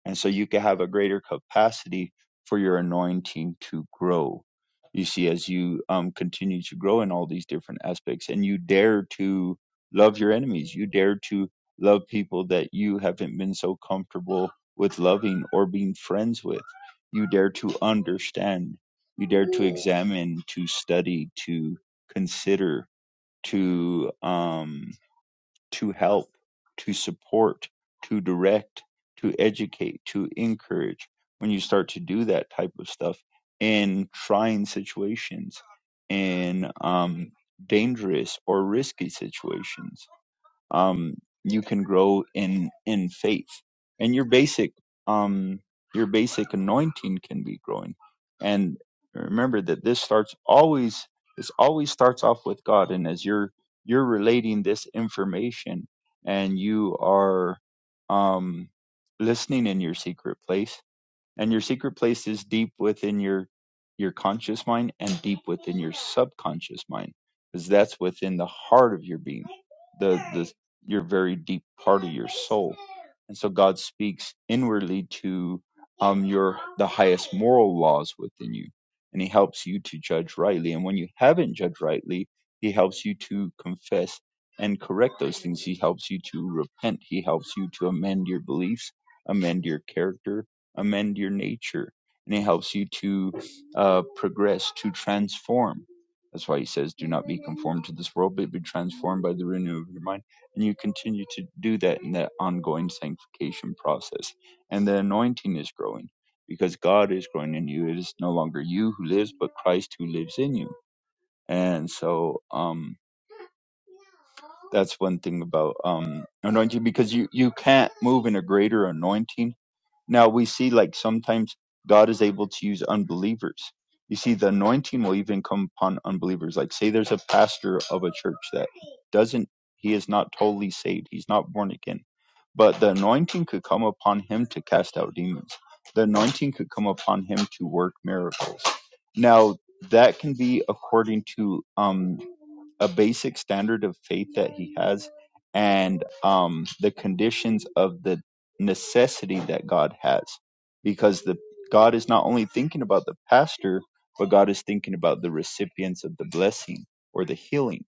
E: and so you can have a greater capacity for your anointing to grow. You see, as you um, continue to grow in all these different aspects, and you dare to love your enemies, you dare to love people that you haven't been so comfortable with loving or being friends with. You dare to understand, you dare to examine, to study, to consider, to um, to help, to support, to direct, to educate, to encourage. When you start to do that type of stuff in trying situations, in um, dangerous or risky situations, um, you can grow in in faith and your basic um, your basic anointing can be growing and remember that this starts always this always starts off with god and as you're you're relating this information and you are um, listening in your secret place and your secret place is deep within your your conscious mind and deep within your subconscious mind because that's within the heart of your being the the your very deep part of your soul and so god speaks inwardly to um your the highest moral laws within you and he helps you to judge rightly and when you haven't judged rightly he helps you to confess and correct those things he helps you to repent he helps you to amend your beliefs amend your character amend your nature and it helps you to uh, progress to transform that's why he says do not be conformed to this world but be transformed by the renewal of your mind and you continue to do that in that ongoing sanctification process and the anointing is growing because god is growing in you it is no longer you who lives but christ who lives in you and so um that's one thing about um anointing because you you can't move in a greater anointing now we see like sometimes God is able to use unbelievers. You see, the anointing will even come upon unbelievers. Like say there's a pastor of a church that doesn't he is not totally saved. He's not born again. But the anointing could come upon him to cast out demons. The anointing could come upon him to work miracles. Now that can be according to um a basic standard of faith that he has and um, the conditions of the necessity that God has because the God is not only thinking about the pastor but God is thinking about the recipients of the blessing or the healing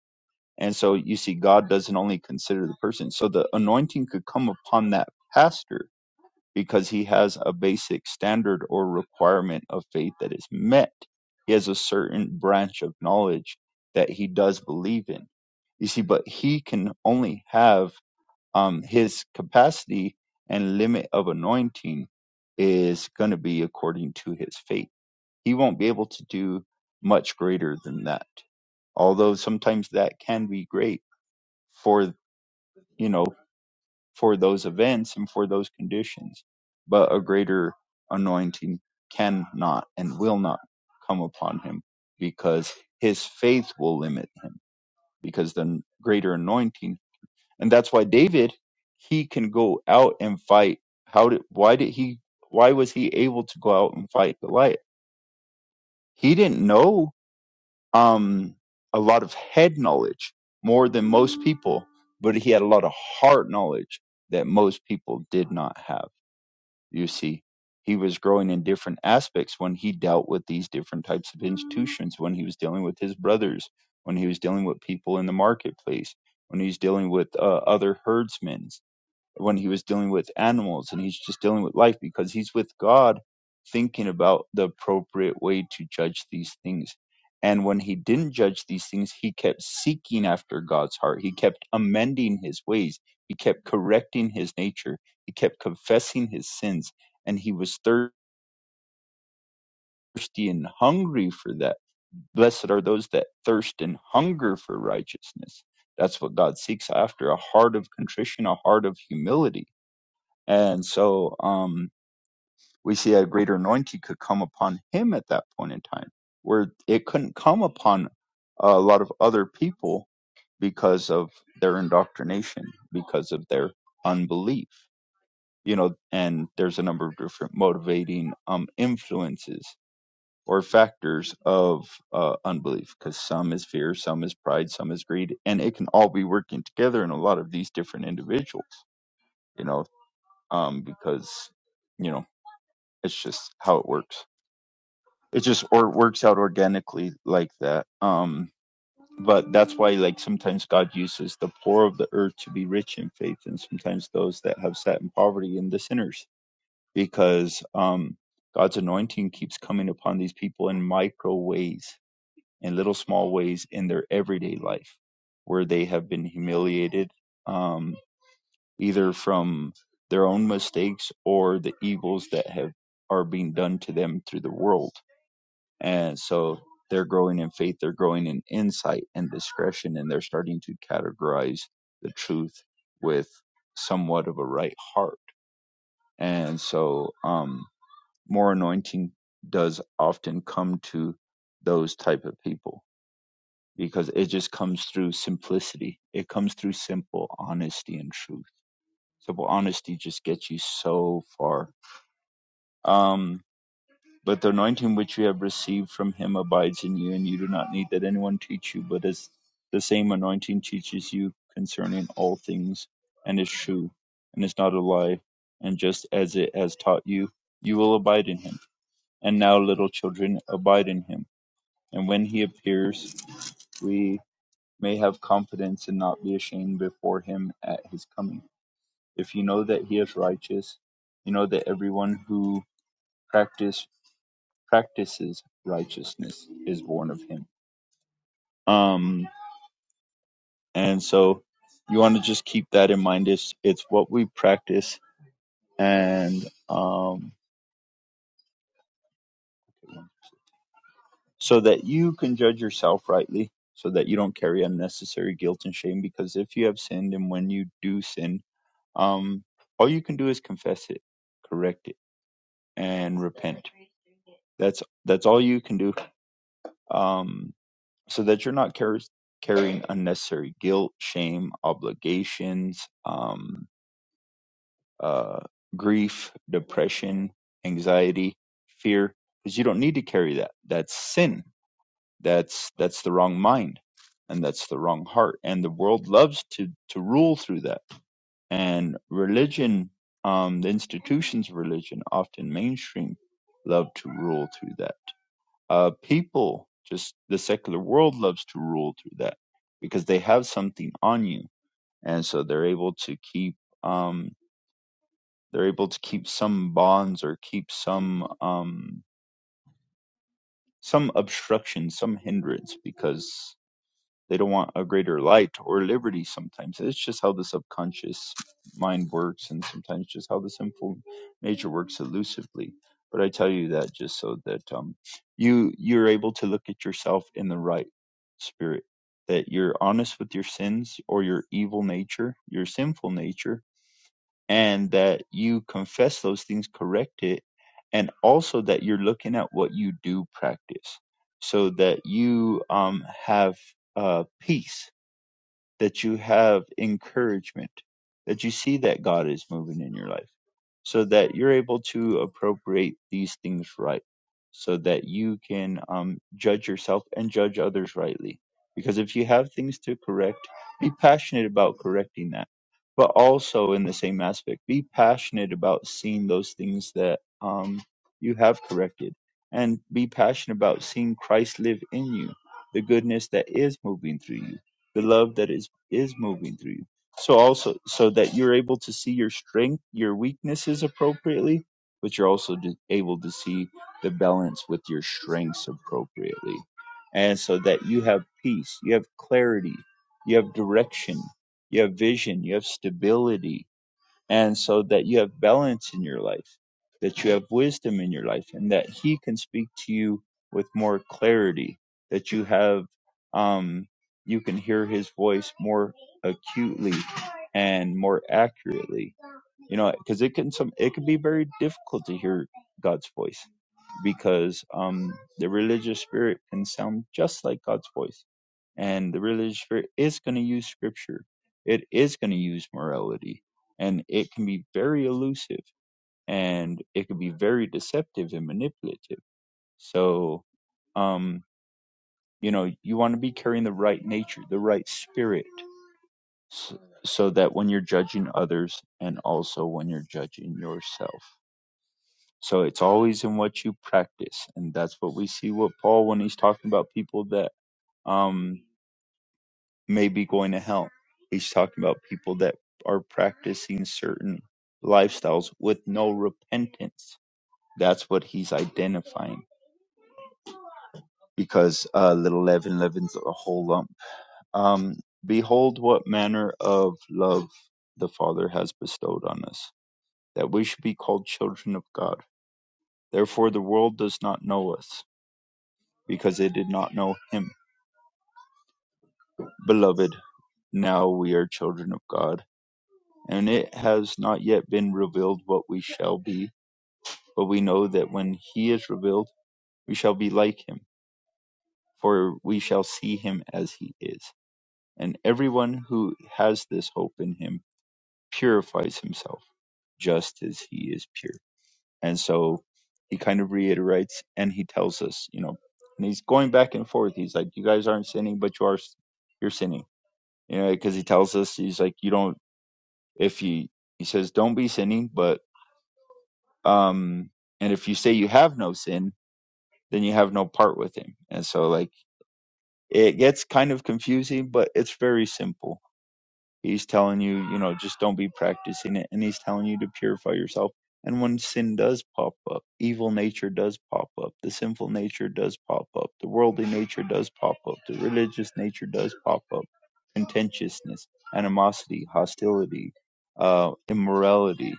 E: and so you see God doesn't only consider the person so the anointing could come upon that pastor because he has a basic standard or requirement of faith that is met he has a certain branch of knowledge that he does believe in you see, but he can only have um, his capacity and limit of anointing is going to be according to his faith. He won't be able to do much greater than that. Although sometimes that can be great for, you know, for those events and for those conditions, but a greater anointing cannot and will not come upon him because his faith will limit him because the greater anointing and that's why David he can go out and fight. How did why did he why was he able to go out and fight Goliath? He didn't know um a lot of head knowledge more than most people, but he had a lot of heart knowledge that most people did not have. You see, he was growing in different aspects when he dealt with these different types of institutions, when he was dealing with his brothers, when he was dealing with people in the marketplace, when he was dealing with uh, other herdsmen when he was dealing with animals and he's just dealing with life because he's with God thinking about the appropriate way to judge these things. And when he didn't judge these things, he kept seeking after God's heart. He kept amending his ways. He kept correcting his nature. He kept confessing his sins. And he was thirsty and hungry for that. Blessed are those that thirst and hunger for righteousness. That's what God seeks after a heart of contrition, a heart of humility and so um, we see a greater anointing could come upon him at that point in time, where it couldn't come upon a lot of other people because of their indoctrination, because of their unbelief, you know, and there's a number of different motivating um, influences or factors of uh, unbelief, because some is fear, some is pride, some is greed, and it can all be working together in a lot of these different individuals, you know, um, because, you know, It's just how it works. It just or works out organically like that. Um, but that's why like sometimes God uses the poor of the earth to be rich in faith, and sometimes those that have sat in poverty and the sinners, because um, God's anointing keeps coming upon these people in micro ways, in little small ways in their everyday life, where they have been humiliated, um, either from their own mistakes or the evils that have are being done to them through the world And so they're growing in faith, they're growing in insight and discretion, and they're starting to categorize the truth with somewhat of a right heart. And so, um, more anointing does often come to those type of people because it just comes through simplicity. It comes through simple honesty and truth. Simple honesty just gets you so far. Um, But the anointing which you have received from him abides in you, and you do not need that anyone teach you, but as the same anointing teaches you concerning all things, and is true, and is not a lie, and just as it has taught you, you will abide in him. And now, little children, abide in him, and when he appears, we may have confidence and not be ashamed before him at his coming. If you know that he is righteous, you know that everyone who practices practices righteousness is born of him. Um, and so you want to just keep that in mind. It's, it's what we practice and, um, so that you can judge yourself rightly so that you don't carry unnecessary guilt and shame because if you have sinned and when you do sin, um, all you can do is confess it, correct it and repent. That's, that's all you can do. Um, so that you're not car- carrying unnecessary guilt, shame, obligations, um, uh, grief, depression, anxiety, fear, because you don't need to carry that. That's sin. That's that's the wrong mind, and that's the wrong heart. And the world loves to to rule through that. And religion, um, the institutions of religion, often mainstream, love to rule through that uh, people, just the secular world loves to rule through that because they have something on you, and so they're able to keep um, they're able to keep some bonds or keep some um, some obstruction, some hindrance because They don't want a greater light or liberty sometimes. It's just how the subconscious mind works and sometimes just how the sinful nature works elusively. But I tell you that just so that um you you're able to look at yourself in the right spirit. That you're honest with your sins or your evil nature, your sinful nature, and that you confess those things, correct it, and also that you're looking at what you do practice so that you um, have uh, peace, that you have encouragement, that you see that God is moving in your life so that you're able to appropriate these things right, so that you can um, judge yourself and judge others rightly. Because if you have things to correct, be passionate about correcting that. But also, in the same aspect, be passionate about seeing those things that um, you have corrected and be passionate about seeing Christ live in you, the goodness that is moving through you, the love that is, is moving through you so also so that you're able to see your strength, your weaknesses appropriately, but you're also d- able to see the balance with your strengths appropriately. And so that you have peace, you have clarity, you have direction, you have vision, you have stability, and so that you have balance in your life, that you have wisdom in your life, and that He can speak to you with more clarity, that you have, um, you can hear His voice more acutely and more accurately. You know, because it can some it can be very difficult to hear God's voice because um, the religious spirit can sound just like God's voice. And the religious spirit is going to use scripture, it is going to use morality, and it can be very elusive and it can be very deceptive and manipulative. So, um, you know, you want to be carrying the right nature, the right spirit, s- so that when you're judging others and also when you're judging yourself. So it's always in what you practice. And that's what we see with Paul when he's talking about people that um may be going to hell. He's talking about people that are practicing certain lifestyles with no repentance. That's what he's identifying. Because uh little leaven leavens a whole lump. Um behold what manner of love the Father has bestowed on us, that we should be called children of God. Therefore the world does not know us, because it did not know him Beloved, now we are children of God, and it has not yet been revealed what we shall be, but we know that when he is revealed, we shall be like him, for we shall see him as he is. And everyone who has this hope in him purifies himself, just as he is pure. And so he kind of reiterates and he tells us, you know, and he's going back and forth. He's like, you guys aren't sinning, but you are, you're sinning. You know, because he tells us, he's like, you don't if you he says don't be sinning but um and if you say you have no sin then you have no part with him and so like it gets kind of confusing but it's very simple he's telling you you know just don't be practicing it and he's telling you to purify yourself and when sin does pop up evil nature does pop up the sinful nature does pop up the worldly nature does pop up the religious nature does pop up contentiousness animosity hostility uh immorality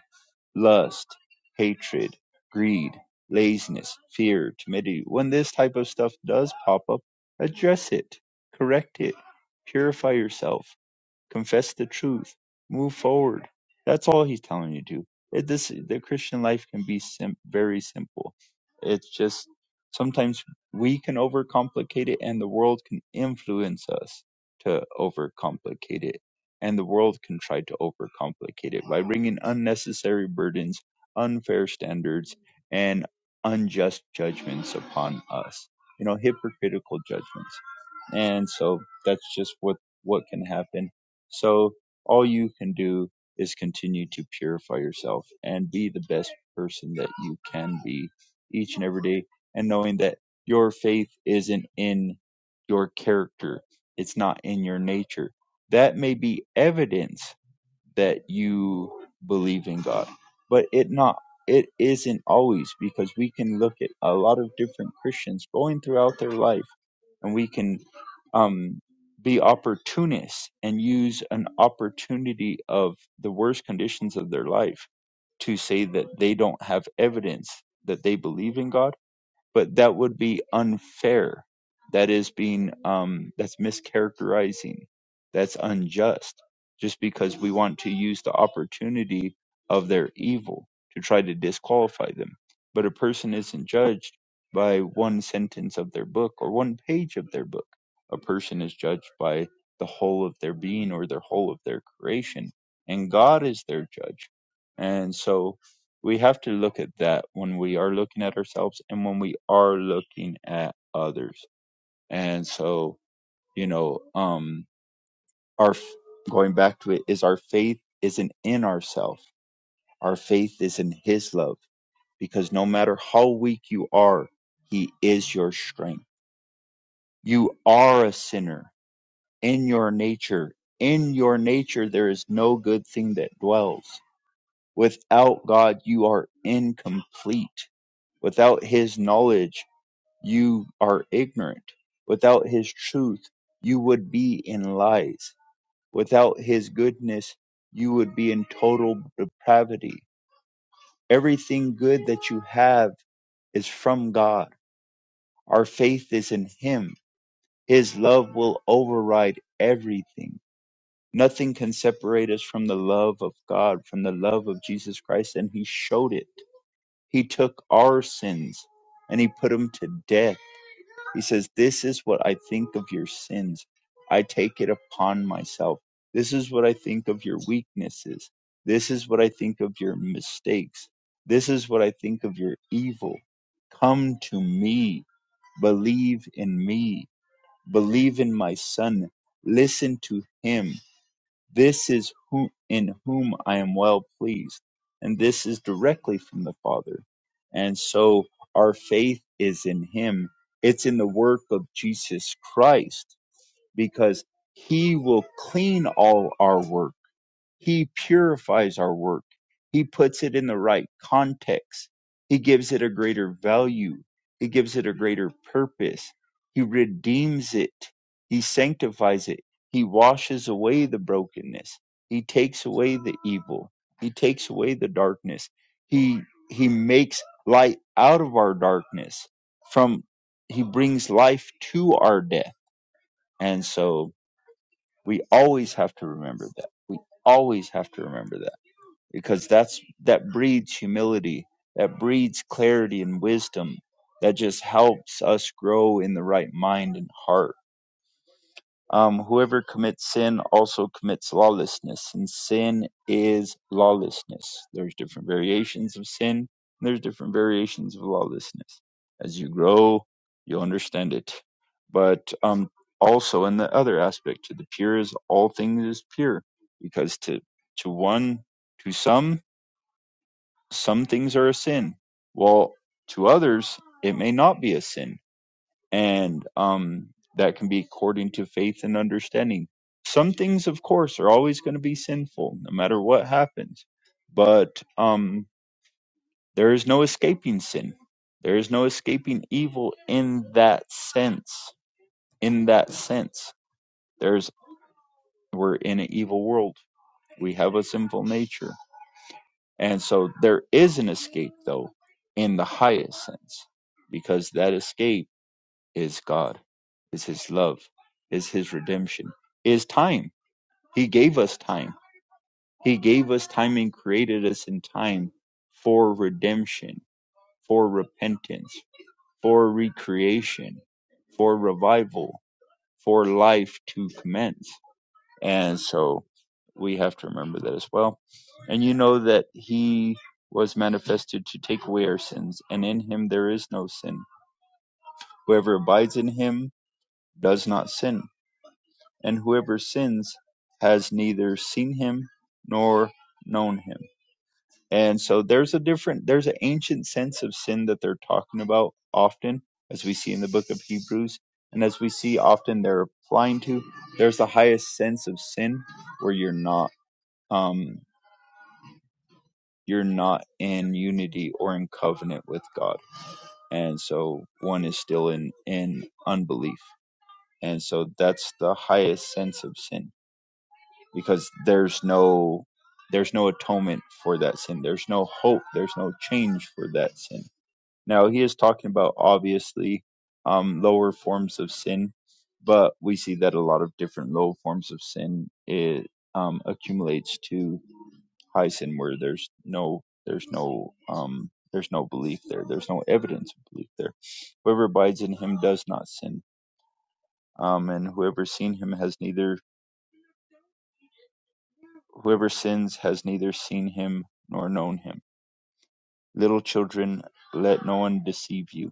E: lust, hatred, greed, laziness, fear, timidity. When this type of stuff does pop up, address it, correct it, purify yourself confess the truth, move forward. That's all he's telling you to. do. It, this the Christian life can be sim- very simple. It's just sometimes we can overcomplicate it, and the world can influence us to overcomplicate it, and the world can try to overcomplicate it by bringing unnecessary burdens, unfair standards, and unjust judgments upon us. You know, hypocritical judgments, and so that's just what what can happen so all you can do is continue to purify yourself and be the best person that you can be each and every day. And knowing that your faith isn't in your character, it's not in your nature. That may be evidence that you believe in God. But it not it isn't always because we can look at a lot of different Christians going throughout their life and we can um, be opportunists and use an opportunity of the worst conditions of their life to say that they don't have evidence that they believe in God but that would be unfair. That is being um, that's mischaracterizing. That's unjust. Just because we want to use the opportunity of their evil to try to disqualify them, but a person isn't judged by one sentence of their book or one page of their book. A person is judged by the whole of their being or their whole of their creation, and God is their judge. And so, we have to look at that when we are looking at ourselves and when we are looking at others. And so, you know, um, our going back to it is our faith isn't in ourselves. Our faith is in His love, because no matter how weak you are, He is your strength. You are a sinner in your nature. In your nature, there is no good thing that dwells. Without God, you are incomplete. Without His knowledge, you are ignorant. Without his truth, you would be in lies. Without his goodness, you would be in total depravity. Everything good that you have is from God. Our faith is in him. His love will override everything. Nothing can separate us from the love of God, from the love of Jesus Christ, and he showed it. He took our sins and he put them to death He says, This is what I think of your sins. I take it upon myself. This is what I think of your weaknesses. This is what I think of your mistakes. This is what I think of your evil. Come to me. Believe in me. Believe in my son. Listen to him. This is who in whom I am well pleased. And this is directly from the Father. And so our faith is in him. It's in the work of Jesus Christ because he will clean all our work he purifies our work. He puts it in the right context. He gives it a greater value. He gives it a greater purpose. He redeems it. He sanctifies it. He washes away the brokenness. He takes away the evil. He takes away the darkness. He he makes light out of our darkness. From he brings life to our death. And so we always have to remember that. We always have to remember that because that's that breeds humility that breeds clarity and wisdom that just helps us grow in the right mind and heart um, whoever commits sin also commits lawlessness and sin is lawlessness there's different variations of sin and there's different variations of lawlessness as you grow you'll understand it but um, also in the other aspect to the pure is all things is pure because to to one to some some things are a sin while to others it may not be a sin and um that can be according to faith and understanding some things of course are always going to be sinful no matter what happens but um there is no escaping sin there is no escaping evil in that sense in that sense there's we're in an evil world we have a sinful nature And so there is an escape, though, in the highest sense, because that escape is God, is His love, is His redemption, is time. He gave us time. He gave us time and created us in time for redemption, for repentance, for recreation, for revival, for life to commence. And so we have to remember that as well. And you know that he was manifested to take away our sins, and in him there is no sin. Whoever abides in him does not sin, and whoever sins has neither seen him nor known him. And so there's a different, there's an ancient sense of sin that they're talking about often, as we see in the book of Hebrews, and as we see often they're applying to. There's the highest sense of sin where you're not. um, you're not in unity or in covenant with God. And so one is still in, in unbelief. And so that's the highest sense of sin because there's no there's no atonement for that sin. There's no hope. There's no change for that sin. Now, he is talking about obviously um, lower forms of sin, but we see that a lot of different low forms of sin it um, accumulates to high sin where there's no there's no um there's no belief there there's no evidence of belief there whoever abides in him does not sin um and whoever seen him has neither whoever sins has neither seen him nor known him little children let no one deceive you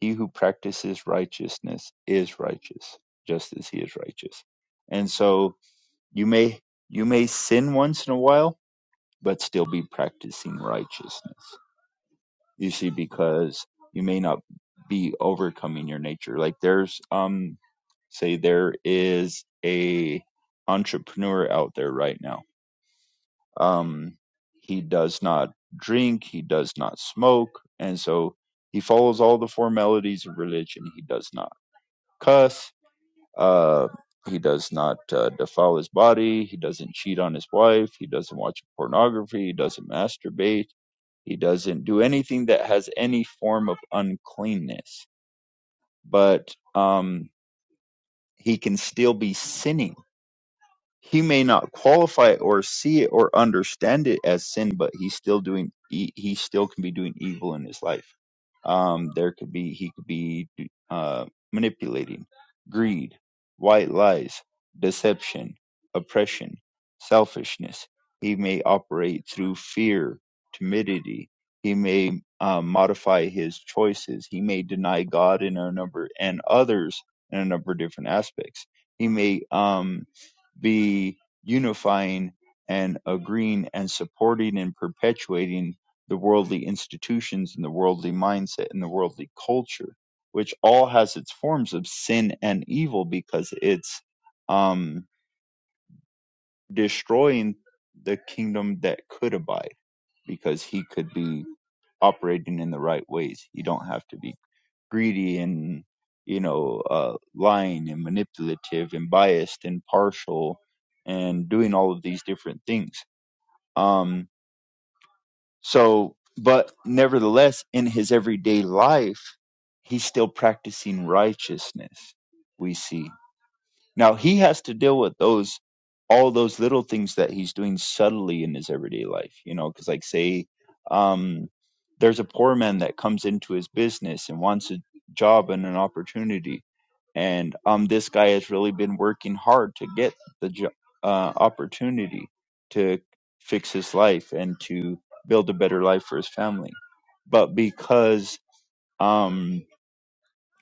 E: He who practices righteousness is righteous, just as he is righteous. And so you may you may sin once in a while, but still be practicing righteousness. You see, because you may not be overcoming your nature. Like there's um say there is a entrepreneur out there right now. Um he does not drink, he does not smoke, and so he follows all the formalities of religion. He does not cuss. Uh, he does not uh, defile his body. He doesn't cheat on his wife. He doesn't watch pornography. He doesn't masturbate. He doesn't do anything that has any form of uncleanness. But um, he can still be sinning He may not qualify it or see it or understand it as sin, but he's still doing he, he still can be doing evil in his life. Um, there could be he could be uh, manipulating, greed, white lies, deception, oppression, selfishness. He may operate through fear, timidity. He may uh, modify his choices. He may deny God in a number and others in a number of different aspects. He may um, be unifying and agreeing and supporting and perpetuating the worldly institutions and the worldly mindset and the worldly culture, which all has its forms of sin and evil because it's um, destroying the kingdom that could abide because he could be operating in the right ways. You don't have to be greedy and you know uh, lying and manipulative and biased and partial and doing all of these different things um so but nevertheless in his everyday life he's still practicing righteousness we see now he has to deal with those all those little things that he's doing subtly in his everyday life, you know, because like say um there's a poor man that comes into his business and wants a job and an opportunity and um this guy has really been working hard to get the jo- uh opportunity to fix his life and to build a better life for his family. But because um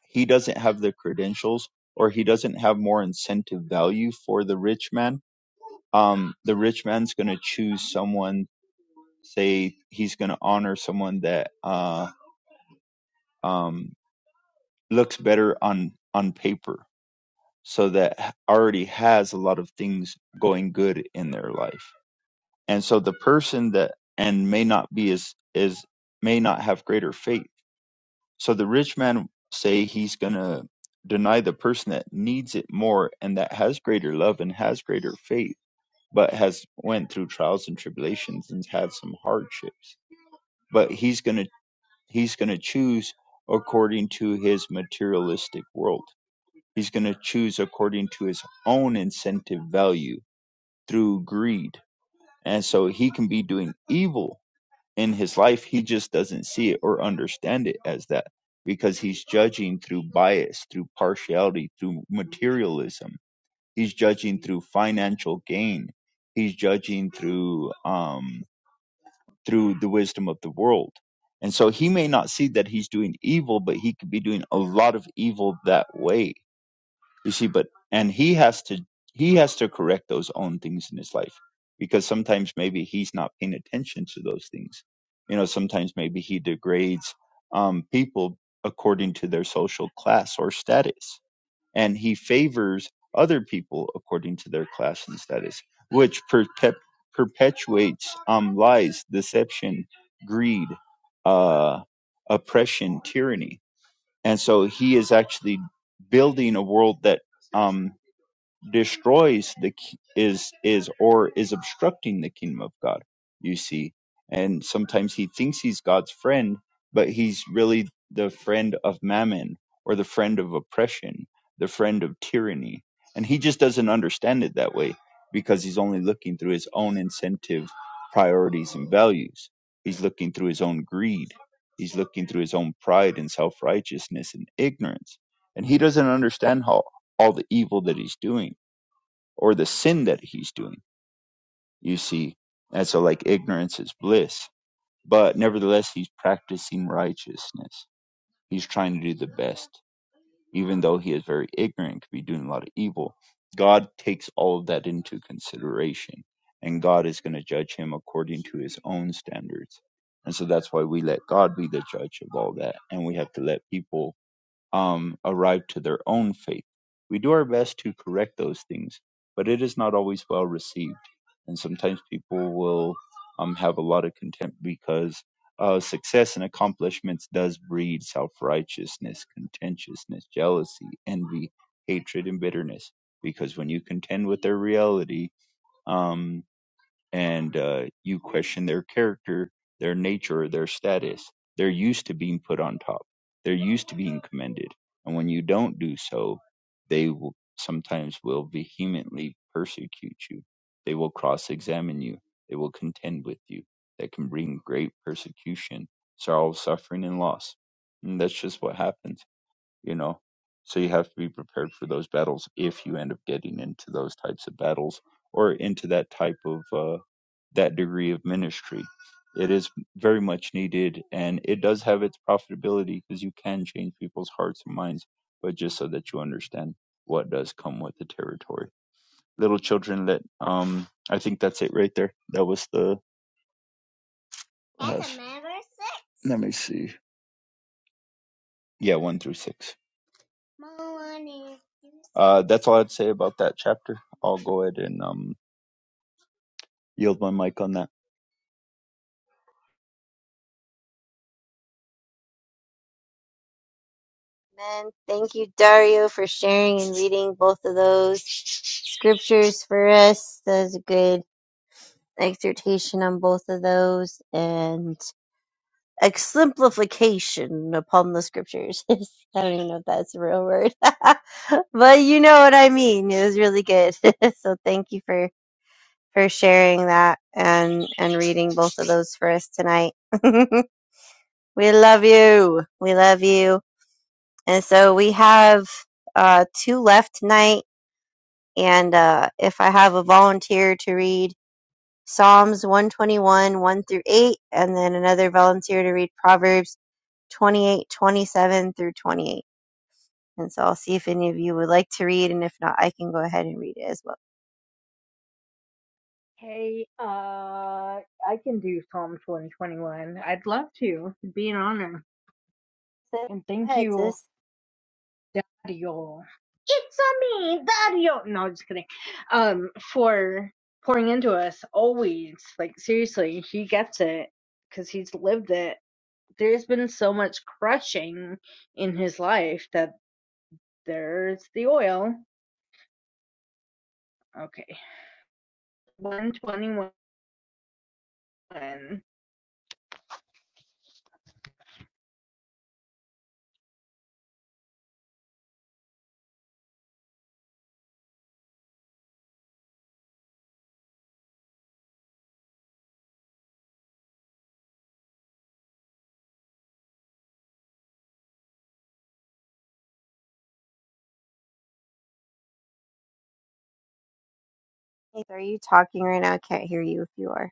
E: he doesn't have the credentials or he doesn't have more incentive value for the rich man um the rich man's going to choose someone say he's going to honor someone that uh um looks better on on paper so that already has a lot of things going good in their life and so the person that and may not be as is may not have greater faith So the rich man say he's going to deny the person that needs it more and that has greater love and has greater faith, but has went through trials and tribulations and had some hardships. But he's going to he's going to choose according to his materialistic world. He's going to choose according to his own incentive value through greed. And so he can be doing evil in his life he just doesn't see it or understand it as that because he's judging through bias through partiality through materialism he's judging through financial gain he's judging through um through the wisdom of the world and so he may not see that he's doing evil but he could be doing a lot of evil that way you see but and he has to he has to correct those own things in his life because sometimes maybe he's not paying attention to those things you know sometimes maybe he degrades um, people according to their social class or status and he favors other people according to their class and status which perpet- perpetuates um, lies deception greed uh, oppression tyranny and so he is actually building a world that um, destroys the ki- is is or is obstructing the kingdom of God. You see, and sometimes he thinks he's God's friend, but he's really the friend of mammon or the friend of oppression, the friend of tyranny, and he just doesn't understand it that way because he's only looking through his own incentive, priorities, and values. He's looking through his own greed. He's looking through his own pride and self righteousness and ignorance. And he doesn't understand how all the evil that he's doing or the sin that he's doing, you see. And so, like, ignorance is bliss, but nevertheless, he's practicing righteousness. He's trying to do the best, even though he is very ignorant, could be doing a lot of evil. God takes all of that into consideration, and God is going to judge him according to his own standards. And so that's why we let God be the judge of all that, and we have to let people um, arrived to their own faith. We do our best to correct those things, but it is not always well received. And sometimes people will um, have a lot of contempt because uh, success and accomplishments does breed self-righteousness, contentiousness, jealousy, envy, hatred, and bitterness. Because when you contend with their reality, um and uh, you question their character, their nature, their status. They're used to being put on top. They're used to being commended, and when you don't do so, they will, sometimes will vehemently persecute you. They will cross-examine you. They will contend with you. That can bring great persecution, sorrow, suffering, and loss. And that's just what happens, you know. So you have to be prepared for those battles if you end up getting into those types of battles or into that type of uh, that degree of ministry. It is very much needed and it does have its profitability because you can change people's hearts and minds, but just so that you understand what does come with the territory. Little children that um I think that's it right there. That was the uh, Let me see. Yeah, one through six. Uh that's all I'd say about that chapter. I'll go ahead and um yield my mic on that.
A: Amen. Thank you, Dario, for sharing and reading both of those scriptures for us. That was a good exhortation on both of those and exemplification upon the scriptures. I don't even know if that's a real word, but you know what I mean. It was really good. so thank you for for sharing that and and reading both of those for us tonight. we love you. We love you. And so we have uh two left tonight and uh if I have a volunteer to read Psalms 121, 1 through 8, and then another volunteer to read Proverbs 28 27 through 28. And so I'll see if any of you would like to read, and if not, I can go ahead and read it as well.
D: Hey, uh, I can do Psalms 121. I'd love to. It'd be an honor.
A: Sis,
D: And
A: Go
D: thank
A: ahead,
D: you,
A: sis.
D: Dario. It's a me, Dario. No, just kidding. Um, for pouring into us always. Like seriously, he gets it because he's lived it. There's been so much crushing in his life that There's the oil. Okay. 121.
A: If- Are you talking right now? I can't hear you if you are.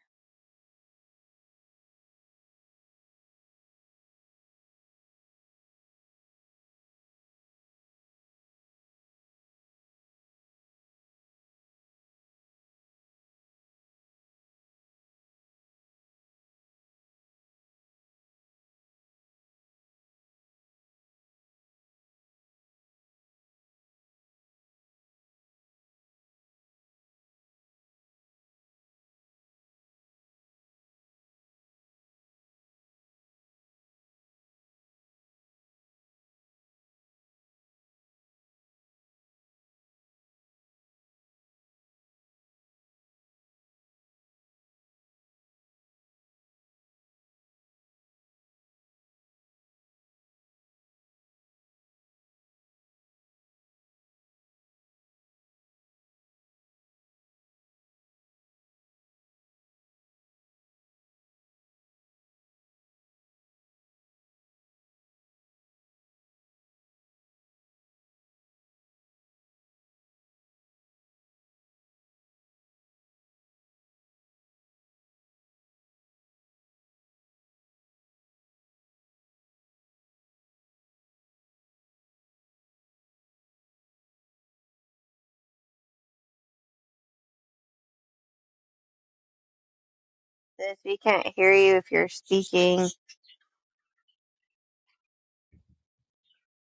A: Sis, we can't hear you if you're speaking.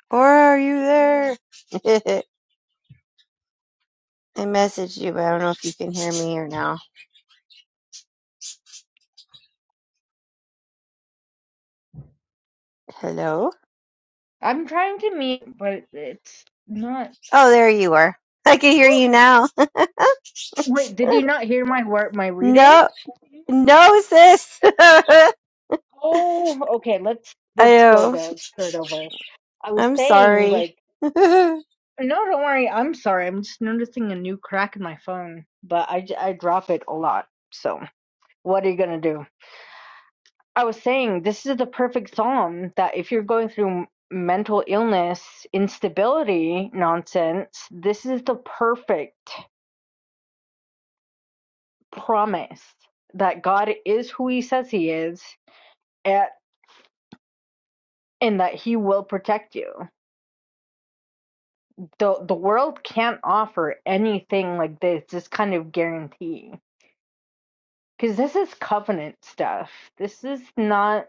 A: Or are you there? I messaged you, but I don't know if you can hear me or now. Hello?
D: I'm trying to meet, but it's not.
A: Oh, there you are. I can hear
D: Ooh.
A: you now.
D: Wait, did you not hear my word, my reading?
A: No, no, sis. I
D: Oh, okay. Let's let's go
A: know.
D: there. Start over. I was
A: I'm
D: saying
A: sorry.
D: like,
A: you
D: no, don't worry. I'm sorry. I'm just noticing a new crack in my phone, but I j- I drop it a lot. So what are you gonna do? I was saying this is the perfect psalm that if you're going through mental illness, instability nonsense, this is the perfect promise that God is who he says he is at, and that he will protect you. The the world can't offer anything like this, this kind of guarantee. Because this is covenant stuff. This is not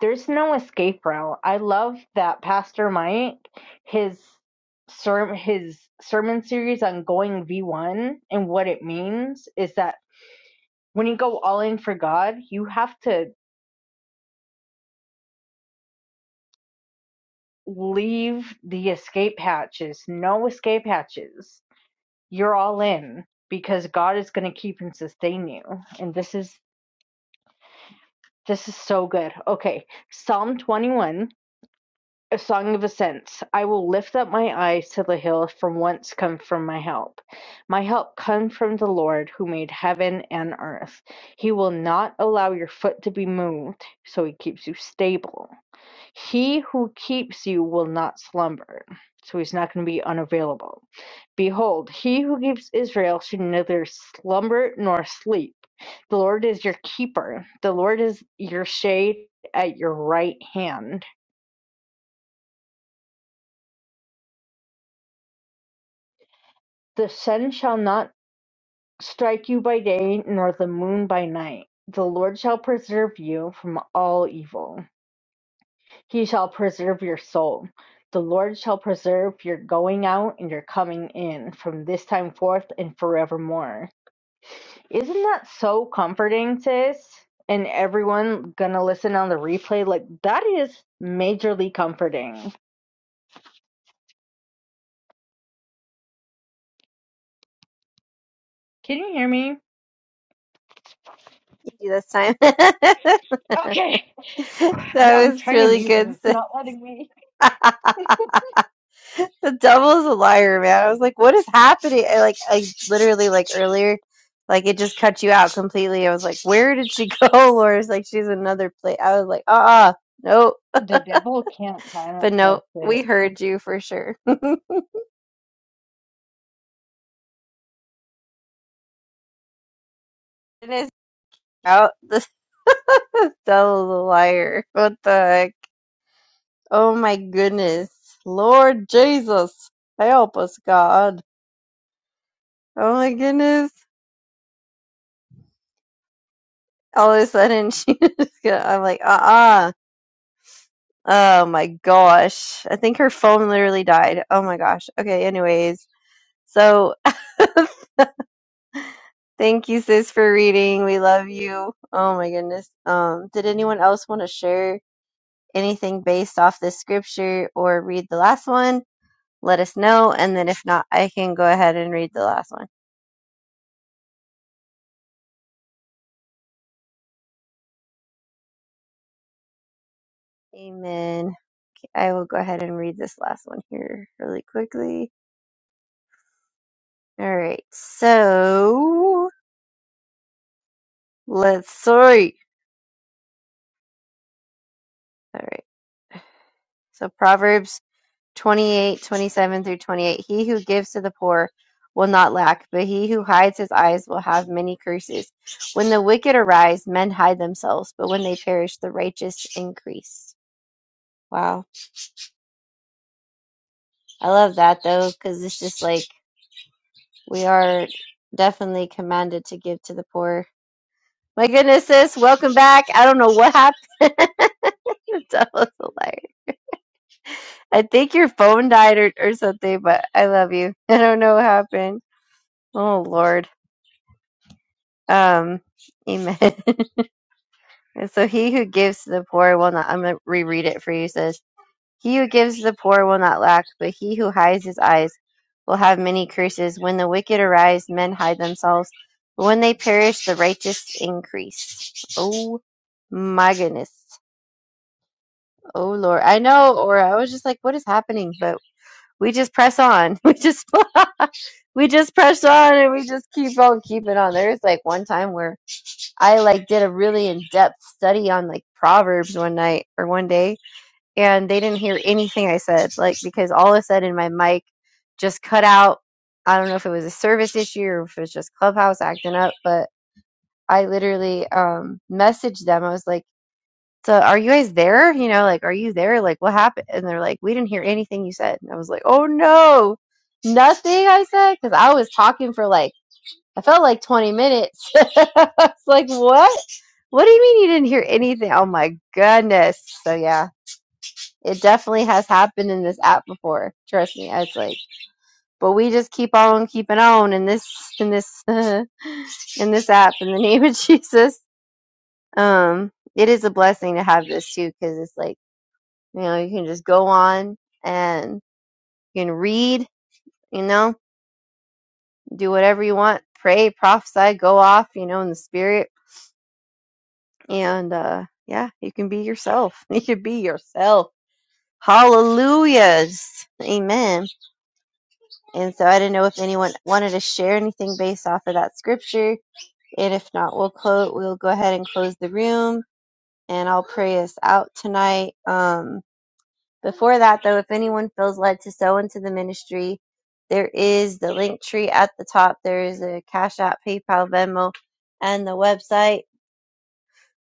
D: there's no escape route. I love that Pastor Mike, his ser his sermon series on going V1 and what it means is that when you go all in for God, you have to leave the escape hatches, no escape hatches. You're all in because God is going to keep and sustain you. And this is this is so good. Okay, Psalm 21 A song of ascents. I will lift up my eyes to the hill from whence cometh from my help. My help comes from the Lord who made heaven and earth. He will not allow your foot to be moved, so he keeps you stable. He who keeps you will not slumber, so he's not going to be unavailable. Behold, he who keeps Israel should neither slumber nor sleep. The Lord is your keeper, the Lord is your shade at your right hand. The sun shall not strike you by day, nor the moon by night. The Lord shall preserve you from all evil. He shall preserve your soul. The Lord shall preserve your going out and your coming in from this time forth and forevermore. Isn't that so comforting, sis? And everyone gonna listen on the replay, like that is majorly comforting. Can you hear me?
A: do this time. that
D: Okay. I'm
A: was
D: trying to
A: really
D: mute, but
A: good.
D: it's not letting me.
A: the devil's a liar, man. I was like, what is happening? I, like, I literally, like, earlier, like, it just cut you out completely. I was like, where did she go, Laura? It's like, she's another place. I was like, uh-uh, nope.
D: The devil can't
A: But
D: silence us,
A: no,
D: sis.
A: we heard you for sure. It is out. The devil's a liar. What the heck? Oh my goodness. Lord Jesus. Help us, God. Oh my goodness. All of a sudden, she just got, I'm like, uh-uh. Oh my gosh. I think her phone literally died. Oh my gosh. Okay, anyways. So thank you, sis, for reading. We love you. Oh my goodness. Um, did anyone else want to share anything based off this scripture or read the last one? Let us know. And then if not, I can go ahead and read the last one. Amen. I will go ahead and read this last one here really quickly. All right. So Let's sorry. All right. So Proverbs 28 27 through 28. He who gives to the poor will not lack, but he who hides his eyes will have many curses. When the wicked arise, men hide themselves, but when they perish, the righteous increase. Wow. I love that though, because it's just like we are definitely commanded to give to the poor. My goodness, sis, welcome back. I don't know what happened. that was hilarious. I think your phone died or, or something, but I love you. I don't know what happened. Oh Lord. Um Amen. And so he who gives to the poor will not I'm gonna reread it for you, says He who gives to the poor will not lack, but he who hides his eyes will have many curses. When the wicked arise, men hide themselves. But when they perish, the righteous increase. Oh my goodness. Oh Lord. I know, or I was just like, what is happening? But we just press on. We just we just press on and we just keep on keeping on. There's like one time where I like did a really in-depth study on like Proverbs one night or one day and they didn't hear anything I said like because all of a sudden my mic just cut out. I don't know if it was a service issue or if it was just Clubhouse acting up, but I literally um messaged them. I was like so are you guys there? You know, like, are you there? Like, what happened? And they're like, we didn't hear anything you said. And I was like, oh no, nothing I said? Because I was talking for like, I felt like 20 minutes. I was like, what? What do you mean you didn't hear anything? Oh my goodness. So yeah, it definitely has happened in this app before. Trust me. It's like, but we just keep on keeping on in this, in this, in this app in the name of Jesus. Um, it is a blessing to have this too, because it's like, You know, you can just go on and you can read, you know, do whatever you want, pray, prophesy, go off, you know, in the spirit. And uh yeah, you can be yourself. You can be yourself. Hallelujahs. Amen. And so I didn't know if anyone wanted to share anything based off of that scripture. And if not, we'll close we'll go ahead and close the room and I'll pray us out tonight. Um Before that, though, if anyone feels led to sow into the ministry, there is the link tree at the top. There is a Cash App, PayPal, Venmo, and the website.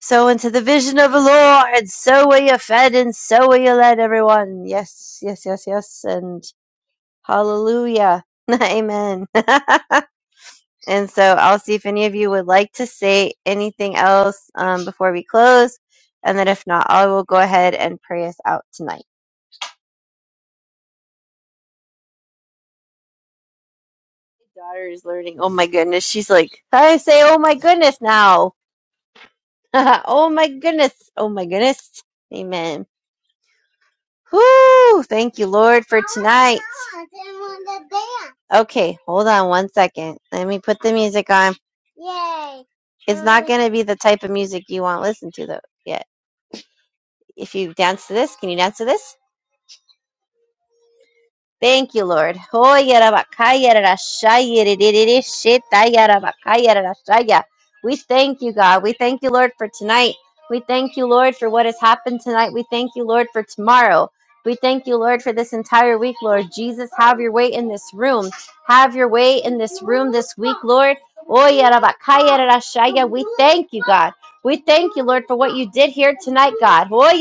A: Sow into the vision of the Lord. So are you fed and so are you led, everyone. Yes, yes, yes, yes. And hallelujah. Amen. and so I'll see if any of you would like to say anything else um, before we close. And then if not, I will go ahead and pray us out tonight. daughter is learning. Oh my goodness. She's like, I say, oh my goodness now. oh my goodness. Oh my goodness. Amen. Whoo! Thank you, Lord, for tonight. Okay, hold on one second. Let me put the music on. Yay! It's not going to be the type of music you want to listen to, though. Yeah. If you dance to this, can you dance to this? Thank you, Lord. Oh, We thank you, God. We thank you, Lord, for tonight. We thank you, Lord, for what has happened tonight. We thank you, Lord, for tomorrow. We thank you, Lord, for this entire week, Lord. Jesus, have your way in this room. Have your way in this room this week, Lord. Oh, We thank you, God. We thank you, Lord, for what you did here tonight, God. Oh,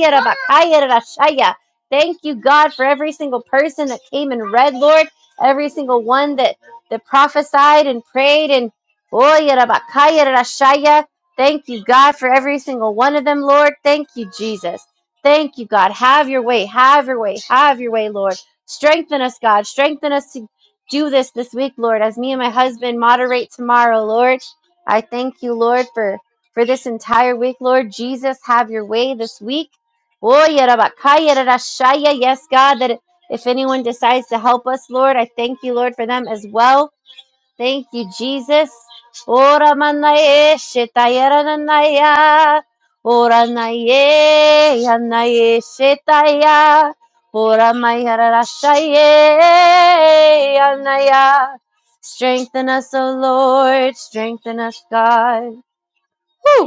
A: Thank you, God, for every single person that came and read, Lord, every single one that, that prophesied and prayed and oh, yarabakaya, rashaya. Thank you, God, for every single one of them, Lord. Thank you, Jesus. Thank you, God. Have your way. Have your way. Have your way, Lord. Strengthen us, God. Strengthen us to do this this week, Lord, as me and my husband moderate tomorrow, Lord. I thank you, Lord, for, for this entire week, Lord. Jesus, have your way this week. Oh, Yerabakaya Rarashaya. Yes, God, that if anyone decides to help us, Lord, I thank you, Lord, for them as well. Thank you, Jesus. Ora manaye shetaya rananaya. Ora naye yanaye shetaya. Ora maya rarashaye yanaya. Strengthen us, O Lord. Strengthen us, God. Woo!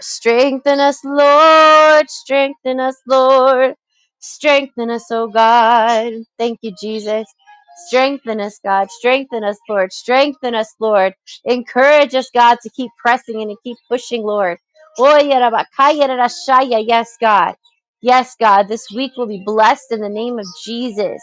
A: Strengthen us, Lord. Strengthen us, Lord. Strengthen us, oh God. Thank you, Jesus. Strengthen us, God. Strengthen us, Lord. Strengthen us, Lord. Encourage us, God, to keep pressing and to keep pushing, Lord. Oya raba kaya rara shaya. Yes, God. Yes, God. This week will be blessed in the name of Jesus.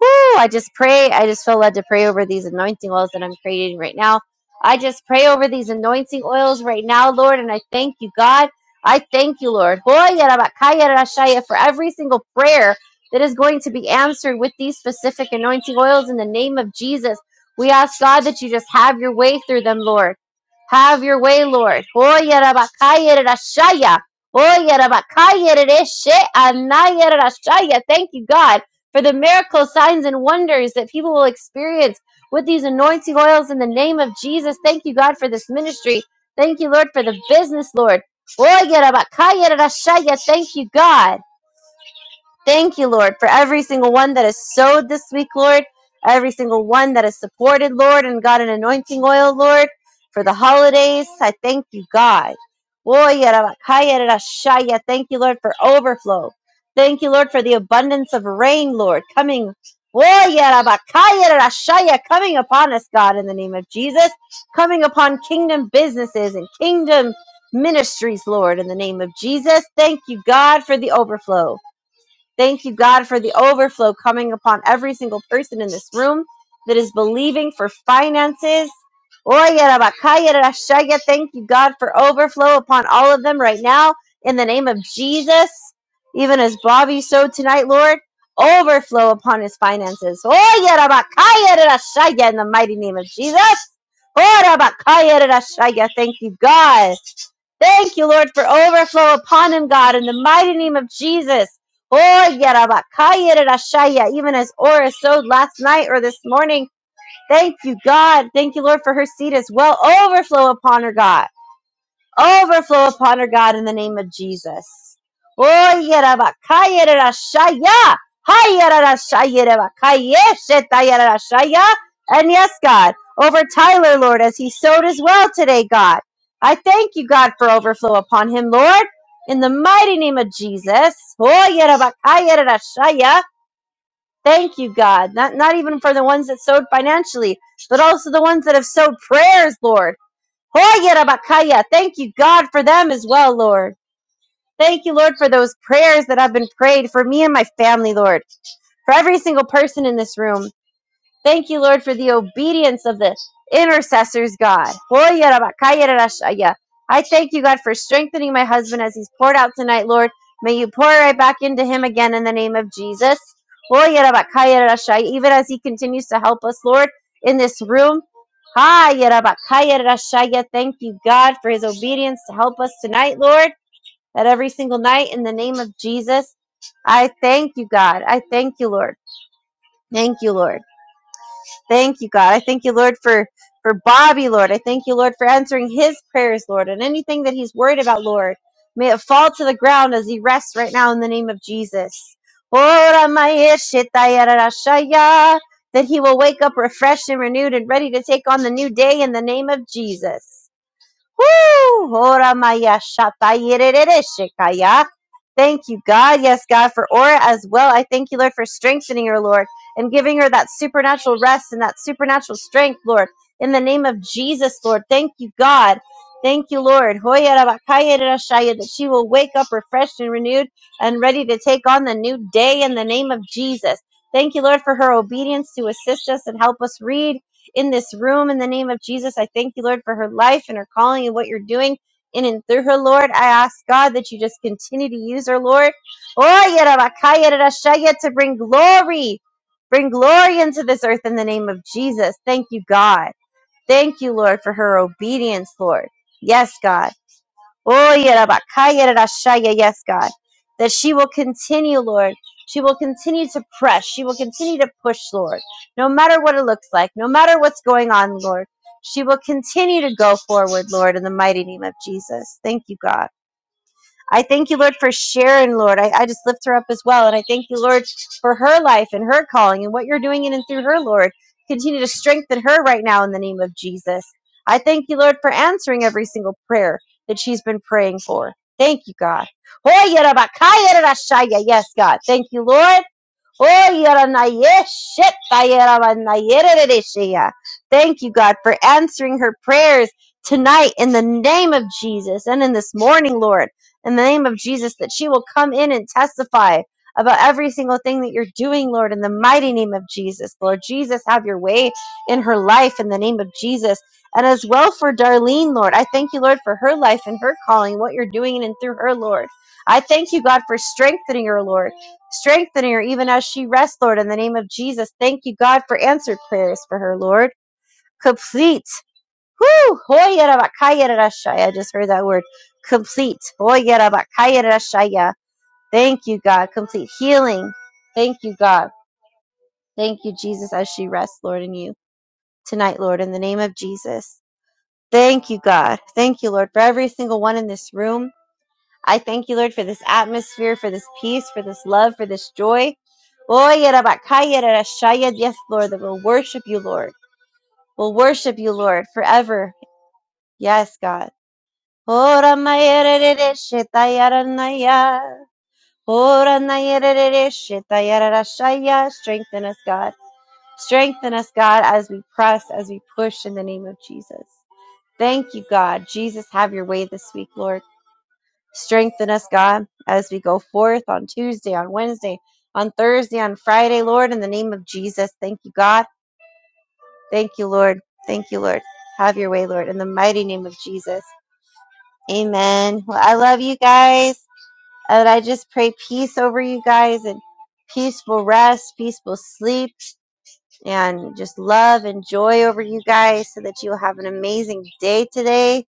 A: Woo! I just pray. I just feel led to pray over these anointing oils that I'm creating right now. I just pray over these anointing oils right now, Lord, and I thank you, God. I thank you, Lord, for every single prayer that is going to be answered with these specific anointing oils in the name of Jesus. We ask, God, that you just have your way through them, Lord. Have your way, Lord. Thank you, God for the miracles, signs, and wonders that people will experience with these anointing oils in the name of Jesus. Thank you, God, for this ministry. Thank you, Lord, for the business, Lord. Thank you, God. Thank you, Lord, for every single one that is sowed this week, Lord, every single one that is supported, Lord, and got an anointing oil, Lord, for the holidays. I thank you, God. Oy, arabakaya, rarashaya. Thank you, Lord, for overflow. Thank you, Lord, for the abundance of rain, Lord, coming. Oy, arabakaya, rarashaya, Coming upon us, God, in the name of Jesus. Coming upon kingdom businesses and kingdom ministries, Lord, in the name of Jesus. Thank you, God, for the overflow. Thank you, God, for the overflow coming upon every single person in this room that is believing for finances. Oye, rabakaya, rashaya. Thank you, God, for overflow upon all of them right now in the name of Jesus. Even as Bobby sowed tonight, Lord, overflow upon his finances. Oye, rabakaya, rashaya, In the mighty name of Jesus. Oh, rabakaya, rashaya. Thank you, God. Thank you, Lord, for overflow upon him, God, in the mighty name of Jesus. Oh, Yarabakayerashaya, even as Ora sowed last night or this morning. Thank you, God. Thank you, Lord, for her seed as well. Overflow upon her, God. Overflow upon her, God, in the name of Jesus. Oh, yerabakayerashaya. Hayerashayerabakayeshetayerashaya. And yes, God, over Tyler, Lord, as he sowed as well today, God. I thank you, God, for overflow upon him, Lord, in the mighty name of Jesus. Oh, yerabakayerashaya. Thank you, God. Not, not even for the ones that sowed financially, but also the ones that have sowed prayers, Lord. Hoyerabakaya. Thank you, God, for them as well, Lord. Thank you, Lord, for those prayers that have been prayed for me and my family, Lord. For every single person in this room. Thank you, Lord, for the obedience of the intercessors, God. I thank you, God, for strengthening my husband as he's poured out tonight, Lord. May you pour right back into him again in the name of Jesus. Even as he continues to help us, Lord, in this room. Thank you, God, for his obedience to help us tonight, Lord, at every single night in the name of Jesus. I thank you, God. I thank you, Lord. Thank you, Lord. Thank you, God. I thank you, Lord, for for Bobby, Lord. I thank you, Lord, for answering his prayers, Lord, and anything that he's worried about, Lord. May it fall to the ground as he rests right now in the name of Jesus. Ora maya shetaya rarashaya, That he will wake up refreshed and renewed and ready to take on the new day in the name of Jesus. Woo! Ora maya shata yerere shekaya. Thank you, God. Yes, God, for Ora as well. I thank you, Lord, for strengthening her, Lord, and giving her that supernatural rest and that supernatural strength, Lord. In the name of Jesus, Lord. Thank you, God. Thank you, Lord. Hoya rabakaya rashaya, That she will wake up refreshed and renewed and ready to take on the new day in the name of Jesus. Thank you, Lord, for her obedience to assist us and help us read in this room in the name of Jesus. I thank you, Lord, for her life and her calling and what you're doing in and through her, Lord. I ask God that you just continue to use her, Lord. Oh, yarabakaya rarashaya, to bring glory, bring glory into this earth in the name of Jesus. Thank you, God. Thank you, Lord, for her obedience, Lord. Yes, God. Oh, Yerabakayarashaya, yes, God, that she will continue, Lord. She will continue to press. She will continue to push, Lord, no matter what it looks like, no matter what's going on, Lord. She will continue to go forward, Lord, in the mighty name of Jesus. Thank you, God. I thank you, Lord, for Sharon, Lord. I, I just lift her up as well. And I thank you, Lord, for her life and her calling and what you're doing in and through her, Lord. Continue to strengthen her right now in the name of Jesus. I thank you, Lord, for answering every single prayer that she's been praying for. Thank you, God. Yes, God. Thank you, Lord. Oh, yaranayeshet tayarabanayerereshea. Thank you, God, for answering her prayers tonight in the name of Jesus and in this morning, Lord, in the name of Jesus, that she will come in and testify about every single thing that you're doing, Lord, in the mighty name of Jesus. Lord Jesus, have your way in her life in the name of Jesus. And as well for Darlene, Lord, I thank you, Lord, for her life and her calling, what you're doing in and through her, Lord. I thank you, God, for strengthening her, Lord. Strengthen her even as she rests, Lord, in the name of Jesus. Thank you, God, for answered prayers for her, Lord. Complete. Woo! Hoyerabakayerashaya. I just heard that word. Complete. Hoyerabakayerashaya. Thank you, God. Complete healing. Thank you, God. Thank you, Jesus, as she rests, Lord, in you tonight, Lord, in the name of Jesus. Thank you, God. Thank you, Lord, for every single one in this room. I thank you, Lord, for this atmosphere, for this peace, for this love, for this joy. Oy, Rabakaya, Rarashaya. Yes, Lord, that we'll worship you, Lord. We'll worship you, Lord, forever. Yes, God. Ora maya rerere shetaya ranaya. Ora naya rerere shetaya rarashaya. Strengthen us, God. Strengthen us, God, as we press, as we push in the name of Jesus. Thank you, God. Jesus, have your way this week, Lord. Strengthen us, God, as we go forth on Tuesday, on Wednesday, on Thursday, on Friday, Lord, in the name of Jesus. Thank you, God. Thank you, Lord. Thank you, Lord. Have your way, Lord, in the mighty name of Jesus. Amen. Well, I love you guys. And I just pray peace over you guys and peaceful rest, peaceful sleep, and just love and joy over you guys so that you'll have an amazing day today.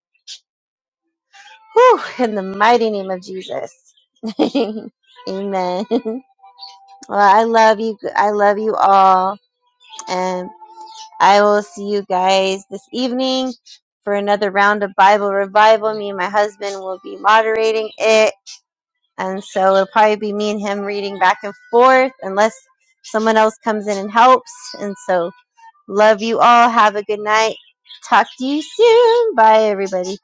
A: Whew, in the mighty name of Jesus. Amen. Well, I love you. I love you all. And I will see you guys this evening for another round of Bible revival. Me and my husband will be moderating it. And so it'll probably be me and him reading back and forth unless someone else comes in and helps. And so love you all. Have a good night. Talk to you soon. Bye, everybody.